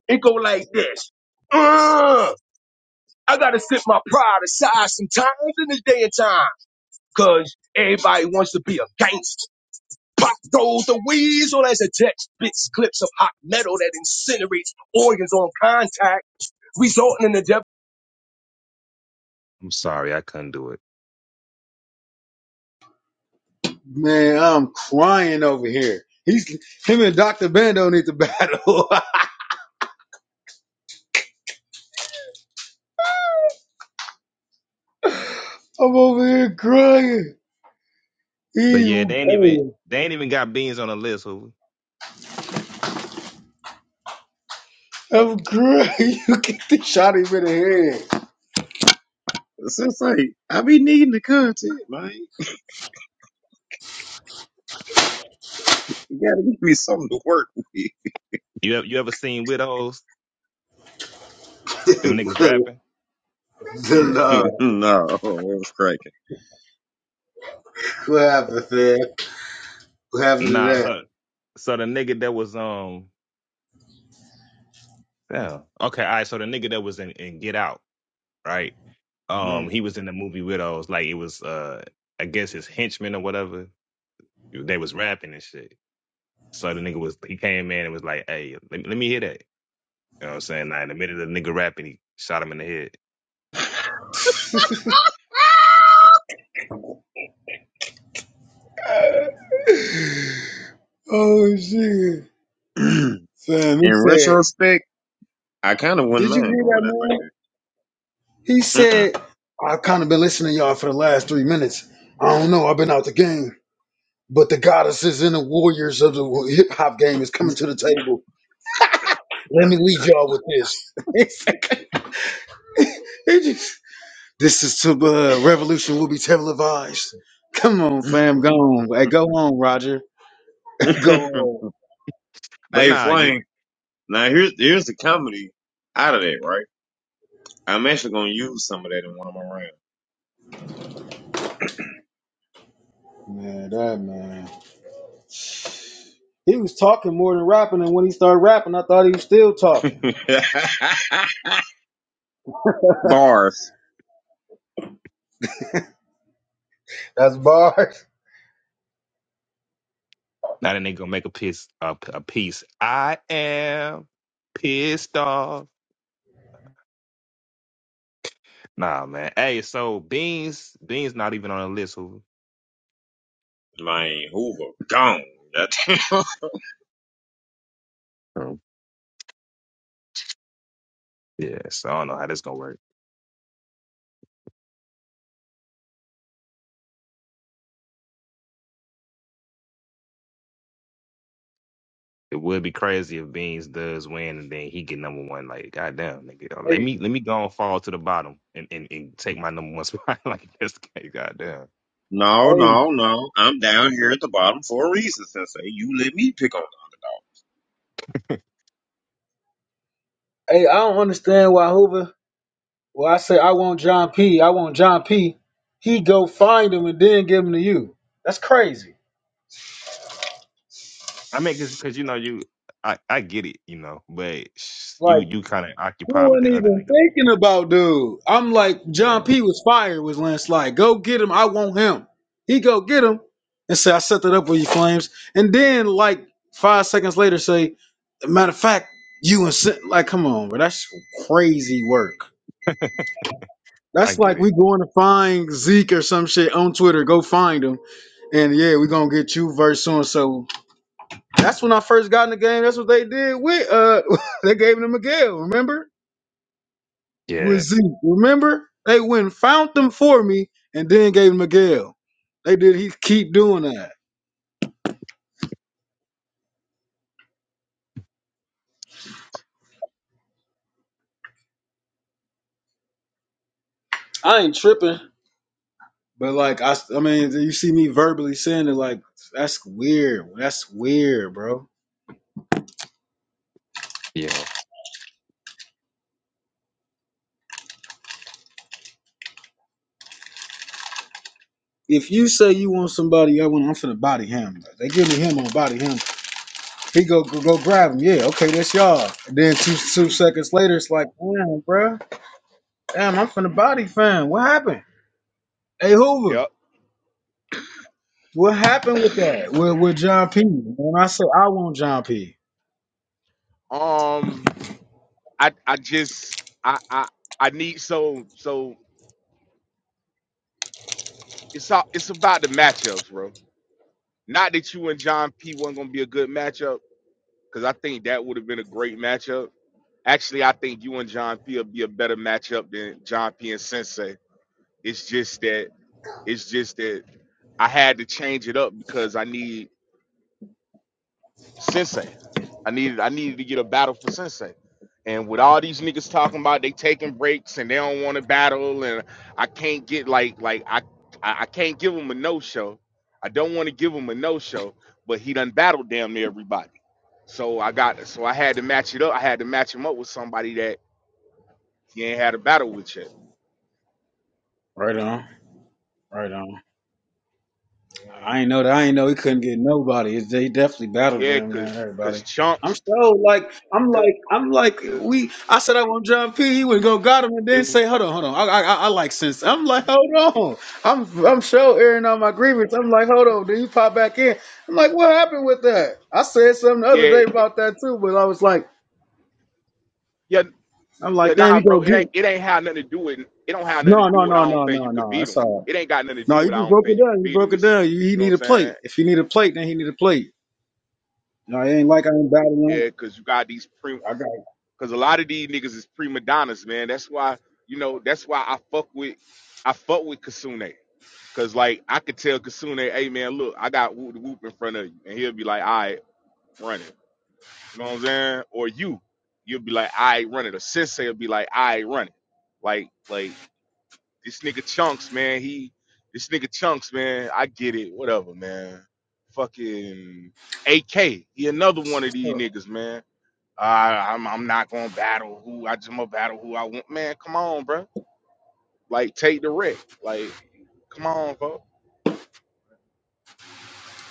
[SPEAKER 5] it go like this. Mm, I gotta sit my pride aside sometimes in this day and time. Cause everybody wants to be a gangster. Pop goes the weasel as a text spits clips of hot metal that incinerates organs on contact, resulting in the death.
[SPEAKER 3] I'm sorry I couldn't do it.
[SPEAKER 7] Man, I'm crying over here. He's him and Dr. Bando need to battle. I'm over here crying.
[SPEAKER 3] But
[SPEAKER 7] He,
[SPEAKER 3] yeah, they ain't even
[SPEAKER 7] oh,
[SPEAKER 3] they ain't even got Beans on the list. Who
[SPEAKER 7] I'm crying. You get the shot him in the head.
[SPEAKER 1] It's just like, I be needing the content, man. You gotta give me something to work with.
[SPEAKER 3] you ever, you ever seen widows? Them
[SPEAKER 7] Dude,
[SPEAKER 3] niggas rapping?
[SPEAKER 7] good
[SPEAKER 3] Yeah.
[SPEAKER 7] lord.
[SPEAKER 1] no, it was cracking.
[SPEAKER 7] What happened, man? What happened
[SPEAKER 3] Nah.
[SPEAKER 7] to
[SPEAKER 3] So so the nigga that was um yeah okay all right so the nigga that was in, in Get Out right
[SPEAKER 7] that?
[SPEAKER 3] um
[SPEAKER 7] Mm.
[SPEAKER 3] he was in the movie Widows like it was uh I guess his henchman or whatever They was rapping and shit. So the nigga was he came in and was like, "Hey, let me, let me hear that." You know what I'm saying? Now in the minute of the nigga rapping, he shot him in the head.
[SPEAKER 7] oh shit. Fam, he
[SPEAKER 1] In
[SPEAKER 7] said,
[SPEAKER 1] retrospect, I kind of wouldn't
[SPEAKER 7] Did you
[SPEAKER 1] mind
[SPEAKER 7] hear
[SPEAKER 1] going
[SPEAKER 7] that man?
[SPEAKER 1] out
[SPEAKER 7] He
[SPEAKER 1] like
[SPEAKER 7] said, I've kind of been listening to y'all for the last three minutes. I don't know, I've been out the game. But the goddesses and the warriors of the hip hop game is coming to the table. Let me leave y'all with this. It's like- It just- this is to uh, revolution will be televised. Come on,
[SPEAKER 1] this.
[SPEAKER 7] fam, go on. Hey,
[SPEAKER 1] Mm-mm.
[SPEAKER 7] go on, Roger. Go
[SPEAKER 3] But
[SPEAKER 1] hey,
[SPEAKER 3] nah, you
[SPEAKER 1] Flame, now here's, here's the comedy out of that, right? I'm actually gonna use some of that in one of
[SPEAKER 7] on. Man, that man. He was talking more than rapping, and when he started rapping, I thought he was still talking.
[SPEAKER 1] my rounds. Bars.
[SPEAKER 7] That's bars.
[SPEAKER 3] now that nigga gonna make a piece a, a piece. I am pissed off. Nah, man. Hey, so Beans Beans not even on the list. Who?
[SPEAKER 1] Like Hoover, gone. That-
[SPEAKER 3] Oh. Yeah. So I don't know how this gonna work. It would be crazy if Beans does win and then he get number one. Like, goddamn, nigga, let
[SPEAKER 7] Hey,
[SPEAKER 3] me let me go and fall to the bottom and, and, and take my number one spot. like, this guy, goddamn.
[SPEAKER 1] no,
[SPEAKER 7] hey,
[SPEAKER 1] no, no. I'm down here at the bottom for a reason, Sensei. You let me pick on
[SPEAKER 7] hey, I don't understand why Hoover Well, I say I want John P. I want John P. He go find him and then give him to you. That's crazy.
[SPEAKER 3] I mean, cause, 'cause, you know you, I, I get it, you know, but sh- you
[SPEAKER 7] Like
[SPEAKER 3] you kind of
[SPEAKER 7] he
[SPEAKER 3] occupied with
[SPEAKER 7] wasn't
[SPEAKER 3] the other
[SPEAKER 7] even
[SPEAKER 3] niggas. and
[SPEAKER 7] thinking about dude. I'm like
[SPEAKER 3] shit.
[SPEAKER 7] John P. was fired with landslide. Go get him. I want him. He go get him and say I set that up with you flames. And then like five seconds later say, matter of fact, you and Sin-" like come on, bro. That's crazy work.
[SPEAKER 3] Yeah, I
[SPEAKER 7] That's like
[SPEAKER 3] get
[SPEAKER 7] we
[SPEAKER 3] it.
[SPEAKER 7] going to find Zeke or some shit on Twitter. Go find him. And yeah, we gonna get you verse so and so. That's when I first got in the game. That's what they did with uh they gave him to Miguel, remember? With
[SPEAKER 3] Yeah,
[SPEAKER 7] Zeke. Remember? They went and found them for me and then gave him Miguel. They did he keep doing that. I ain't tripping. But like I, I mean, you see me verbally saying it like that's weird. That's weird, bro.
[SPEAKER 3] yeah.
[SPEAKER 7] If you say you want somebody, I want I'm finna body him. They give me him on body him. He go go, go grab him. Yeah, okay, that's y'all. And then two two seconds later, it's like, damn, bro. Damn, I'm from the body fan. What happened? Hey Hoover,
[SPEAKER 6] Yep.
[SPEAKER 7] what happened with that? With with John P. When I say I want John P.
[SPEAKER 6] Um I I just I I I need so so it's all it's about the matchups, bro. Not that you and John P wasn't gonna be a good matchup, because I think that would have been a great matchup Actually, I think you and John P will be a better matchup than John P and Sensei. It's just that it's just that I had to change it up because I need Sensei. I needed I needed to get a battle for Sensei. And with all these niggas talking about they taking breaks and they don't want to battle and I can't get like like I I I can't give him a no show. I don't want to give him a no show, but he done battled damn near everybody. So I got so I had to match it up. I had to match him up with somebody that he ain't had a battle with yet.
[SPEAKER 7] Right on, right on. I ain't know that. I ain't know he couldn't get nobody. It's- They definitely battled
[SPEAKER 6] Yeah,
[SPEAKER 7] him down
[SPEAKER 6] cause, cause
[SPEAKER 7] everybody. I'm
[SPEAKER 6] chunks,
[SPEAKER 7] so like I'm
[SPEAKER 6] 'cause
[SPEAKER 7] like I'm like we. I said I want John P. He would go got him and then
[SPEAKER 6] it,
[SPEAKER 7] say hold on hold on. I I, I I like sense. I'm like hold on. I'm I'm sure airing out my grievance. I'm like hold on. Then you pop back in. I'm like what happened with
[SPEAKER 6] yeah,
[SPEAKER 7] that? I said something the other
[SPEAKER 6] yeah,
[SPEAKER 7] day about that too, but I was like. I'm
[SPEAKER 6] yeah.
[SPEAKER 7] like, damn,
[SPEAKER 6] Nah,
[SPEAKER 7] you
[SPEAKER 6] bro,
[SPEAKER 7] go
[SPEAKER 6] it ain't
[SPEAKER 7] get.
[SPEAKER 6] it ain't have nothing to do with it. Don't have nothing to
[SPEAKER 7] No,
[SPEAKER 6] do
[SPEAKER 7] no,
[SPEAKER 6] with.
[SPEAKER 7] no,
[SPEAKER 6] I don't
[SPEAKER 7] no,
[SPEAKER 6] think you
[SPEAKER 7] no,
[SPEAKER 6] can
[SPEAKER 7] no.
[SPEAKER 6] beat
[SPEAKER 7] That's
[SPEAKER 6] them.
[SPEAKER 7] all.
[SPEAKER 6] It ain't got nothing to
[SPEAKER 7] No,
[SPEAKER 6] do
[SPEAKER 7] you
[SPEAKER 6] with. I
[SPEAKER 7] just
[SPEAKER 6] don't
[SPEAKER 7] broke
[SPEAKER 6] think
[SPEAKER 7] it
[SPEAKER 6] you can
[SPEAKER 7] down. You
[SPEAKER 6] beat them.
[SPEAKER 7] broke it
[SPEAKER 6] It's
[SPEAKER 7] down. You, he
[SPEAKER 6] you know
[SPEAKER 7] need a
[SPEAKER 6] what I'm saying.
[SPEAKER 7] plate. If he need a plate, then he need a plate. No, it ain't like I ain't battling.
[SPEAKER 6] Yeah, cause you got these pre.
[SPEAKER 7] I got it.
[SPEAKER 6] Cause a lot of these niggas is prima donnas, man. That's why you know. That's why I fuck with I fuck with Kasune. Cause like I could tell Kasune, hey man, look, I got whoop the whoop in front of you, and he'll be like, all right, run it. You know what I'm saying? Or you, you'll be like, I run it. Or Sensei will be like, I run it. Like, like this nigga chunks, man. He, this nigga chunks, man. I get it. Whatever, man. Fucking AK. He another one of these
[SPEAKER 7] covered.
[SPEAKER 6] niggas, man. I, I'm, I'm not gonna battle who I just gonna battle who I want, man. Come on, bro. Like, take the wreck. Like, come on, bro.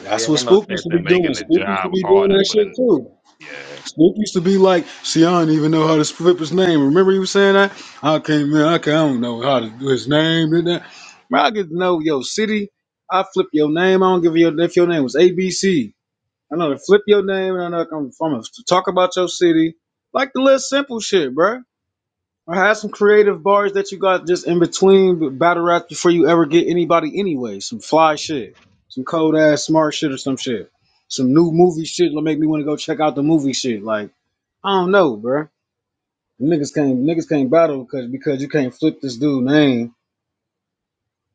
[SPEAKER 7] That's
[SPEAKER 3] Yeah,
[SPEAKER 7] what
[SPEAKER 3] ain't no
[SPEAKER 7] Spook used
[SPEAKER 3] sense
[SPEAKER 7] to be
[SPEAKER 3] in
[SPEAKER 7] doing.
[SPEAKER 3] making the
[SPEAKER 7] Spook used to
[SPEAKER 3] job
[SPEAKER 7] be doing
[SPEAKER 3] harder
[SPEAKER 7] that
[SPEAKER 3] for the.
[SPEAKER 7] shit too.
[SPEAKER 3] Yeah,
[SPEAKER 7] Spook used to be like, see, I don't even know how to flip his name. Remember you saying that? I can't, man, I, can't, I don't know how to do his name. And that. Man, I get to know your city. I flip your name. I don't give a your if your name was ABC. I know to flip your name and I know I'm, I'm gonna talk about your city. Like the little simple shit, bro. Or have some creative bars that you got just in between battle rap before you ever get anybody anyway. Some fly shit. Some cold ass smart shit or some shit. Some new movie shit that make me want to go check out the movie shit. Like, I don't know, bro. Niggas can't niggas can't battle because because you can't flip this dude name.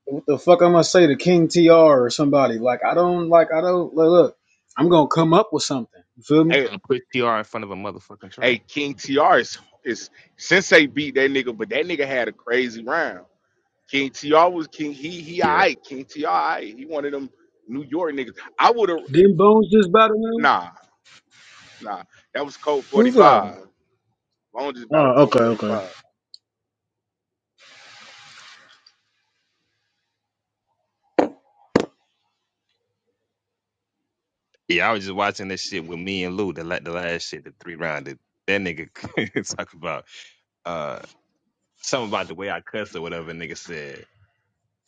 [SPEAKER 7] What the fuck I'm gonna say to King TR or somebody? Like I don't like I don't look, look I'm gonna come up with something. You feel me?
[SPEAKER 6] Hey,
[SPEAKER 3] I put TR in front of a motherfucking
[SPEAKER 6] hey,
[SPEAKER 3] train.
[SPEAKER 6] King TR is, is Sensei beat that nigga, but that nigga had a crazy round. King TR was King. He he
[SPEAKER 3] Yeah,
[SPEAKER 6] alright. King TR alright. He one of them New York niggas. I would have
[SPEAKER 7] Didn't Bones just battle him?
[SPEAKER 6] nah nah. That was Code
[SPEAKER 7] Who fighting?
[SPEAKER 6] 45. Long just battle
[SPEAKER 7] Oh,
[SPEAKER 6] Code
[SPEAKER 7] okay, okay.
[SPEAKER 6] 45.
[SPEAKER 3] yeah. I was just watching this shit with me and Lou. The la- the last shit, the three rounder. That nigga talk about uh something about the way I cuss or whatever. Nigga said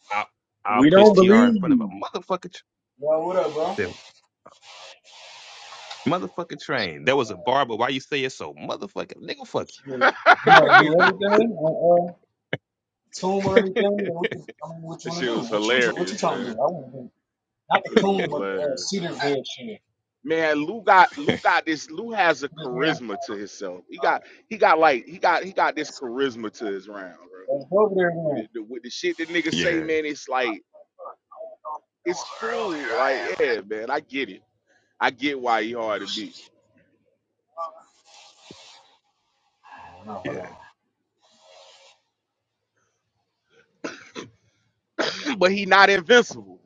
[SPEAKER 3] I
[SPEAKER 1] it.
[SPEAKER 3] I'll
[SPEAKER 1] We
[SPEAKER 3] push
[SPEAKER 1] don't
[SPEAKER 3] TR in
[SPEAKER 1] believe
[SPEAKER 3] front of a
[SPEAKER 1] you.
[SPEAKER 3] motherfucking.
[SPEAKER 7] Yo, what up, bro?
[SPEAKER 3] train. Motherfucking train. There was a bar, but why you say it so motherfucking nigga fuck
[SPEAKER 6] that
[SPEAKER 3] you.
[SPEAKER 6] shit was hilarious, man. It was hilarious, man. Man, Lou got Lou got this. Lou has a charisma to himself. He got he got like he got he got this charisma to his round, bro. With the, the, with the shit that niggas say,
[SPEAKER 3] yeah,
[SPEAKER 6] man, it's like it's cool. Like yeah, man, I get it. I get why he hard to beat.
[SPEAKER 3] yeah.
[SPEAKER 6] but he not invincible.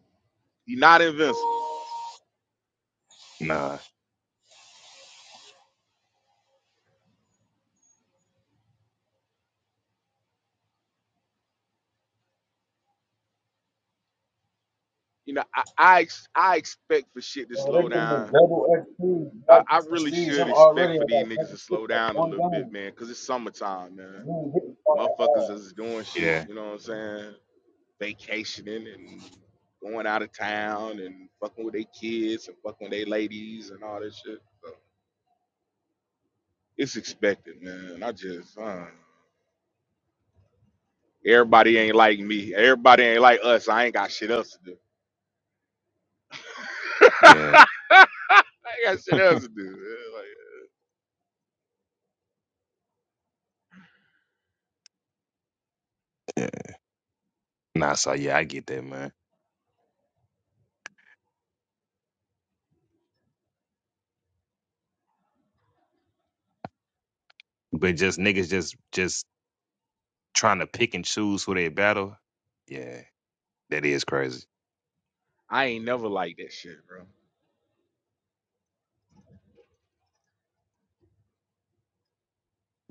[SPEAKER 6] He not invincible.
[SPEAKER 3] Nah.
[SPEAKER 6] You know, I I, ex- I expect for shit to
[SPEAKER 7] Yo, they
[SPEAKER 6] slow
[SPEAKER 7] giving the
[SPEAKER 6] down.
[SPEAKER 7] double XP,
[SPEAKER 6] I, I
[SPEAKER 7] Baptist
[SPEAKER 6] really
[SPEAKER 7] Prestige.
[SPEAKER 6] should
[SPEAKER 7] I'm
[SPEAKER 6] expect
[SPEAKER 7] already at
[SPEAKER 6] for these
[SPEAKER 7] like
[SPEAKER 6] niggas to
[SPEAKER 7] level six,
[SPEAKER 6] slow
[SPEAKER 7] like
[SPEAKER 6] down a
[SPEAKER 7] one
[SPEAKER 6] little bit,
[SPEAKER 7] game.
[SPEAKER 6] man, because it's summertime, man. Motherfuckers is doing shit,
[SPEAKER 3] Yeah.
[SPEAKER 6] you know what I'm saying? Vacationing and going out of town and fucking with their kids and fucking with their ladies and all that shit. So it's expected, man. I just, uh, everybody ain't like me. Everybody ain't like us. I ain't got shit else to do.
[SPEAKER 3] Yeah.
[SPEAKER 6] I got shit else to do. Like,
[SPEAKER 3] Yeah. Nah, so yeah, I get that, man. But just niggas just just trying to pick and choose who they battle. Yeah. That is crazy.
[SPEAKER 6] I ain't never liked that shit, bro.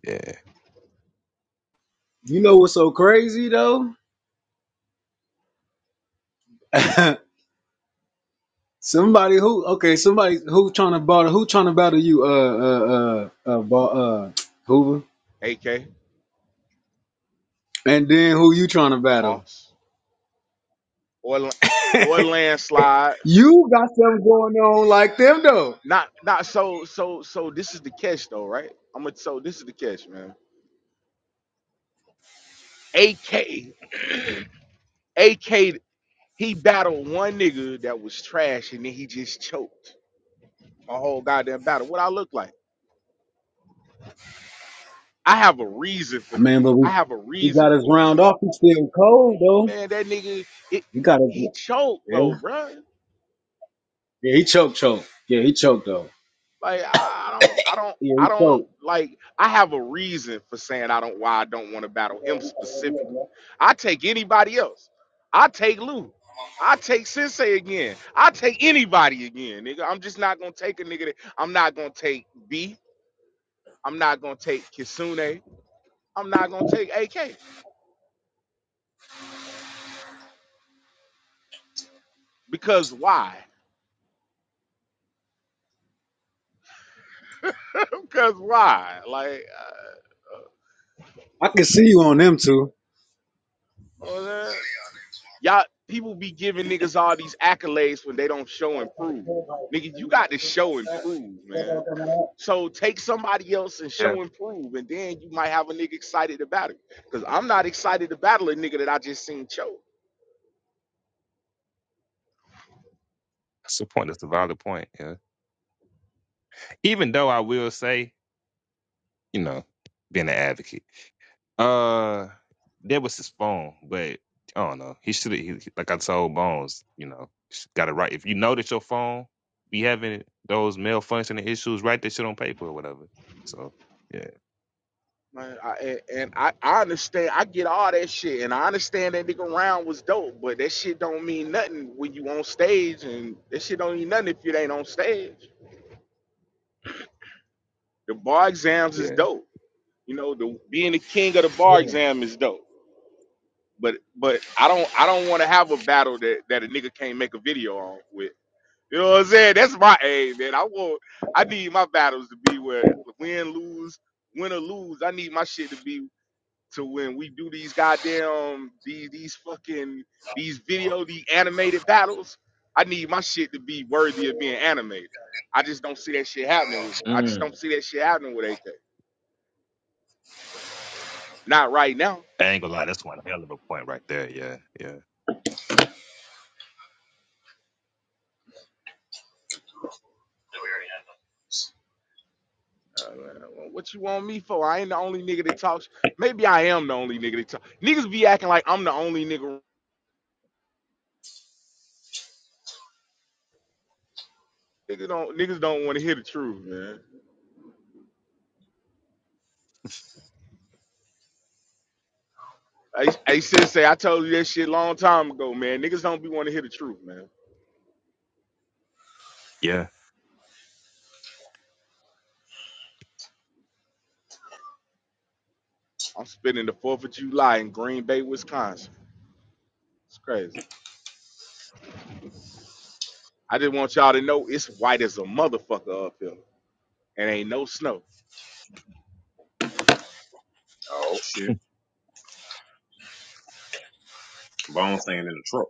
[SPEAKER 3] Yeah.
[SPEAKER 7] You know what's so crazy though? somebody who okay, somebody who trying to battle who trying to battle you, uh, uh, uh, uh, Ba- uh Hoover,
[SPEAKER 6] AK,
[SPEAKER 7] and then who you trying to battle?
[SPEAKER 6] boss, or la- or landslide.
[SPEAKER 7] You got something going on like them though.
[SPEAKER 6] Not not so so so. This is the catch though, right? I'm gonna so this is the catch, man. AK, AK. He battled one nigga that was trash, and then he just choked a whole goddamn battle. What I look like? I have a reason for.
[SPEAKER 7] I mean, but
[SPEAKER 6] I
[SPEAKER 7] we
[SPEAKER 6] have a
[SPEAKER 7] we
[SPEAKER 6] reason
[SPEAKER 7] got us
[SPEAKER 6] for it. I'm
[SPEAKER 7] round
[SPEAKER 6] like,
[SPEAKER 7] off. He's still cold though.
[SPEAKER 6] man, that nigga, it,
[SPEAKER 7] You got
[SPEAKER 6] he
[SPEAKER 7] to,
[SPEAKER 6] choked
[SPEAKER 7] yeah.
[SPEAKER 6] though, bro.
[SPEAKER 7] Yeah, he choked, choked. Yeah, he choked though.
[SPEAKER 6] Like I don't, I don't,
[SPEAKER 7] Yeah, he
[SPEAKER 6] I don't
[SPEAKER 7] choked.
[SPEAKER 6] like. I have a reason for saying I don't. Why I don't want to battle him specifically. I take anybody else. I take Lou. I take Sensei again. I take anybody again, nigga. I'm just not gonna take a nigga. That, I'm not gonna take B. I'm not gonna take Kisune. I'm not gonna take AK because why? because why? Like,
[SPEAKER 7] I can see you on them too.
[SPEAKER 6] uh, Y'all people be giving niggas all these accolades when they don't show and prove. Nigga, you got to show and prove, man. So take somebody else and
[SPEAKER 3] Yeah.
[SPEAKER 6] show and prove, and then you might have a nigga excited about it. Cause I'm not excited to battle a nigga that I just seen choke.
[SPEAKER 3] That's the point. That's the valid point. Yeah. Even though I will say, you know, being an advocate. Uh, that was his phone, but I don't know. He should have, like I told Bones, you know, got it right. If you know that your phone be having those malfunctioning issues, write that shit on paper or whatever. So yeah,
[SPEAKER 6] Man, I, and and I, I understand, I get all that shit, and I understand that nigga round was dope, but that shit don't mean nothing when you on stage, and that shit don't mean nothing if you ain't on stage. The bar exams is
[SPEAKER 3] yeah.
[SPEAKER 6] dope. You know, the being the king of the bar exam is dope But but I don't I don't want to have a battle that that a nigga can't make a video on with. You know what I'm saying? That's my aim, man. I want I need my battles to be where win lose win or lose. I need my shit to be to when we do these goddamn these these fucking these video the animated battles. I need my shit to be worthy of being animated. I just don't see that shit happening. With, I just
[SPEAKER 3] Mm.
[SPEAKER 6] don't see that shit happening with AK. Not right now.
[SPEAKER 3] I ain't gonna lie, that's one hell of a point right there. Yeah,
[SPEAKER 6] Uh, what you want me for? I ain't the only nigga that talks. Maybe I am the only nigga that talks. Niggas be acting like I'm the only nigga. Niggas don't. Niggas don't want to hear the truth, man. I, I said, say I told you that shit long time ago, man. Niggas don't be want to hear the truth, man.
[SPEAKER 3] yeah,
[SPEAKER 6] I'm spending the Fourth of July in Green Bay, Wisconsin. It's crazy. I just want y'all to know it's white as a motherfucker up here, and ain't no snow.
[SPEAKER 1] Oh shit. Bones staying in the truck.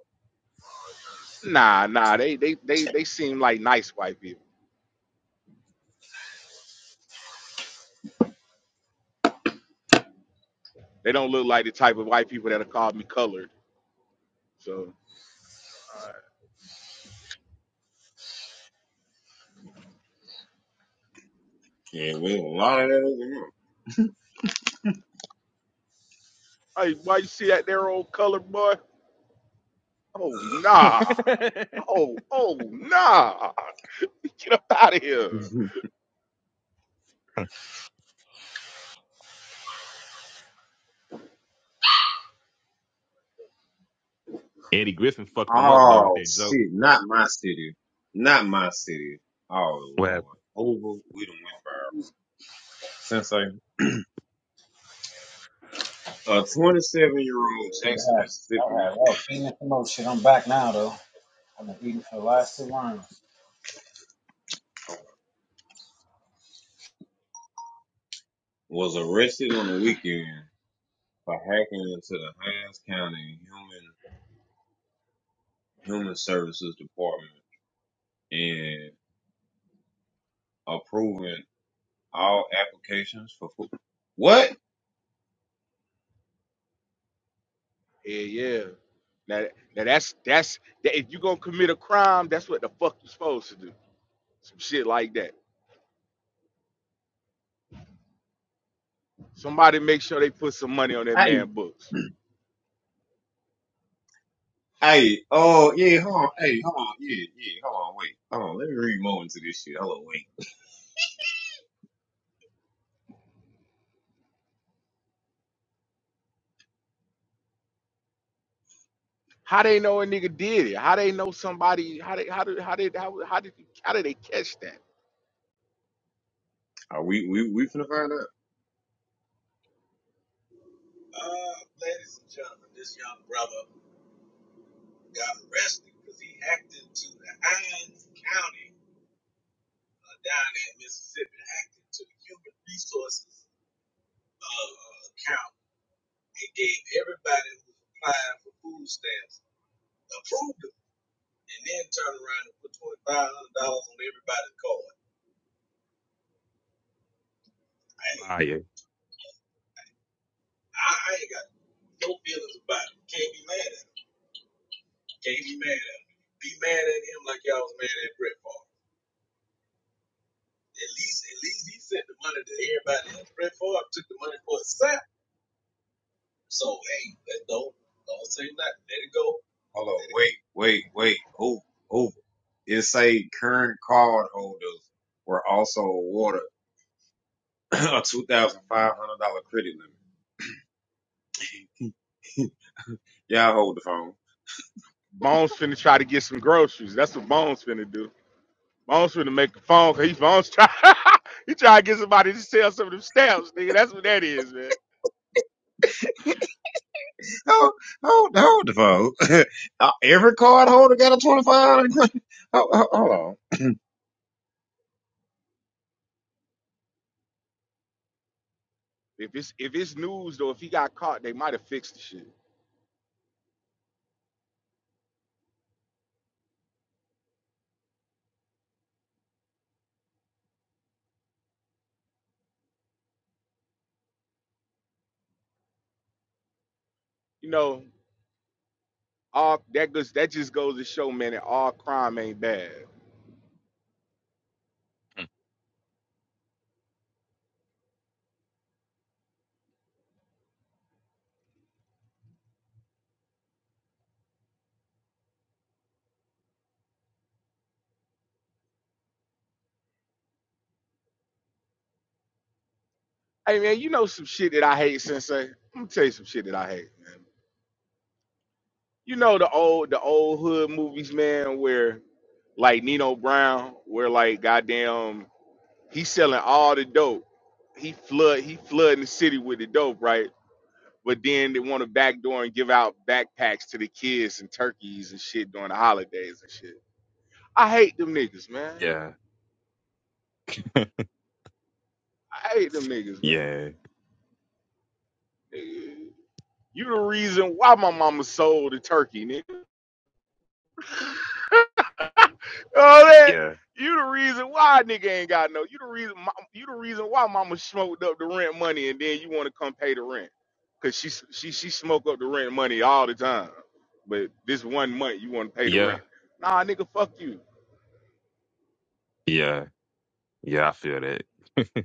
[SPEAKER 6] Nah, nah. They they they they seem like nice white people. They don't look like the type of white people that'll call me colored. So. uh,
[SPEAKER 1] Yeah, we a lot of that over
[SPEAKER 6] Hey, why you see that there old colored boy? Oh nah.
[SPEAKER 3] yeah.
[SPEAKER 6] Oh, oh nah. Get up out of here.
[SPEAKER 1] here.
[SPEAKER 3] Eddie Griffin fucked them up though with
[SPEAKER 1] oh
[SPEAKER 3] that joke.
[SPEAKER 1] shit, not my city. Not my city. Oh
[SPEAKER 3] Well,
[SPEAKER 1] lord. Over, we done went viral. Sensei, a 27 year old Jackson, Mississippi was arrested on the weekend for hacking into the Hines County human Human Services Department and approving all applications for food. What?
[SPEAKER 6] Yeah, yeah. Now, now that's that's that if you gonna commit a crime, that's what the fuck you supposed to do. Some shit like that. Somebody make sure they put some money on that
[SPEAKER 1] Hey,
[SPEAKER 6] man books.
[SPEAKER 1] hey, oh yeah, hold on, hey, hold on, yeah, yeah, hold on, wait, hold on, let me read more into this shit. Hold on, wait,
[SPEAKER 6] How they know a nigga did it? How they know somebody? How they how did how did how, how did how did they catch that?
[SPEAKER 1] are we we we finna find out?
[SPEAKER 3] fire.
[SPEAKER 1] Hold on, wait, wait, wait, over, over. It say current card holders were also awarded a two thousand five hundred dollar credit limit. Y'all hold the phone.
[SPEAKER 6] Bones finna try to get some groceries. That's what Bones finna do. Bones finna make a phone cause he's Bones try he try to get somebody to sell some of them stamps, nigga. That's what that is, man.
[SPEAKER 1] Hold, hold, hold the phone. Uh, Every card holder got a $2,500 Ho- ho- Hold on.
[SPEAKER 6] If it's if it's news though, if he got caught, they might have fixed the shit. You know, all that goes that just goes to show, man, that all crime ain't bad.
[SPEAKER 3] Hmm,
[SPEAKER 6] Hey man, you know some shit that I hate, Sensei. I'm gonna tell you some shit that I hate, man. You know the old the old hood movies, man, where like Nino Brown, where like goddamn he's selling all the dope. He flood he flooding the city with the dope, right? but then they want to backdoor and give out backpacks to the kids and turkeys and shit during the holidays and shit. I hate them niggas, man.
[SPEAKER 3] Yeah,
[SPEAKER 6] I hate them niggas, man.
[SPEAKER 3] yeah,
[SPEAKER 6] Nigga, You the reason why my mama sold a turkey, nigga. You know that?
[SPEAKER 3] yeah,
[SPEAKER 6] You the reason why nigga ain't got no. You the reason. You the reason why mama smoked up the rent money, and then you want to come pay the rent, cause she she she smoked up the rent money all the time. But this one month you want to pay the
[SPEAKER 3] yeah,
[SPEAKER 6] rent. Nah, nigga, fuck you.
[SPEAKER 3] yeah. Yeah, I feel that.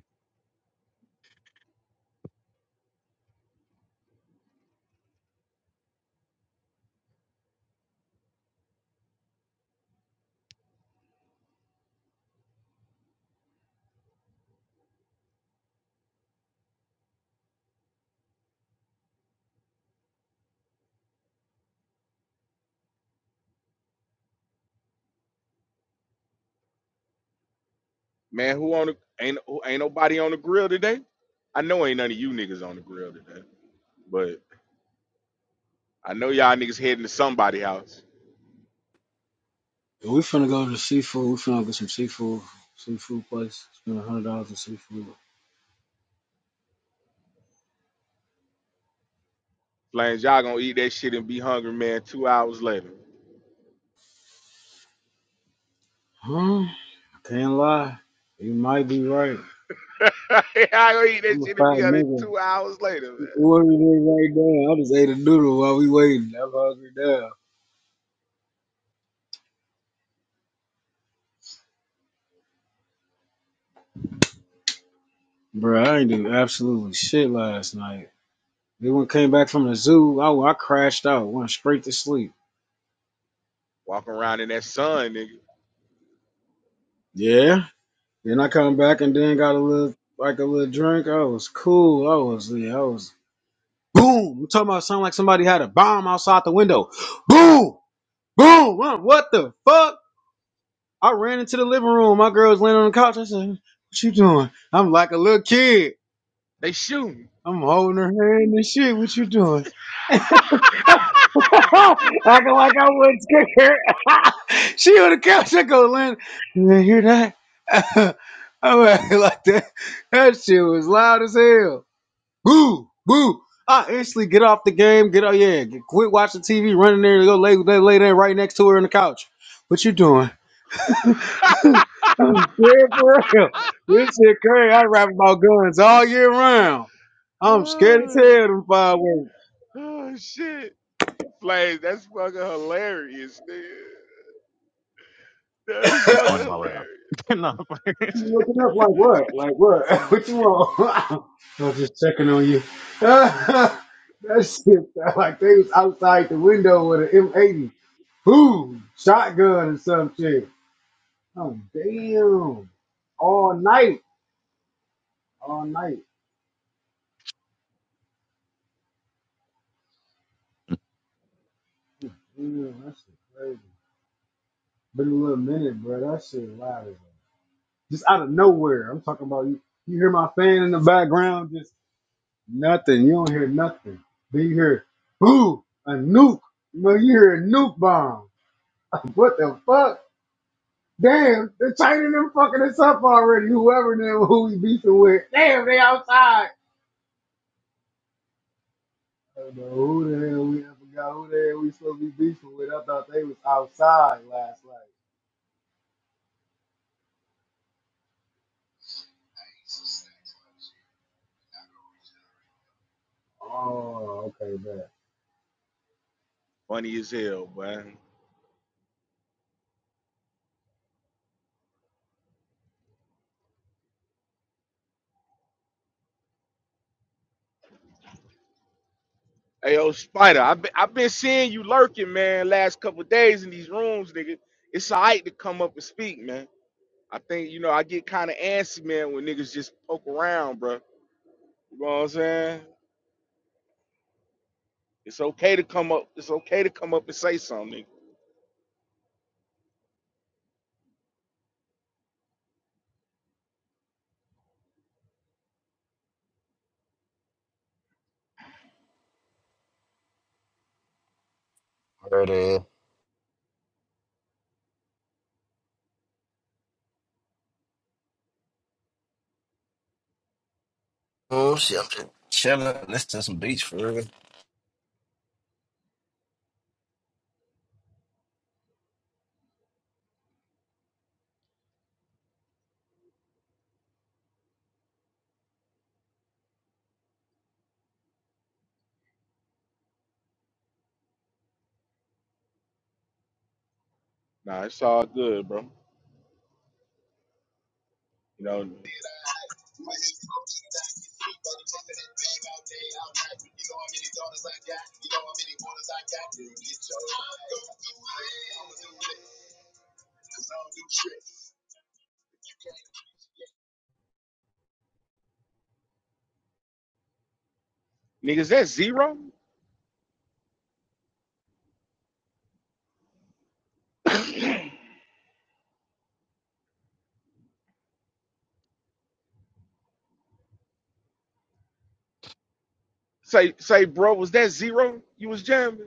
[SPEAKER 6] Man, who on the ain't who- ain't nobody on the grill today? I know ain't none of you niggas on the grill today, but I know y'all niggas heading to somebody house.
[SPEAKER 7] We finna go to seafood. We finna get some seafood. Seafood place. Spend a hundred dollars on seafood.
[SPEAKER 6] Flames, y'all gonna eat that shit and be hungry, man. Two hours later,
[SPEAKER 7] Huh? I can't lie. You might be right.
[SPEAKER 6] y'all gonna eat that
[SPEAKER 7] I'm a
[SPEAKER 6] shit and be
[SPEAKER 7] fat
[SPEAKER 6] hungry
[SPEAKER 7] nigga.
[SPEAKER 6] two hours later, man.
[SPEAKER 7] You Ordered it right there. I just ate a noodle while we waiting. I'm hungry now. Bruh, I ain't do absolutely shit last night. Then when I came back from the zoo, I, I crashed out, went straight to sleep.
[SPEAKER 6] Walking around in that sun, nigga.
[SPEAKER 7] Yeah. Then I come back and then got a little like a little drink. I was cool. I was yeah, I was boom. I'm talking about sound like somebody had a bomb outside the window. Boom! Boom! What what the fuck? I ran into the living room. My girl's laying on the couch. I said, What you doing? I'm like a little kid.
[SPEAKER 6] They shooting.
[SPEAKER 7] I'm holding her hand and shit. What you doing? Acting like I wouldn't scare her. she on the couch. I go, Lynn, you didn't hear that? I went like that. That shit was loud as hell. Boo, boo. I instantly get off the game, get out, yeah, get, quit watching TV, run in there to go lay, lay, lay there right next to her on the couch. What you doing? I'm scared for real. This shit crazy. I rap about guns all year round. I'm scared as
[SPEAKER 6] oh,
[SPEAKER 7] hell of them fireworks.
[SPEAKER 6] oh, shit, Flames, that's fucking hilarious, nigga. That is
[SPEAKER 3] That's
[SPEAKER 6] fucking
[SPEAKER 3] going to my round.
[SPEAKER 6] hilarious.
[SPEAKER 3] no,
[SPEAKER 7] You
[SPEAKER 3] first.
[SPEAKER 7] looking up like what? Like what? What you want? I was just checking on you. that shit sound like they was outside the window with an M80. Boom! Shotgun or some shit. Oh damn! All night, all night. Damn, that shit crazy. Been a little minute, bro. That shit loud as hell. Just out of nowhere. I'm talking about you. You hear my fan in the background? Just nothing. You don't hear nothing. Then you hear boo a nuke. You you hear a nuke bomb. What the fuck? Damn, the China them fucking us up already. Whoever them who we beefing with. Damn, they outside. I don't know who the hell we I forgot who the hell we supposed to be beefing with. I thought they was outside last night. Oh, okay, man.
[SPEAKER 6] Funny as hell, boy. Hey, yo, Spider, I've been, I've been seeing you lurking, man, last couple days in these rooms, nigga. It's all right to come up and speak, man. I think, you know, I get kind of antsy, man, when niggas just poke around, bro. You know what I'm saying? It's okay to come up. It's okay to come up and say something, nigga.
[SPEAKER 8] Word is. Mm, shit, I'm just chilling, listening to some beats for real.
[SPEAKER 6] Nah, it's all good, bro. You know, niggas, that zero? say, say, bro, was that zero you was jamming?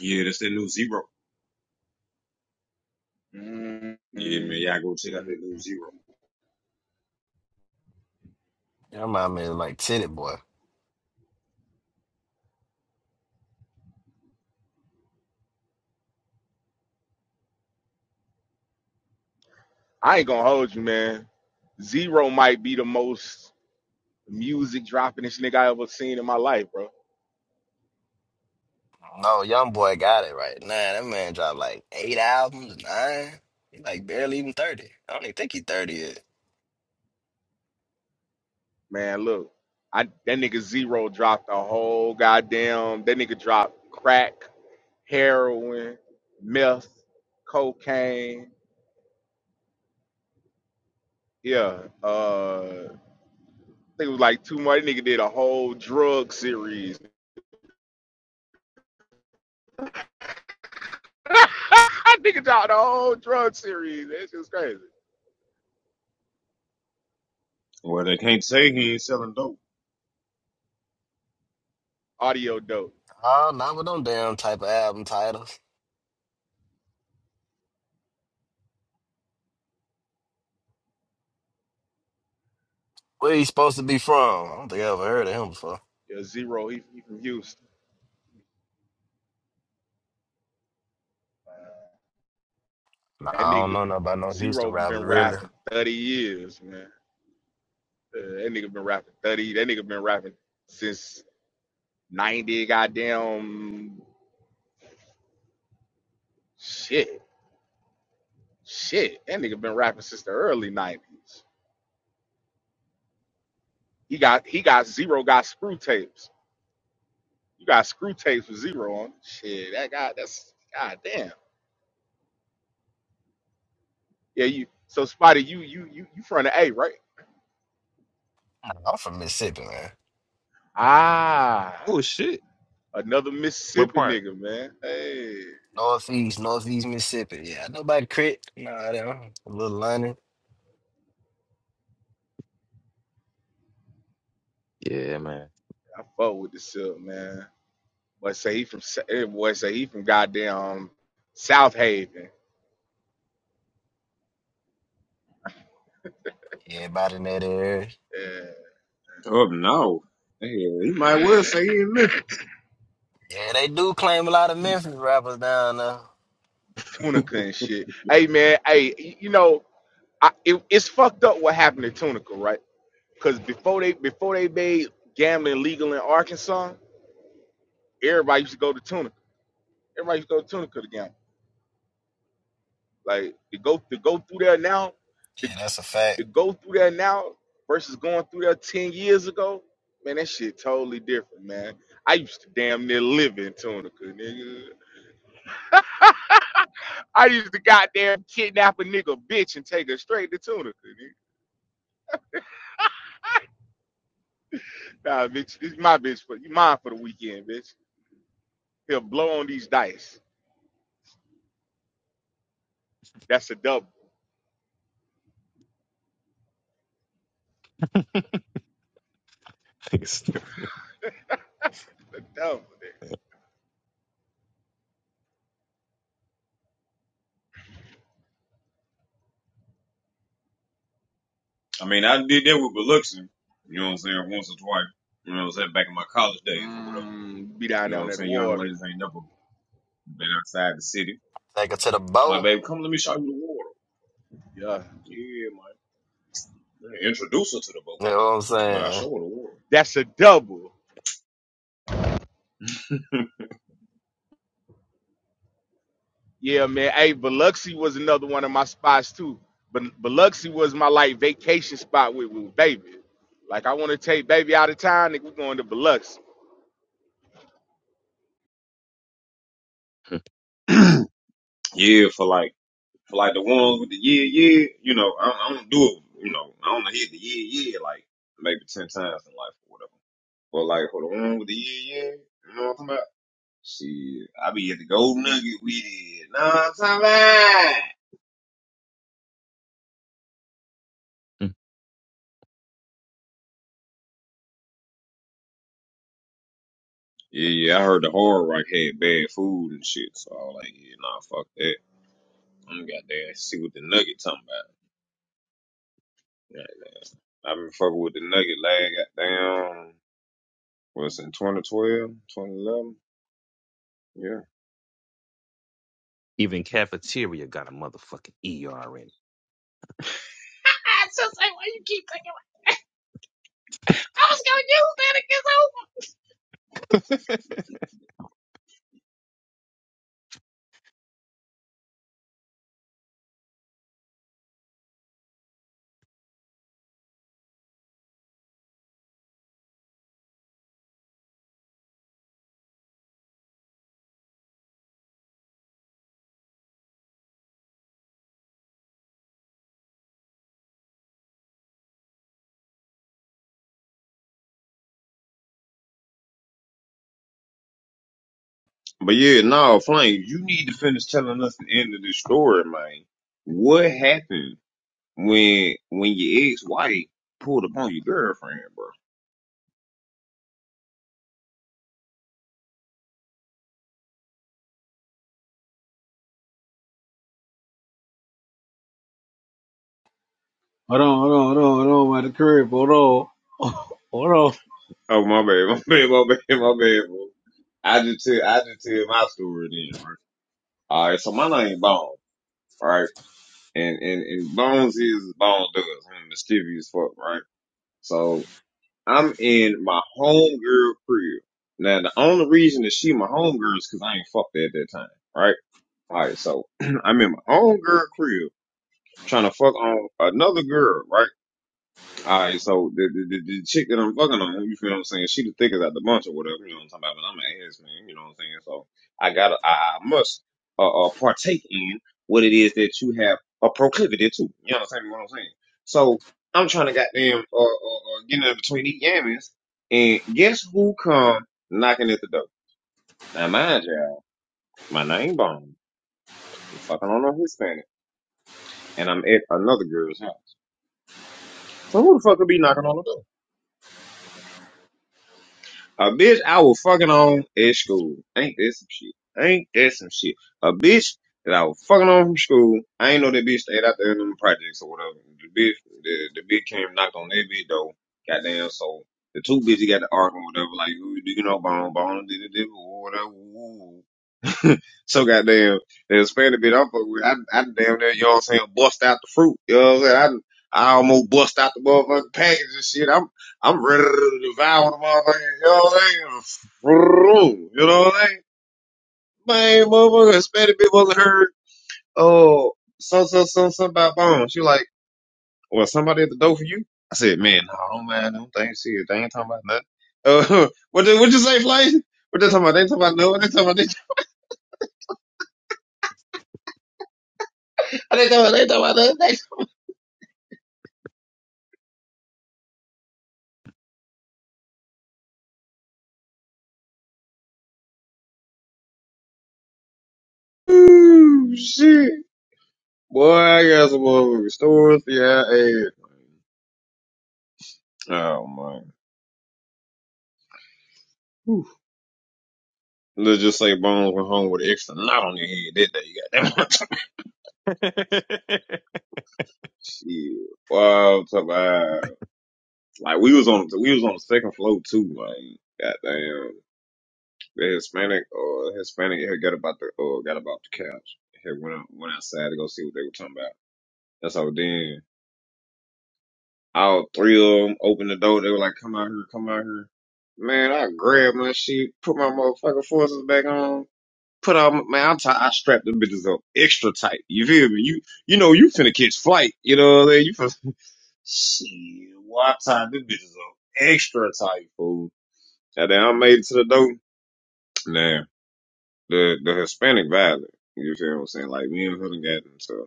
[SPEAKER 1] Yeah, that's that new zero.
[SPEAKER 6] mm
[SPEAKER 1] Yeah, man, y'all go check out that new zero.
[SPEAKER 8] Y'all remind me of like Titty Boy.
[SPEAKER 6] I ain't gonna hold you, man. Zero might be the most music droppingest nigga I ever seen in my life, bro.
[SPEAKER 8] No, Young Boy got it right. now. that man dropped like eight albums, nine. He like barely even 30. I don't even think he 30 yet.
[SPEAKER 6] Man, look, I that nigga Zero dropped a whole goddamn. That nigga dropped crack, heroin, meth, cocaine. Yeah, uh, I think it was like two more. That nigga did a whole drug series. That nigga dropped a whole drug series. That shit's crazy.
[SPEAKER 1] Well, they can't say he ain't selling dope.
[SPEAKER 6] Audio dope.
[SPEAKER 8] Oh, not with them damn type of album titles. Where he supposed to be from? I don't think I ever heard of him before.
[SPEAKER 6] Yeah, Zero. He, he from Houston.
[SPEAKER 8] Nah,
[SPEAKER 6] That
[SPEAKER 8] I don't
[SPEAKER 6] nigga
[SPEAKER 8] know nothing about no Houston
[SPEAKER 6] Zero
[SPEAKER 8] rappers,
[SPEAKER 6] been
[SPEAKER 8] really.
[SPEAKER 6] rapping thirty years, man. Uh, that nigga been rapping 30. That nigga been rapping since 90, goddamn shit. Shit. That nigga been rapping since the early 90s. He got he got zero got screw tapes. You got screw tapes with zero on. Shit, that guy that's goddamn. Yeah, you so Spotty, you you you you from the A, right?
[SPEAKER 8] Nah, I'm from Mississippi, man.
[SPEAKER 6] Ah
[SPEAKER 3] Oh shit.
[SPEAKER 6] another
[SPEAKER 3] What
[SPEAKER 6] Mississippi
[SPEAKER 3] part?
[SPEAKER 6] nigga, man. Hey,
[SPEAKER 8] Northeast, Northeast Mississippi. Yeah, I know about Crit. Nah, I don't. Little London.
[SPEAKER 3] Yeah, man.
[SPEAKER 6] I fuck with this up, man. Boy say he from Sa- eh, boy say he from goddamn South Haven.
[SPEAKER 8] Yeah, about in that area.
[SPEAKER 6] Yeah.
[SPEAKER 1] Oh no. Yeah, he might well say Memphis.
[SPEAKER 8] Yeah, they do claim a lot of Memphis rappers down there.
[SPEAKER 6] Tunica and shit. Hey man, hey, you know, I, it, it's fucked up what happened to Tunica, right? Because before they before they made gambling legal in Arkansas, everybody used to go to Tunica. Everybody used to go to Tunica to gamble. Like to go to go through there now, to,
[SPEAKER 8] Yeah, that's a fact.
[SPEAKER 6] to go through there now versus going through there ten years ago, man, that shit totally different, man. I used to damn near live in Tunica, nigga. I used to goddamn kidnap a nigga bitch and take her straight to Tunica, nigga. Nah, bitch, this is my bitch but you mine for the weekend, bitch. He'll blow on these dice. That's a double.
[SPEAKER 3] Nigga Stupid.
[SPEAKER 6] Double.
[SPEAKER 1] I mean, I did that with Biloxi. You know what I'm saying? Once or twice. You know what I'm saying? Back in my college days or whatever.
[SPEAKER 6] Mmm, be down
[SPEAKER 1] You know
[SPEAKER 6] there
[SPEAKER 1] what
[SPEAKER 6] on
[SPEAKER 1] I'm
[SPEAKER 6] that
[SPEAKER 1] saying? Young
[SPEAKER 6] water.
[SPEAKER 1] ladies ain't never been outside the city.
[SPEAKER 8] Take it to the
[SPEAKER 1] My
[SPEAKER 8] bow.
[SPEAKER 1] baby, come let me show you the water.
[SPEAKER 6] Yeah.
[SPEAKER 1] Yeah, man. Introduce her to the boat,
[SPEAKER 8] You know what I'm
[SPEAKER 1] but I
[SPEAKER 8] saying?
[SPEAKER 1] show her the water.
[SPEAKER 6] That's a double. Yeah, man. Hey, Biloxi was another one of my spots too. But Biloxi was my like vacation spot with, with baby. Like I want to take baby out of town, nigga. We going to Biloxi.
[SPEAKER 1] Yeah, for like. For like the ones with the yeah, yeah, you know, I, I don't do it, you know, I don't hit the yeah, yeah like maybe 10 times in life or whatever. But like for the one with the yeah, yeah, you know what I'm talking about? Shit, I be at the gold nugget with it. Know what I'm talking about? Yeah, yeah, I heard the hard rock had bad food and shit, so I was like, yeah, nah, fuck that. I'm goddamn see what the nugget talking about. Goddamn. I've been fucking with the nugget lag goddamn, was in 2012, 2011? Yeah.
[SPEAKER 3] Even cafeteria got a motherfucking ER in it.
[SPEAKER 1] But yeah, no, Flame. you need to finish telling us the end of this story, man. What happened when when your ex wife pulled up on your girlfriend, bro?
[SPEAKER 7] Hold on, hold on, hold on, hold on, by the crib. Hold on, hold on.
[SPEAKER 1] Oh my bad, my bad, my bad, my bad, bro. I just tell I just tell my story then, right? All right, so my name Bones, right? And and and Bones is Bones does. I'm mischievous as fuck, right? So I'm in my homegirl crib. Now the only reason that she my homegirl is because I ain't fucked her at that time, right? Alright, so I'm in my own girl crib trying to fuck on another girl, right? Alright, so the, the, the, the chick that I'm fucking on, you feel what I'm saying? She the thickest out the bunch or whatever, you know what I'm talking about? But I'm an ass man, you know what I'm saying? So I gotta, I, I must uh, uh, partake in what it is that you have a proclivity to. You know what I'm saying? What I'm saying? So I'm trying to goddamn uh, uh, uh, get in between these yammies, and guess who come knocking at the door? Now mind you, my name Bone, I'm fucking on a Hispanic. and I'm at another girl's house. So who the fuck could be knocking on the door? A bitch I was fucking on at school. Ain't that some shit? Ain't that some shit? A bitch that I was fucking on from school. I ain't know that bitch stayed out there in them projects or whatever. The bitch, the, the bitch came knocked on that bitch door. Goddamn, so the two bitches got the argument or whatever. Like, you know, bone, bone, did it, or whatever. Ooh. so goddamn the Hispanic bitch I'm fucking with. I, I damn near, you know what I'm saying, bust out the fruit. You know what I'm saying? I, I almost bust out the motherfucking package and shit. I'm I'm ready to devour the motherfucking, you know what I'm saying? You know what I'm saying? Man, motherfucker, Hispanic bitch wasn't heard. Oh, so so so something about bone. She like, well, somebody at the door for you. I said, man, no, don't mind them things. See, they ain't talking about nothing. Uh, what you- what you say, Flay? What they talking about? They ainking talking about nothing. They ain't talking about they. They ain't talking about they ain't talking about nothing. Ooh, shit. Boy, I got some motherfucking stories. Yeah, I ate. Oh, man. Let's just say Bones went home with an extra knot on your head that day. You got that much. Shit. Well, I'm talking about, like, we was on, we was on the second floor too, like, goddamn. The Hispanic, uh, Hispanic had got about the, uh, got about the couch. Had went out, went outside to go see what they were talking about. That's how then all three of them opened the door. They were like, come out here, come out here. Man, I grabbed my shit, put my motherfucking forces back on, put on my, man, I'm tight. I strapped them bitches up extra tight. You feel me? You, you know, you finna catch flight. You know what I'm saying? You finna, shit, why I tied them bitches up extra tight, fool. And then I made it to the door. Now, the, the Hispanic violent. You feel what I'm saying? Like, me and her done got into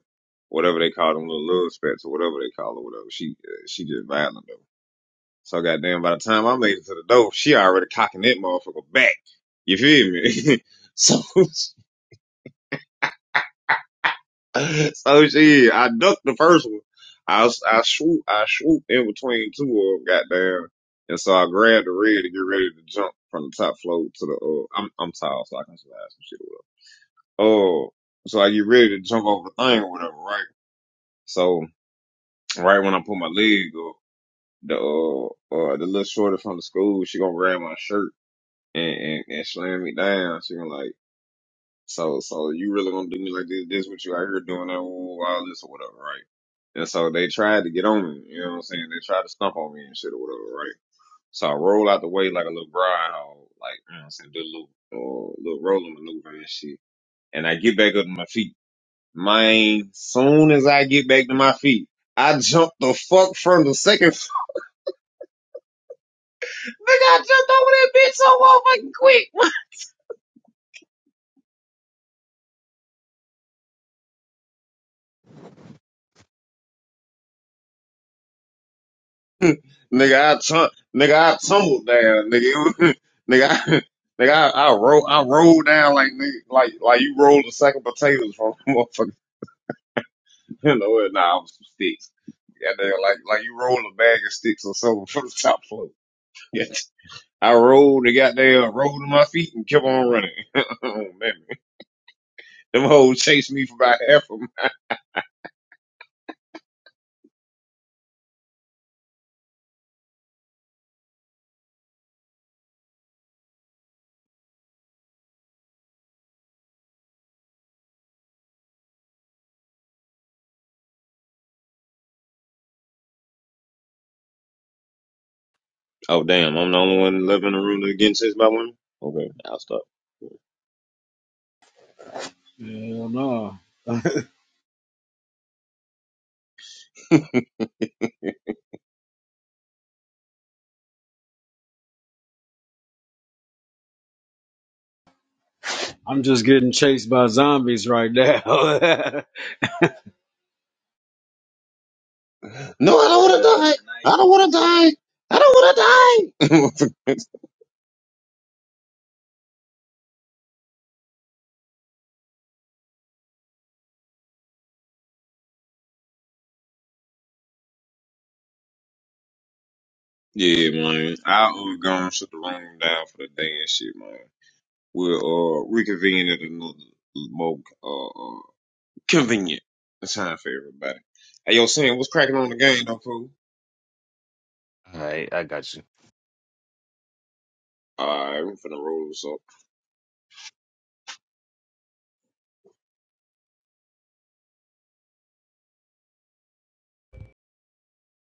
[SPEAKER 1] whatever they call them little love spats or whatever they call it, whatever. She, uh, she just violent. So goddamn, by the time I'm late to the door, she already cocking that motherfucker back. You feel me? so, so she, I ducked the first one. I, I swoop, I swoop in between two of them, goddamn. And so I grabbed the red to get ready to jump from the top floor to the, uh, I'm, I'm tall, so I can slide some shit up. Oh, so I get ready to jump over the thing or whatever, right? So, right when I put my leg up, the, uh, uh, the little shorty from the school, she gonna grab my shirt and, and, and slammed me down. She was like, so, so you really gonna do me like this? This what you out here doing? uh, All this or whatever, right? And so they tried to get on me. You know what I'm saying? They tried to stump on me and shit or whatever, right? So I roll out the way like a little bride hog, like you know what I'm saying, do a little or little rolling maneuver and shit. And I get back up to my feet. Man, soon as I get back to my feet, I jump the fuck from the second Nigga, I tum- nigga, I tumbled down, nigga. It was- nigga, I, nigga, I, I roll, I rolled down like nigga, like like you rolled a sack of potatoes from a motherfucker. You know, it? nah, I was some sticks. Yeah, nigga, like like you roll a bag of sticks or something from the top floor. Yeah. I rolled and got there, rolled to my feet and kept on running. oh, man. Them hoes chased me for about half a mile. Oh damn, I'm the only one living in the room against this by women? Okay, I'll stop.
[SPEAKER 7] Hell no, I'm just getting chased by zombies right now.
[SPEAKER 1] No, I don't wanna die. I don't want to die. I don't want to die. yeah, man. I uh, gone shut the room down for the day and shit, man. We'll uh, reconvene at another more uh, uh, convenient time for everybody. Hey, yo, Sam, what's cracking on the game, though, fool?
[SPEAKER 3] All right, I got you.
[SPEAKER 1] Alright, I'm finna roll this up.